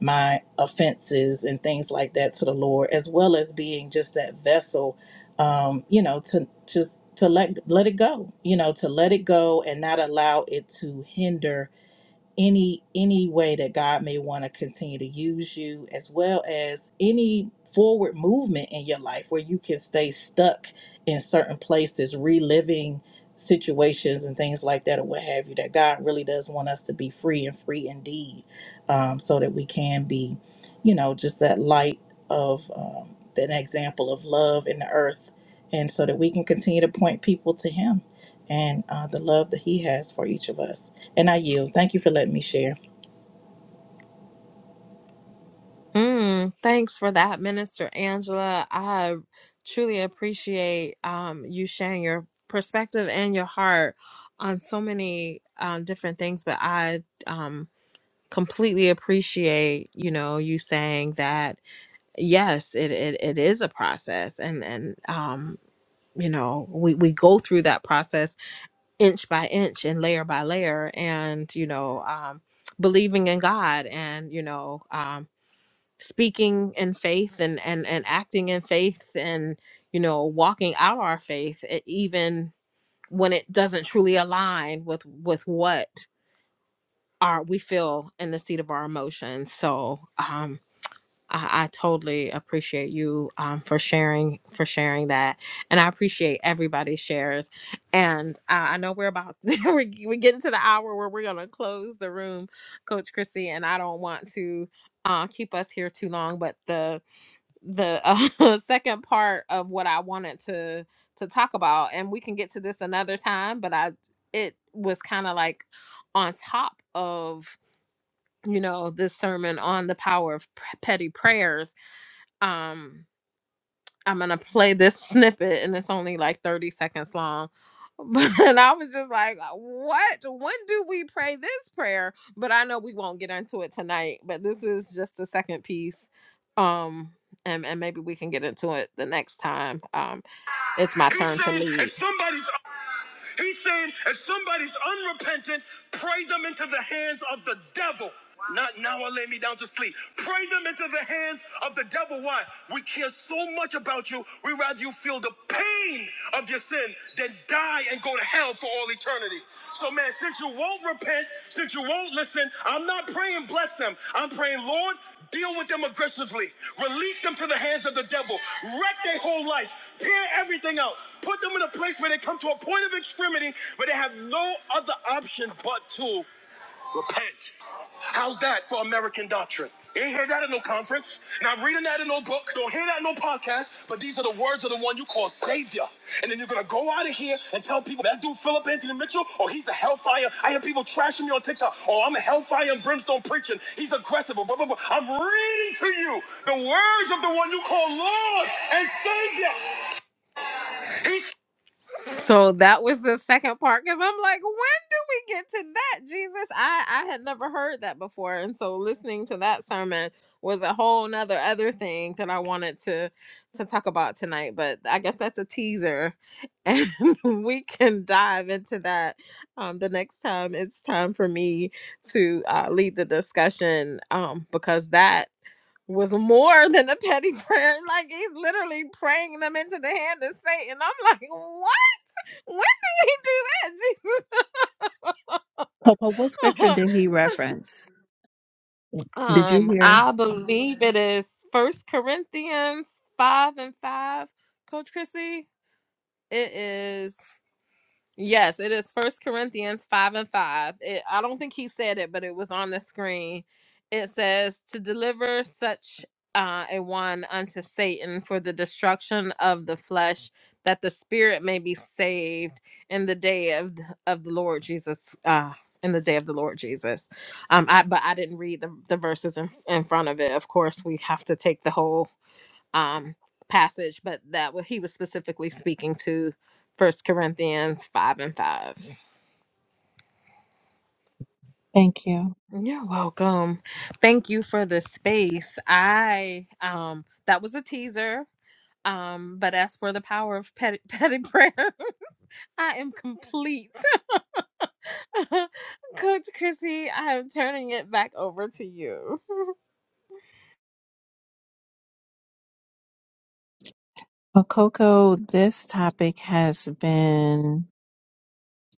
J: my offenses and things like that to the Lord, as well as being just that vessel, um, you know, to just to let let it go, you know, to let it go and not allow it to hinder any any way that God may want to continue to use you as well as any forward movement in your life where you can stay stuck in certain places reliving situations and things like that or what have you that God really does want us to be free and free indeed um, so that we can be you know just that light of um, an example of love in the earth and so that we can continue to point people to him and uh, the love that He has for each of us. And I yield. Thank you for letting me share.
F: Mm, thanks for that, Minister Angela. I truly appreciate um, you sharing your perspective and your heart on so many um, different things. But I um, completely appreciate, you know, you saying that yes, it it, it is a process, and and um, you know, we we go through that process inch by inch and layer by layer, and you know, um, believing in God, and you know. Um, speaking in faith and and and acting in faith and you know walking out our faith e- even when it doesn't truly align with with what our we feel in the seat of our emotions so um I, I totally appreciate you um, for sharing for sharing that, and I appreciate everybody's shares. And uh, I know we're about we're, we're getting to the hour where we're gonna close the room, Coach Chrissy, and I don't want to uh, keep us here too long, but the the uh, second part of what I wanted to to talk about, and we can get to this another time. But I, it was kind of like on top of you know this sermon on the power of p- petty prayers. Um, I'm gonna play this snippet and it's only like 30 seconds long. But I was just like, what? When do we pray this prayer? But I know we won't get into it tonight. But this is just the second piece. Um and, and maybe we can get into it the next time. Um it's my turn to leave. If somebody's He's saying if somebody's unrepentant, pray them into the hands of the devil. Wow. Not now I lay me down to sleep. Pray them into the hands of the devil. Why? We care so much about you, we rather you feel the pain of your sin than die and go to hell for all eternity. So, man, since you won't repent, since you won't listen, I'm not praying bless them. I'm praying, Lord, deal with them aggressively. Release them to the hands of the devil. Wreck their whole life. Tear everything out. Put them in a place where they come to a point of extremity where they have no other option but to Repent. How's that for American doctrine? You ain't hear that in no conference. Not reading that in no book. Don't hear that in no podcast. But these are the words of the one you call Savior. And then you're gonna go out of here and tell people that dude Philip Anthony Mitchell, oh he's a hellfire. I hear people trashing me on TikTok. Oh, I'm a hellfire and brimstone preaching. He's aggressive. Blah, blah, blah. I'm reading to you the words of the one you call Lord and Savior. He's so that was the second part because I'm like, when do we get to that, Jesus? I I had never heard that before, and so listening to that sermon was a whole nother other thing that I wanted to to talk about tonight. But I guess that's a teaser, and we can dive into that um, the next time it's time for me to uh, lead the discussion um, because that was more than a petty prayer. Like he's literally praying them into the hand of Satan. I'm like, what? When did we do that,
A: Coco, what
F: Jesus?
A: scripture did he reference? Did you
F: Um,
A: hear?
F: I believe it is First Corinthians five and five, Coach Chrissy. It is. Yes, it is First Corinthians five and five. It, I don't think he said it, but it was on the screen. It says to deliver such uh, a one unto Satan for the destruction of the flesh, that the spirit may be saved in the day of th- of the Lord Jesus. Uh, in the day of the Lord Jesus. Um, I but I didn't read the, the verses in, in front of it. Of course, we have to take the whole um, passage, but that what he was specifically speaking to First Corinthians five and five.
A: Thank you.
F: You're welcome. Thank you for the space. I um that was a teaser. Um, but as for the power of petty, petty prayer, I am complete. Coach Chrissy, I am turning it back over to you.
A: Well, Coco, this topic has been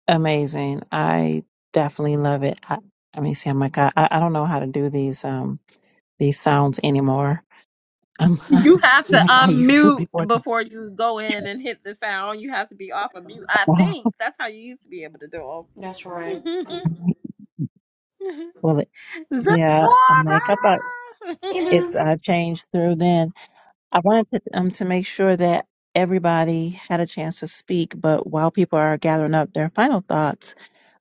A: amazing. I definitely love it. I, let me see. I'm like, I, I don't know how to do these um these sounds anymore. I'm
F: You have to
A: I'm like I used to
F: unmute
A: before.
F: before you go in and hit the sound. You have to be off of mute. I think that's how you used to be able to do 'em.
K: That's right.
A: Well, it-
F: Zipporah!
A: yeah. I'm like I thought
K: You know,
A: it's I changed through then. I wanted to um to make sure that everybody had a chance to speak, but while people are gathering up their final thoughts.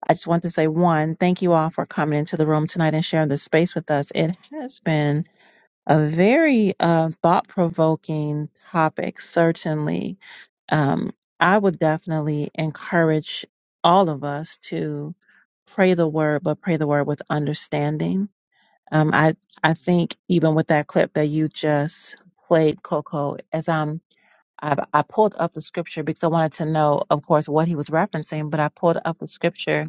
A: I just want to say one, thank you all for coming into the room tonight and sharing this space with us. It has been a very uh, thought provoking topic, certainly. Um, I would definitely encourage all of us to pray the word, but pray the word with understanding. Um, I I think even with that clip that you just played, Coco, as I'm I, I pulled up the scripture because I wanted to know, of course, what he was referencing, but I pulled up the scripture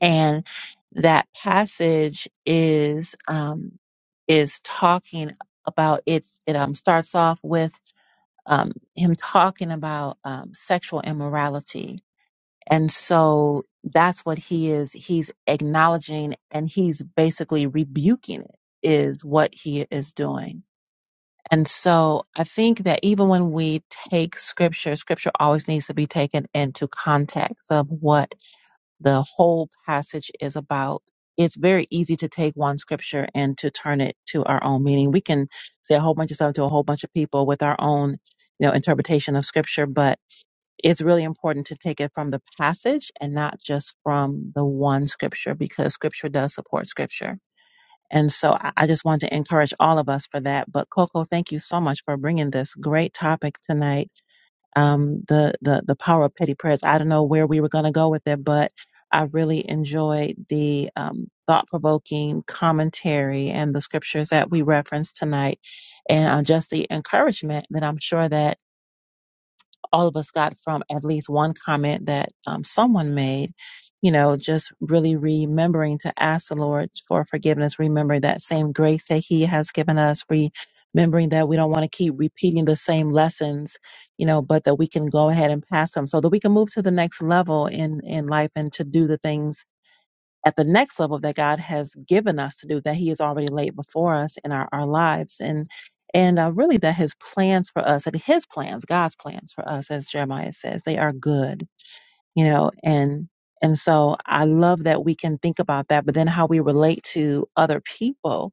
A: and that passage is um, is talking about it. It um, starts off with um, him talking about um, sexual immorality, and so that's what he is. He's acknowledging and he's basically rebuking it. Is what he is doing. And so I think that even when we take scripture, scripture always needs to be taken into context of what the whole passage is about. It's very easy to take one scripture and to turn it to our own meaning. We can say a whole bunch of stuff to a whole bunch of people with our own, you know, interpretation of scripture, but it's really important to take it from the passage and not just from the one scripture because scripture does support scripture. And so I I just want to encourage all of us for that. But Coco, thank you so much for bringing this great topic tonight um, the the the power of petty prayers. I don't know where we were going to go with it, but I really enjoyed the um, thought provoking commentary and the scriptures that we referenced tonight, and uh, just the encouragement that I'm sure that all of us got from at least one comment that um, someone made. You know, just really remembering to ask the Lord for forgiveness, remembering that same grace that He has given us, remembering that we don't want to keep repeating the same lessons, you know, but that we can go ahead and pass them so that we can move to the next level in, in life and to do the things at the next level that God has given us to do, that He has already laid before us in our, our lives. And and uh, really, that His plans for us, and His plans, God's plans for us, as Jeremiah says, they are good, you know, and and so I love that we can think about that, but then how we relate to other people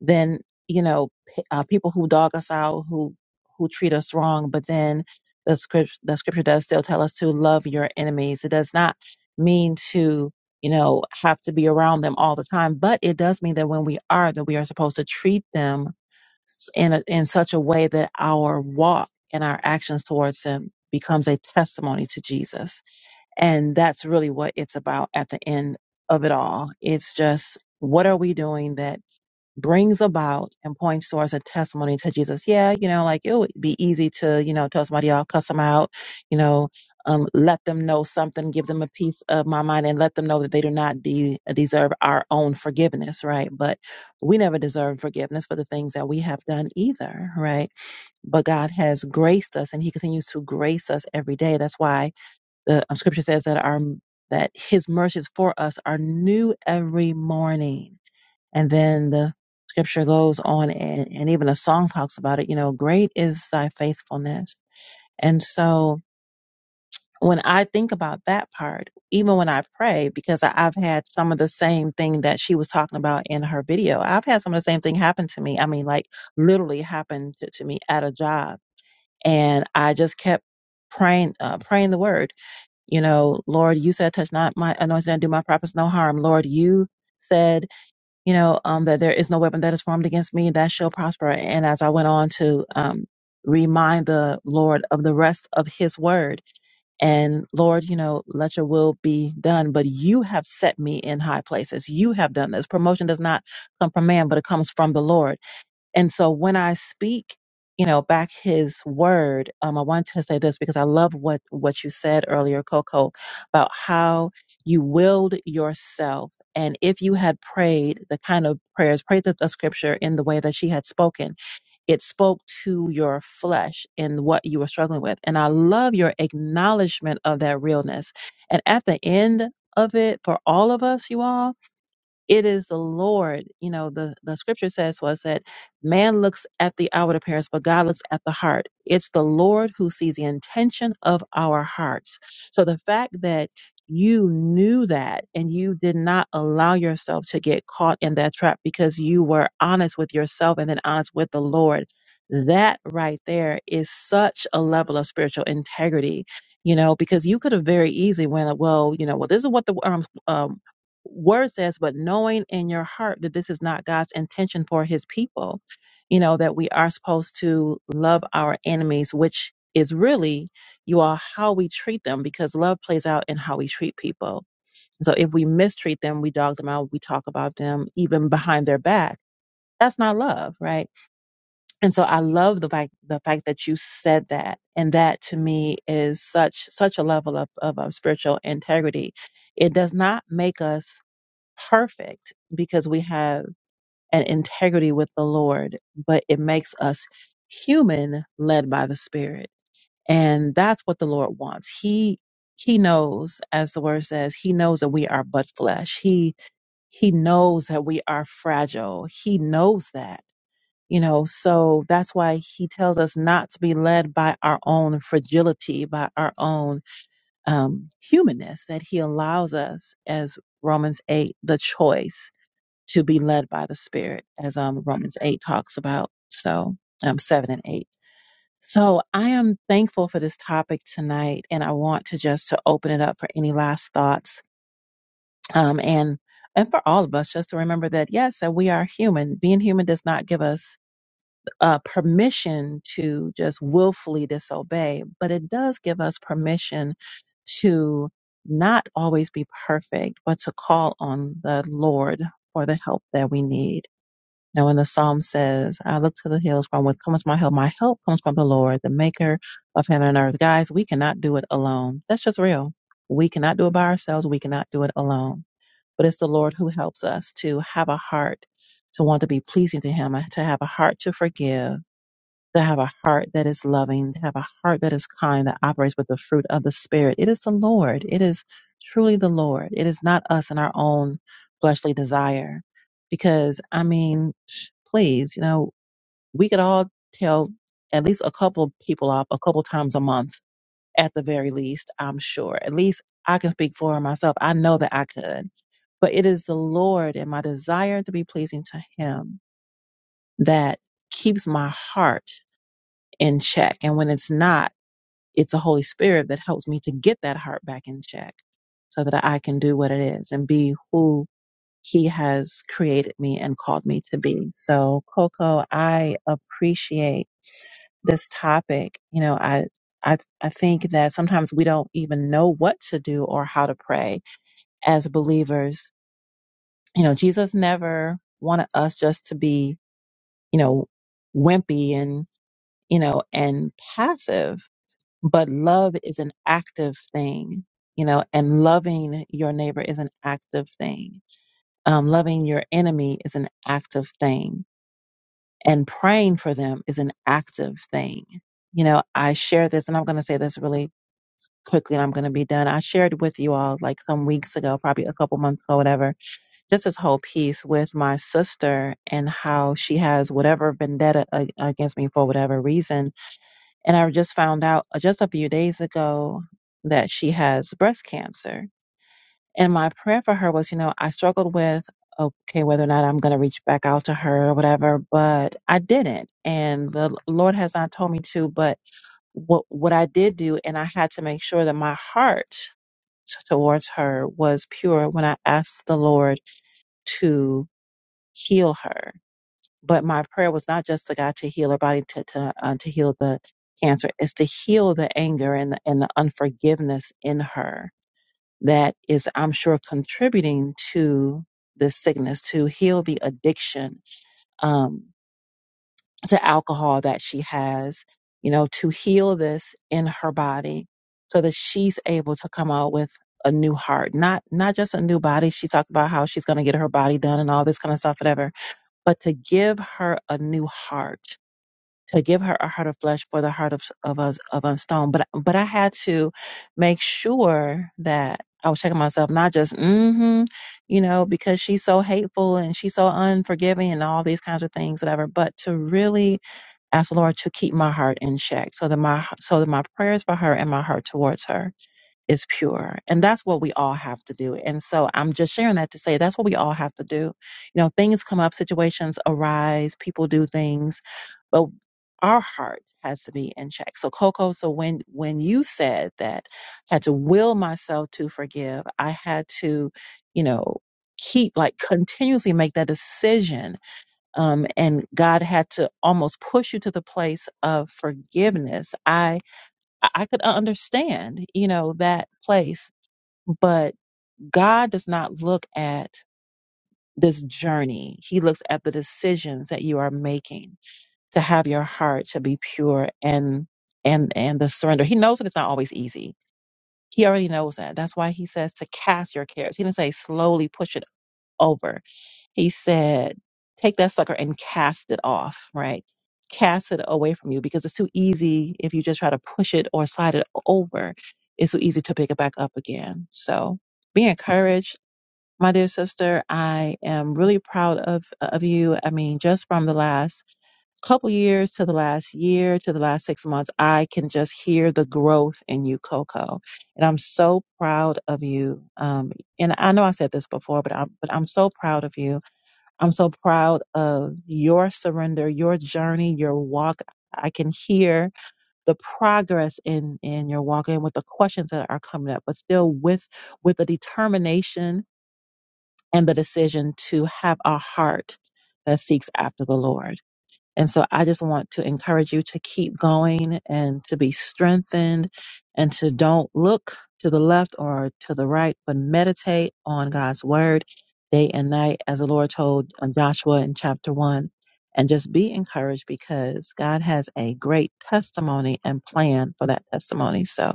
A: then you know p- uh, people who dog us out who who treat us wrong but then the script the scripture does still tell us to love your enemies it does not mean to you know have to be around them all the time but it does mean that when we are that we are supposed to treat them s- in a, in such a way that our walk and our actions towards them becomes a testimony to Jesus and that's really what it's about at the end of it all it's just what are we doing that brings about and points towards a testimony to Jesus. Yeah, you know, like it would be easy to, you know, tell somebody, I'll cuss them out, you know, um, let them know something, give them a piece of my mind, and let them know that they do not de- deserve our own forgiveness, right? But we never deserve forgiveness for the things that we have done either, right? But God has graced us and He continues to grace us every day. That's why the um, scripture says that our that his mercies for us are new every morning and then the scripture goes on and, and even a song talks about it, you know, great is thy faithfulness. And so when I think about that part, even when I pray, because I, I've had some of the same thing that she was talking about in her video, I've had some of the same thing happen to me. I mean, like literally happened to, to me at a job. And I just kept praying, uh, praying the word, you know, Lord, you said, touch not my anointed and do my prophets no harm. Lord, you said you know, um, that there is no weapon that is formed against me that shall prosper. And as I went on to um, remind the Lord of the rest of his word, and Lord, you know, let your will be done. But you have set me in high places. You have done this. Promotion does not come from man, but it comes from the Lord and so when I speak, you know, back his word, um, I wanted to say this because I love what what you said earlier, Coco, about how you willed yourself. And if you had prayed the kind of prayers, prayed the, the scripture in the way that she had spoken, it spoke to your flesh in what you were struggling with. And I love your acknowledgement of that realness. And at the end of it, for all of us, you all, it is the Lord. You know, the, the scripture says was that man looks at the outward appearance, but God looks at the heart. It's the Lord who sees the intention of our hearts. So the fact that you knew that and you did not allow yourself to get caught in that trap because you were honest with yourself and then honest with the Lord. That right there is such a level of spiritual integrity, you know, because you could have very easily went, well, you know, well, this is what the um, um, word says, but knowing in your heart that this is not God's intention for his people, you know, that we are supposed to love our enemies, which is really, you all, how we treat them because love plays out in how we treat people. So if we mistreat them, we dog them out, we talk about them even behind their back. That's not love, right? And so I love the fact the fact that you said that, and that to me is such such a level of of, of spiritual integrity. It does not make us perfect because we have an integrity with the Lord, but it makes us human led by the Spirit. And that's what the Lord wants. He he knows, as the word says, he knows that we are but flesh. He he knows that we are fragile. He knows that. You know, so that's why he tells us not to be led by our own fragility, by our own um, humanness, that he allows us, as Romans 8, the choice to be led by the Spirit, as um, Romans 8 talks about. So, um, 7 and 8. So, I am thankful for this topic tonight, and I want to just to open it up for any last thoughts. Um, and and for all of us, just to remember that yes, that we are human. Being human does not give us uh, permission to just willfully disobey, but it does give us permission to not always be perfect, but to call on the Lord for the help that we need. Now, when the psalm says, I look to the hills from whence comes my help, my help comes from the Lord, the maker of heaven and earth. Guys, we cannot do it alone. That's just real. We cannot do it by ourselves. We cannot do it alone. But it's the Lord who helps us to have a heart to want to be pleasing to Him, to have a heart to forgive to have a heart that is loving, to have a heart that is kind, that operates with the fruit of the Spirit. It is the Lord. It is truly the Lord. It is not us and our own fleshly desire. Because, I mean, sh- please, you know, we could all tell at least a couple people off a couple times a month at the very least, I'm sure. At least I can speak for myself. I know that I could. But it is the Lord and my desire to be pleasing to Him that keeps my heart in check. And when it's not, it's the Holy Spirit that helps me to get that heart back in check so that I can do what it is and be who He has created me and called me to be. So, Coco, I appreciate this topic. You know, I, I, I think that sometimes we don't even know what to do or how to pray as believers. You know, Jesus never wanted us just to be, you know, wimpy and, you know, and passive but love is an active thing you know and loving your neighbor is an active thing um, loving your enemy is an active thing and praying for them is an active thing you know i share this and i'm going to say this really quickly and i'm going to be done i shared with you all like some weeks ago probably a couple months ago whatever just this whole piece with my sister and how she has whatever vendetta a- against me for whatever reason and I just found out uh, just a few days ago that she has breast cancer. And my prayer for her was, you know, I struggled with, okay, whether or not I'm going to reach back out to her or whatever, but I didn't. And the Lord has not told me to, but what, what I did do, and I had to make sure that my heart t- towards her was pure when I asked the Lord to heal her but my prayer was not just to God to heal her body, to to, uh, to heal the cancer. It's to heal the anger and the, and the unforgiveness in her that is, I'm sure, contributing to this sickness. To heal the addiction um, to alcohol that she has, you know, to heal this in her body, so that she's able to come out with a new heart, not not just a new body. She talked about how she's going to get her body done and all this kind of stuff, whatever. But to give her a new heart, to give her a heart of flesh for the heart of of us of a stone. But but I had to make sure that I was checking myself, not just mm-hmm, you know, because she's so hateful and she's so unforgiving and all these kinds of things, whatever. But to really ask the Lord to keep my heart in check, so that my so that my prayers for her and my heart towards her is pure. And that's what we all have to do. And so I'm just sharing that to say that's what we all have to do. You know, things come up, situations arise, people do things but our heart has to be in check. So Coco, so when when you said that I had to will myself to forgive, I had to, you know, keep like continuously make that decision. Um, and God had to almost push you to the place of forgiveness. I I could understand, you know, that place, but God does not look at this journey. He looks at the decisions that you are making to have your heart to be pure and and and the surrender. He knows that it's not always easy. He already knows that. That's why he says to cast your cares. He didn't say slowly push it over. He said, take that sucker and cast it off, right? Cast it away from you because it's too easy if you just try to push it or slide it over. It's so easy to pick it back up again. So be encouraged my dear sister, I am really proud of of you. I mean, just from the last couple years to the last year to the last six months, I can just hear the growth in you, Coco. And I'm so proud of you. Um, and I know I said this before, but I'm but I'm so proud of you. I'm so proud of your surrender, your journey, your walk. I can hear the progress in in your walk and with the questions that are coming up, but still with with the determination and the decision to have a heart that seeks after the Lord. And so I just want to encourage you to keep going and to be strengthened and to don't look to the left or to the right, but meditate on God's word day and night, as the Lord told uh, Joshua in chapter one. And just be encouraged because God has a great testimony and plan for that testimony. So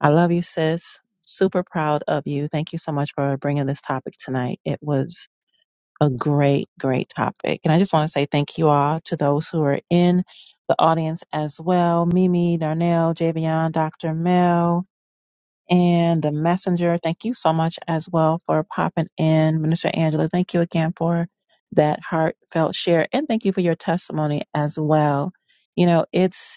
A: I love you, sis super proud of you. Thank you so much for bringing this topic tonight. It was a great, great topic. And I just want to say thank you all to those who are in the audience as well. Mimi, Darnell, Javion, Dr. Mel, and the messenger. Thank you so much as well for popping in. Minister Angela, thank you again for that heartfelt share. And thank you for your testimony as well. You know, it's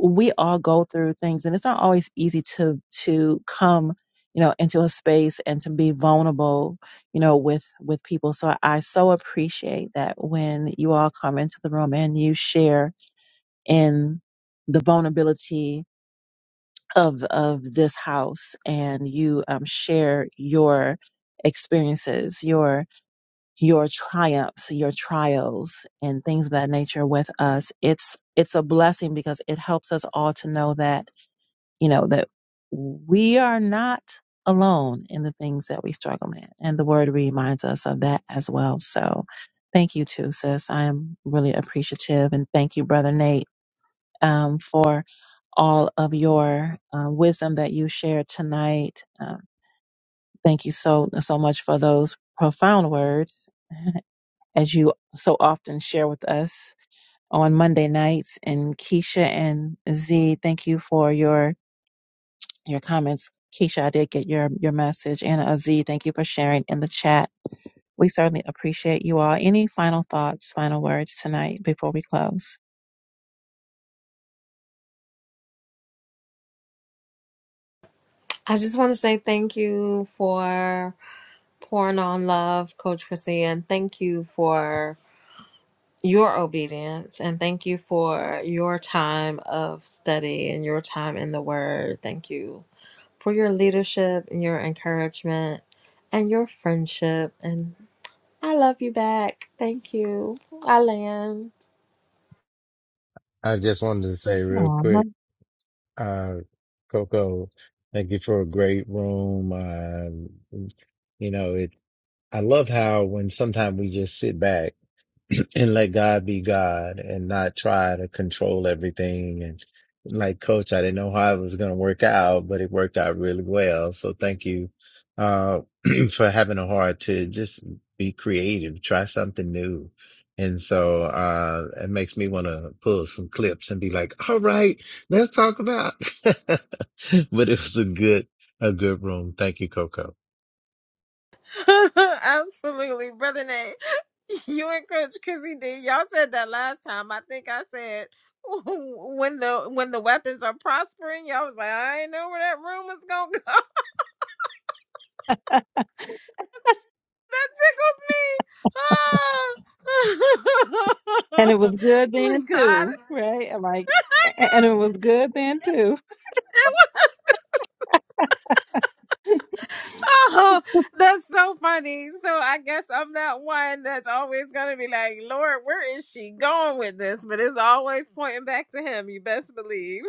A: we all go through things and it's not always easy to to come you know into a space and to be vulnerable you know with with people so i so appreciate that when you all come into the room and you share in the vulnerability of of this house and you um, share your experiences your your triumphs your trials and things of that nature with us it's it's a blessing because it helps us all to know that you know, that we are not alone in the things that we struggle in. And the word reminds us of that as well. So thank you too, sis. I am really appreciative. And thank you, Brother Nate, um, for all of your uh, wisdom that you shared tonight. Um, thank you so, so much for those profound words as you so often share with us on Monday nights. And Keisha and Z, thank you for your your comments. Keisha, I did get your, your message. And Aziz, thank you for sharing in the chat. We certainly appreciate you all. Any final thoughts, final words tonight before we close?
F: I just want to say thank you for pouring on love, Coach Chrissy, and thank you for your obedience and thank you for your time of study and your time in the Word. Thank you for your leadership and your encouragement and your friendship. And I love you back. Thank you. I land.
D: I just wanted to say real
A: Aw.
D: quick. Uh, Coco, thank you for a great room. Uh, you know, it, I love how when sometimes we just sit back and let God be God and not try to control everything. And like coach, I didn't know how it was going to work out, but it worked out really well. So thank you, uh, for having a heart to just be creative, try something new. And so, uh, it makes me want to pull some clips and be like, all right, let's talk about, but it was a good, a good room. Thank you, Coco.
F: Absolutely, brother Nate. You and Coach Chrissy D. Y'all said that last time. I think I said when the when the weapons are prospering. Y'all was like, I ain't know where that room was gonna go. That
A: And
F: tickles
A: it
F: me. Ah.
A: was good then
F: Look, God,
A: too, right? I'm Like, a- and it was
F: yes,
A: good then too.
F: Oh, that's so funny. So I guess I'm that one that's always gonna be like, Lord, where is she going with this? But it's always pointing back to him, you best believe.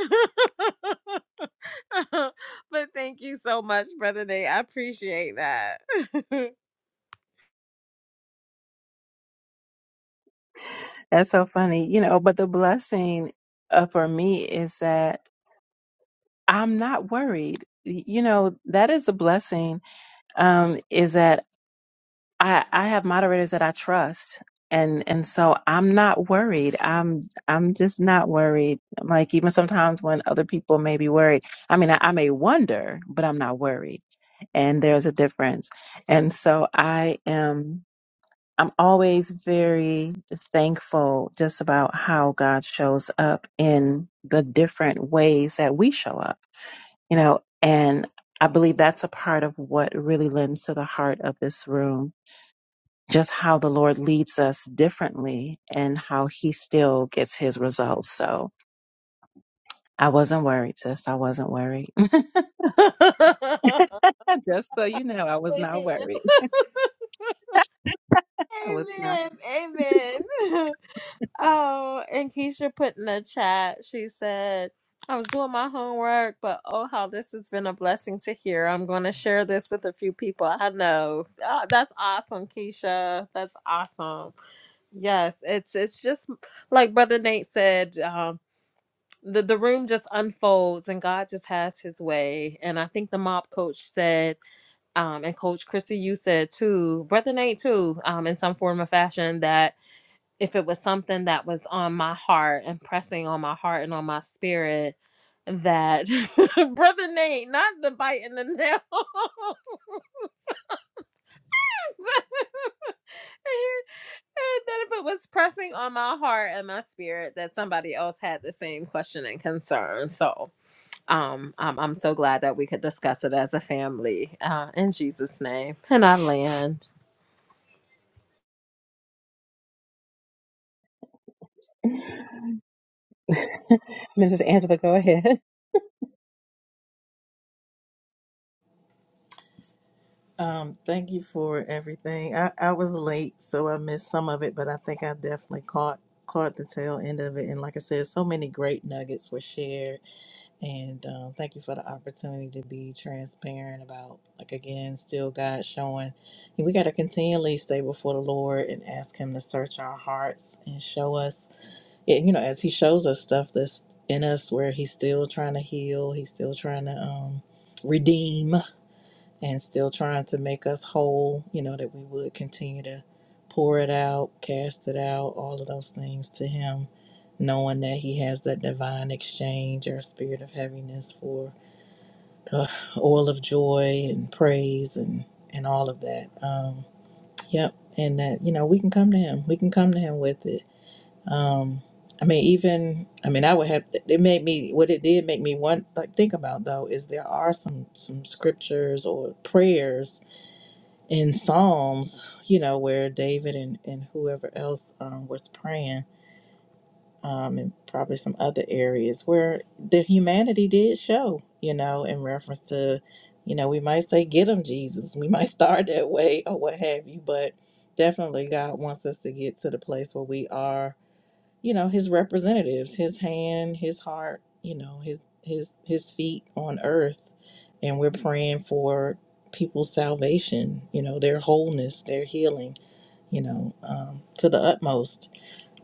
F: but thank you so much, Brother Day. I appreciate that.
A: That's so funny. You know, but the blessing uh, for me is that I'm not worried. Y- You know, that is a blessing, um, is that I, I have moderators that I trust. And and so I'm not worried. I'm I'm just not worried. I'm Like even sometimes when other people may be worried, I mean I, I may wonder, but I'm not worried. And there's a difference. And so I am. I'm always very thankful just about how God shows up in the different ways that we show up, you know, and I believe that's a part of what really lends to the heart of this room, just how the Lord leads us differently and how he still gets his results. So I wasn't worried, sis. I wasn't worried. just so you know, I was not
F: Amen.
A: worried. I was not.
F: Amen. Amen. Oh, and Keisha put in the chat, she said, I was doing my homework, but oh, how this has been a blessing to hear. I'm going to share this with a few people I know. Ah, that's awesome, Keisha. That's awesome. Yes, it's it's just like Brother Nate said, um, the, the room just unfolds and God just has his way. And I think the mob coach said, um, and Coach Chrissy, you said too, Brother Nate too, um, in some form or fashion, that if it was something that was on my heart and pressing on my heart and on my spirit that brother Nate, not the bite in the nail, that if it was pressing on my heart and my spirit that somebody else had the same question and concern. So Um, I'm, I'm so glad that we could discuss it as a family uh, in Jesus' name. And I land.
A: Mrs. Angela, go ahead.
J: Um, thank you for everything. I, I was late, so I missed some of it, but I think I definitely caught caught the tail end of it. And like I said, so many great nuggets were shared. And um, thank you for the opportunity to be transparent about, like again, still God showing. And We got to continually stay before the Lord and ask Him to search our hearts and show us Yeah, you know, as he shows us stuff that's in us where he's still trying to heal, he's still trying to um, redeem, and still trying to make us whole, you know, that we would continue to pour it out, cast it out, all of those things to him, knowing that he has that divine exchange or spirit of heaviness for the oil of joy and praise and, and all of that. Um, yep. And that, you know, we can come to him. We can come to him with it um, I mean, even I mean, I would have. It made me. What it did make me want like think about though is there are some some scriptures or prayers in Psalms, you know, where David and and whoever else um, was praying, um, and probably some other areas where the humanity did show, you know, in reference to, you know, we might say, "Get them, Jesus." We might start that way or what have you, but definitely God wants us to get to the place where we are you know his representatives his hand his heart you know his his his feet on earth and we're praying for people's salvation you know their wholeness their healing you know um, to the utmost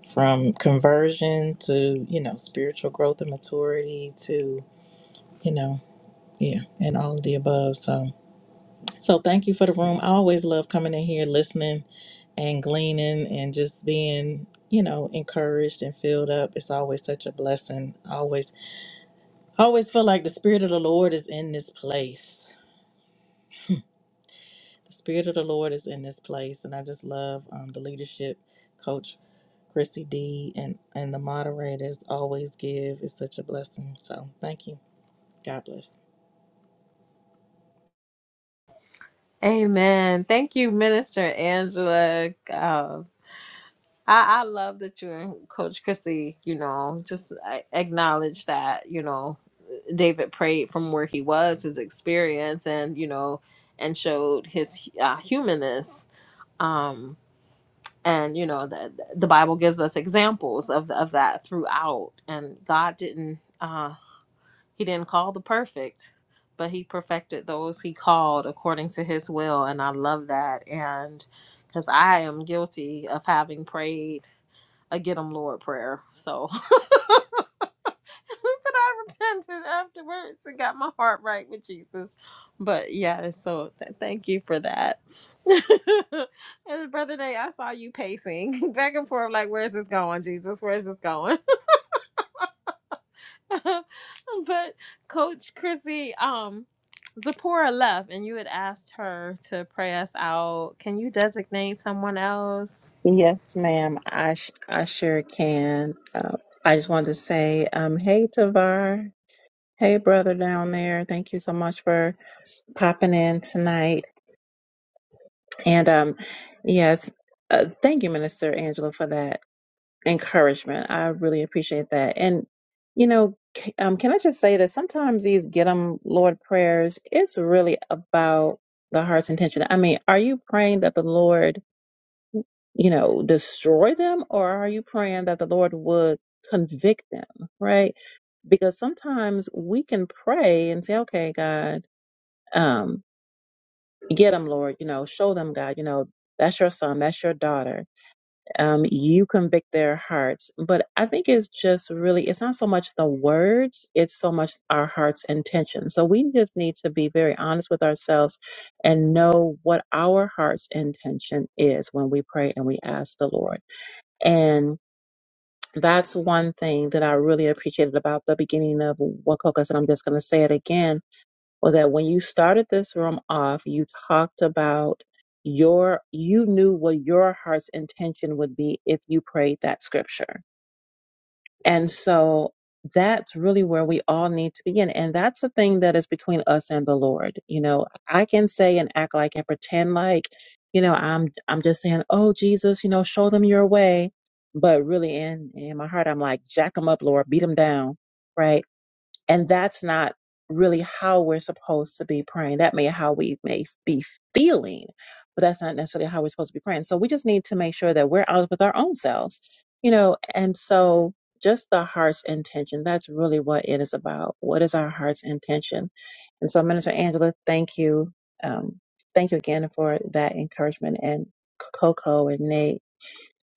J: from conversion to you know spiritual growth and maturity to you know yeah and all of the above so so thank you for the room. I always love coming in here, listening and gleaning and just being, you know, encouraged and filled up. It's always such a blessing. I always I always feel like the spirit of the Lord is in this place. The spirit of the Lord is in this place. And I just love um, the leadership coach Chrissy D and, and the moderators always give. It's such a blessing. So thank you. God bless.
F: Amen. Thank you, Minister Angela. Uh, I, I love that you and Coach Chrissy, you know, just uh, acknowledge that, you know, David prayed from where he was, his experience, and, you know, and showed his uh, humanness. Um, and, you know, the, the Bible gives us examples of, of that throughout. And God didn't, uh, he didn't call the perfect, but he perfected those he called according to his will. And I love that. And because I am guilty of having prayed a get get 'em Lord prayer. So, but I repented afterwards and got my heart right with Jesus. But yeah, so th- thank you for that. and brother Nate, I saw you pacing back and forth, like, where's this going, Jesus? Where's this going? but Coach Chrissy, um. Zipporah left, and you had asked her to pray us out. Can you designate someone else
A: Yes, ma'am. I sh- I sure can. Uh, I just wanted to say, um, hey Tavar, hey brother down there. Thank you so much for popping in tonight. And um, yes, uh, thank you, Minister Angela, for that. encouragement. I really appreciate that. And you know, c- um, can I just say that sometimes these get 'em Lord prayers, it's really about the heart's intention. I mean, are you praying that the Lord, you know, destroy them, or are you praying that the Lord would convict them? Right? Because sometimes we can pray and say, "Okay, God, um, get 'em, Lord. You know, show them, God. You know, that's your son, that's your daughter." um, you convict their hearts. But I think it's just really, it's not so much the words, it's so much our heart's intention. So we just need to be very honest with ourselves and know what our heart's intention is when we pray and we ask the Lord. And that's one thing that I really appreciated about the beginning of Wakokas, and I'm just going to say it again was that when you started this room off, you talked about your, you knew what your heart's intention would be if you prayed that scripture. And so that's really where we all need to begin. And that's the thing that is between us and the Lord. You know, I can say and act like and pretend like, you know, I'm, I'm just saying, oh, Jesus, you know, show them your way. But really in, in my heart, I'm like, jack them up, Lord, beat them down. Right and that's not really how we're supposed to be praying. That may how we may f- be feeling, but that's not necessarily how we're supposed to be praying. So we just need to make sure that we're honest with our own selves, you know, and so just the heart's intention. That's really what it is about. What is our heart's intention? And so Minister Angela, thank you. Um, thank you again for that encouragement and Coco and Nate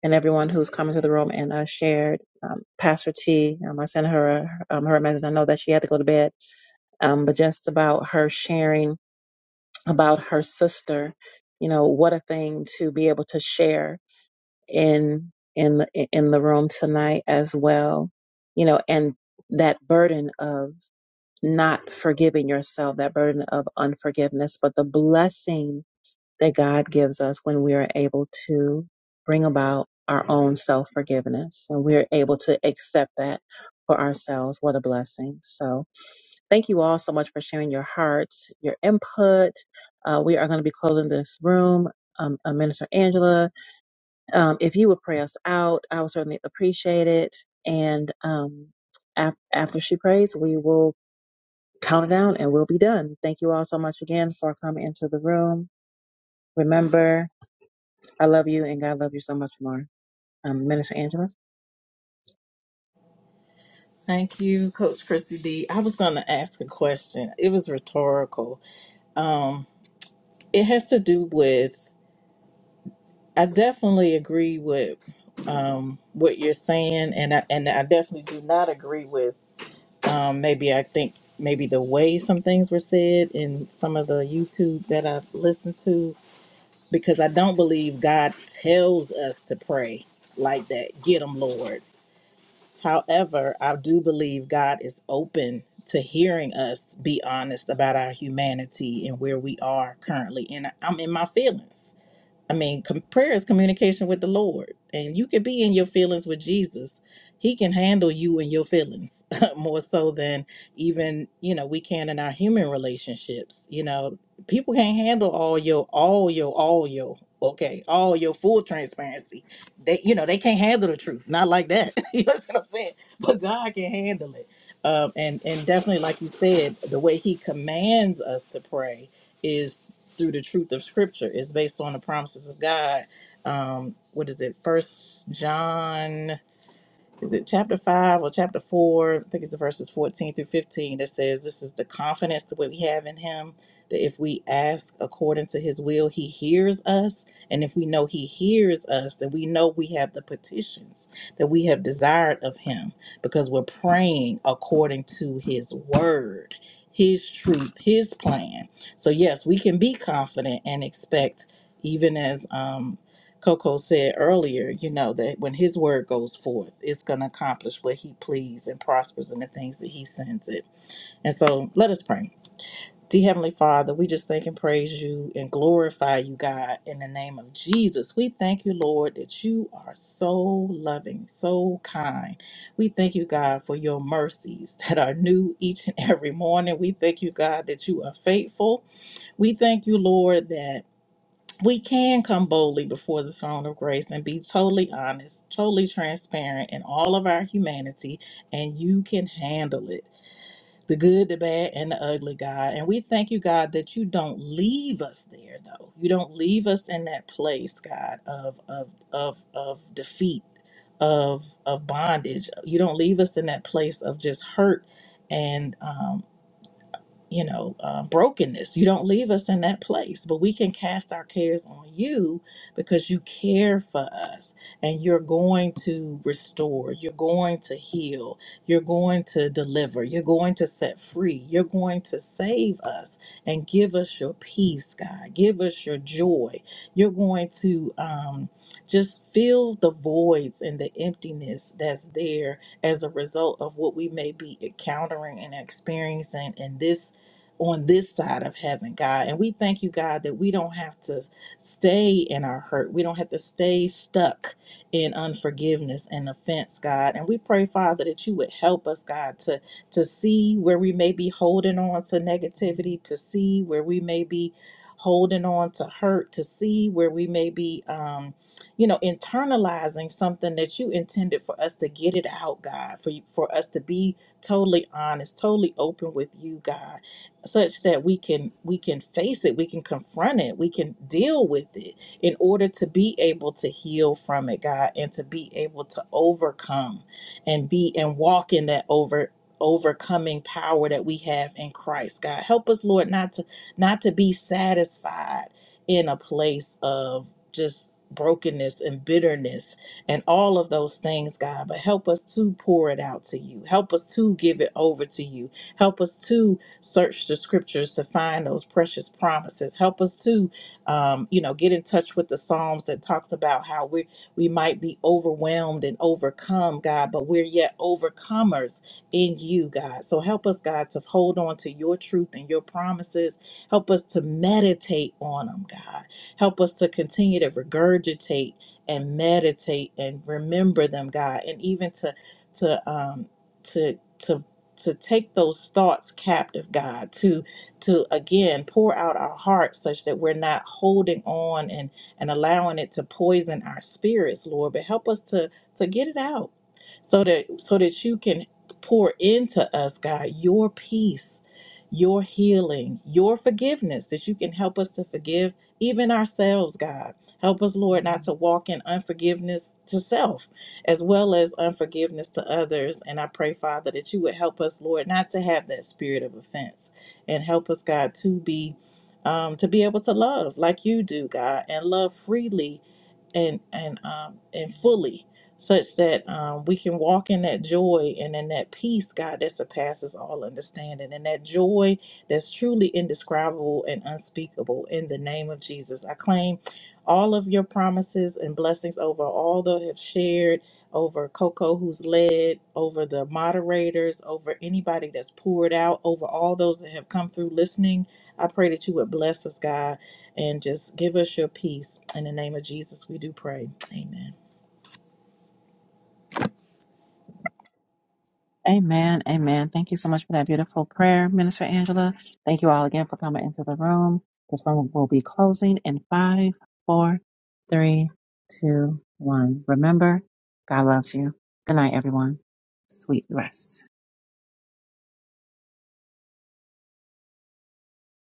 A: and everyone who's come into the room and uh, shared. Um, Pastor T, um, I sent her um, her message. I know that she had to go to bed, um, but just about her sharing about her sister. You know, what a thing to be able to share in in the- in the room tonight as well. You know, and that burden of not forgiving yourself, that burden of unforgiveness, but the blessing that God gives us when we are able to bring about our own self forgiveness and we're able to accept that for ourselves. What a blessing. So, thank you all so much for sharing your hearts, your input. Uh, we are going to be closing this room. Um, uh, Minister Angela, um, if you would pray us out, I would certainly appreciate it. And um, af- after she prays, we will count it down and we'll be done. Thank you all so much again for coming into the room. Remember, I love you and God love you so much more. Um, Minister Angela.
J: Thank you, Coach Chrissy D. I was gonna ask a question. It was rhetorical It has to do with, I definitely agree with um, what you're saying, and I, and I definitely do not agree with um, maybe I think maybe the way some things were said in some of the YouTube that I've listened to, because I don't believe God tells us to pray like that. Get them, Lord. However, I do believe God is open to hearing us be honest about our humanity and where we are currently. And I'm in my feelings I mean, com- prayer is communication with the Lord, and you can be in your feelings with Jesus. He can handle you and your feelings more so than even you know we can in our human relationships. You know, people can't handle all your, all your, all your. Okay, all your full transparency. They, you know, they can't handle the truth. Not like that. you know what I'm saying? But God can handle it. Um, and and definitely, like you said, the way He commands us to pray through the truth of scripture it's based on the promises of god um what is it first john is it chapter 5 or chapter 4 i think it's the verses 14 through 15 that says this is the confidence that we have in him that if we ask according to his will he hears us and if we know he hears us then we know we have the petitions that we have desired of him because we're praying according to his word his truth his plan so yes we can be confident and expect even as um Coco said earlier, you know, that when his word goes forth, it's going to accomplish what he pleases and prospers in the things that he sends it. And so let us pray. Dear Heavenly Father, we just thank and praise you and glorify you, God, in the name of Jesus. We thank you, Lord, that you are so loving, so kind. We thank you, God, for your mercies that are new each and every morning. We thank you, God, that you are faithful. We thank you, Lord, that we can come boldly before the throne of grace and be totally honest, totally transparent in all of our humanity, and you can handle it the good, the bad, and the ugly, God. And we thank you, God, that you don't leave us there, though. You don't leave us in that place, God, of, of, of, of defeat. Of, of bondage you don't leave us in that place of just hurt and um, you know, uh, brokenness. You don't leave us in that place, but we can cast our cares on you because you care for us and you're going to restore, you're going to heal, you're going to deliver, you're going to set free, you're going to save us and give us your peace, God. Give us your joy. You're going to um, just fill the voids and the emptiness that's there as a result of what we may be encountering and experiencing in this on this side of heaven, God. And we thank you, God, that we don't have to stay in our hurt. We don't have to stay stuck in unforgiveness and offense, God. And we pray, Father, that you would help us, God, to to see where we may be holding on to negativity, to see where we may be holding on to hurt, to see where we may be um, you know, internalizing something that you intended for us to get it out, God, for for us to be totally honest, totally open with you, God such that we can we can face it we can confront it we can deal with it in order to be able to heal from it god and to be able to overcome and be and walk in that over overcoming power that we have in christ god help us lord not to not to be satisfied in a place of just brokenness and bitterness and all of those things god but help us to pour it out to you help us to give it over to you help us to search the scriptures to find those precious promises. Help us to, um, you know, get in touch with the Psalms that talks about how we we might be overwhelmed and overcome, God, but we're yet overcomers in you, God. So help us, God, to hold on to your truth and your promises. Help us to meditate on them, God. Help us to continue to regurgitate and meditate and remember them, God, and even to to um to to to take those thoughts captive god to to again pour out our hearts such that we're not holding on and and allowing it to poison our spirits lord but help us to to get it out so that so that you can pour into us god your peace your healing your forgiveness that you can help us to forgive even ourselves god help us lord not to walk in unforgiveness to self as well as unforgiveness to others. And I pray, Father, that you would help us, Lord, not to have that spirit of offense and help us, God, to be. Um, to be able to love like you do, God, and love freely and and um and fully such that um we can walk in that joy and in that peace god that surpasses all understanding and that joy that's truly indescribable and unspeakable in the name of jesus i claim all of your promises and blessings over all that have shared over coco who's led over the moderators over anybody that's poured out over all those that have come through listening i pray that you would bless us god and just give us your peace. In the name of Jesus, we do pray. Amen.
A: Amen. Amen. Thank you so much for that beautiful prayer, Minister Angela. Thank you all again for coming into the room. This room will be closing in five, four, three, two, one. Remember, God loves you. Good night, everyone. Sweet rest.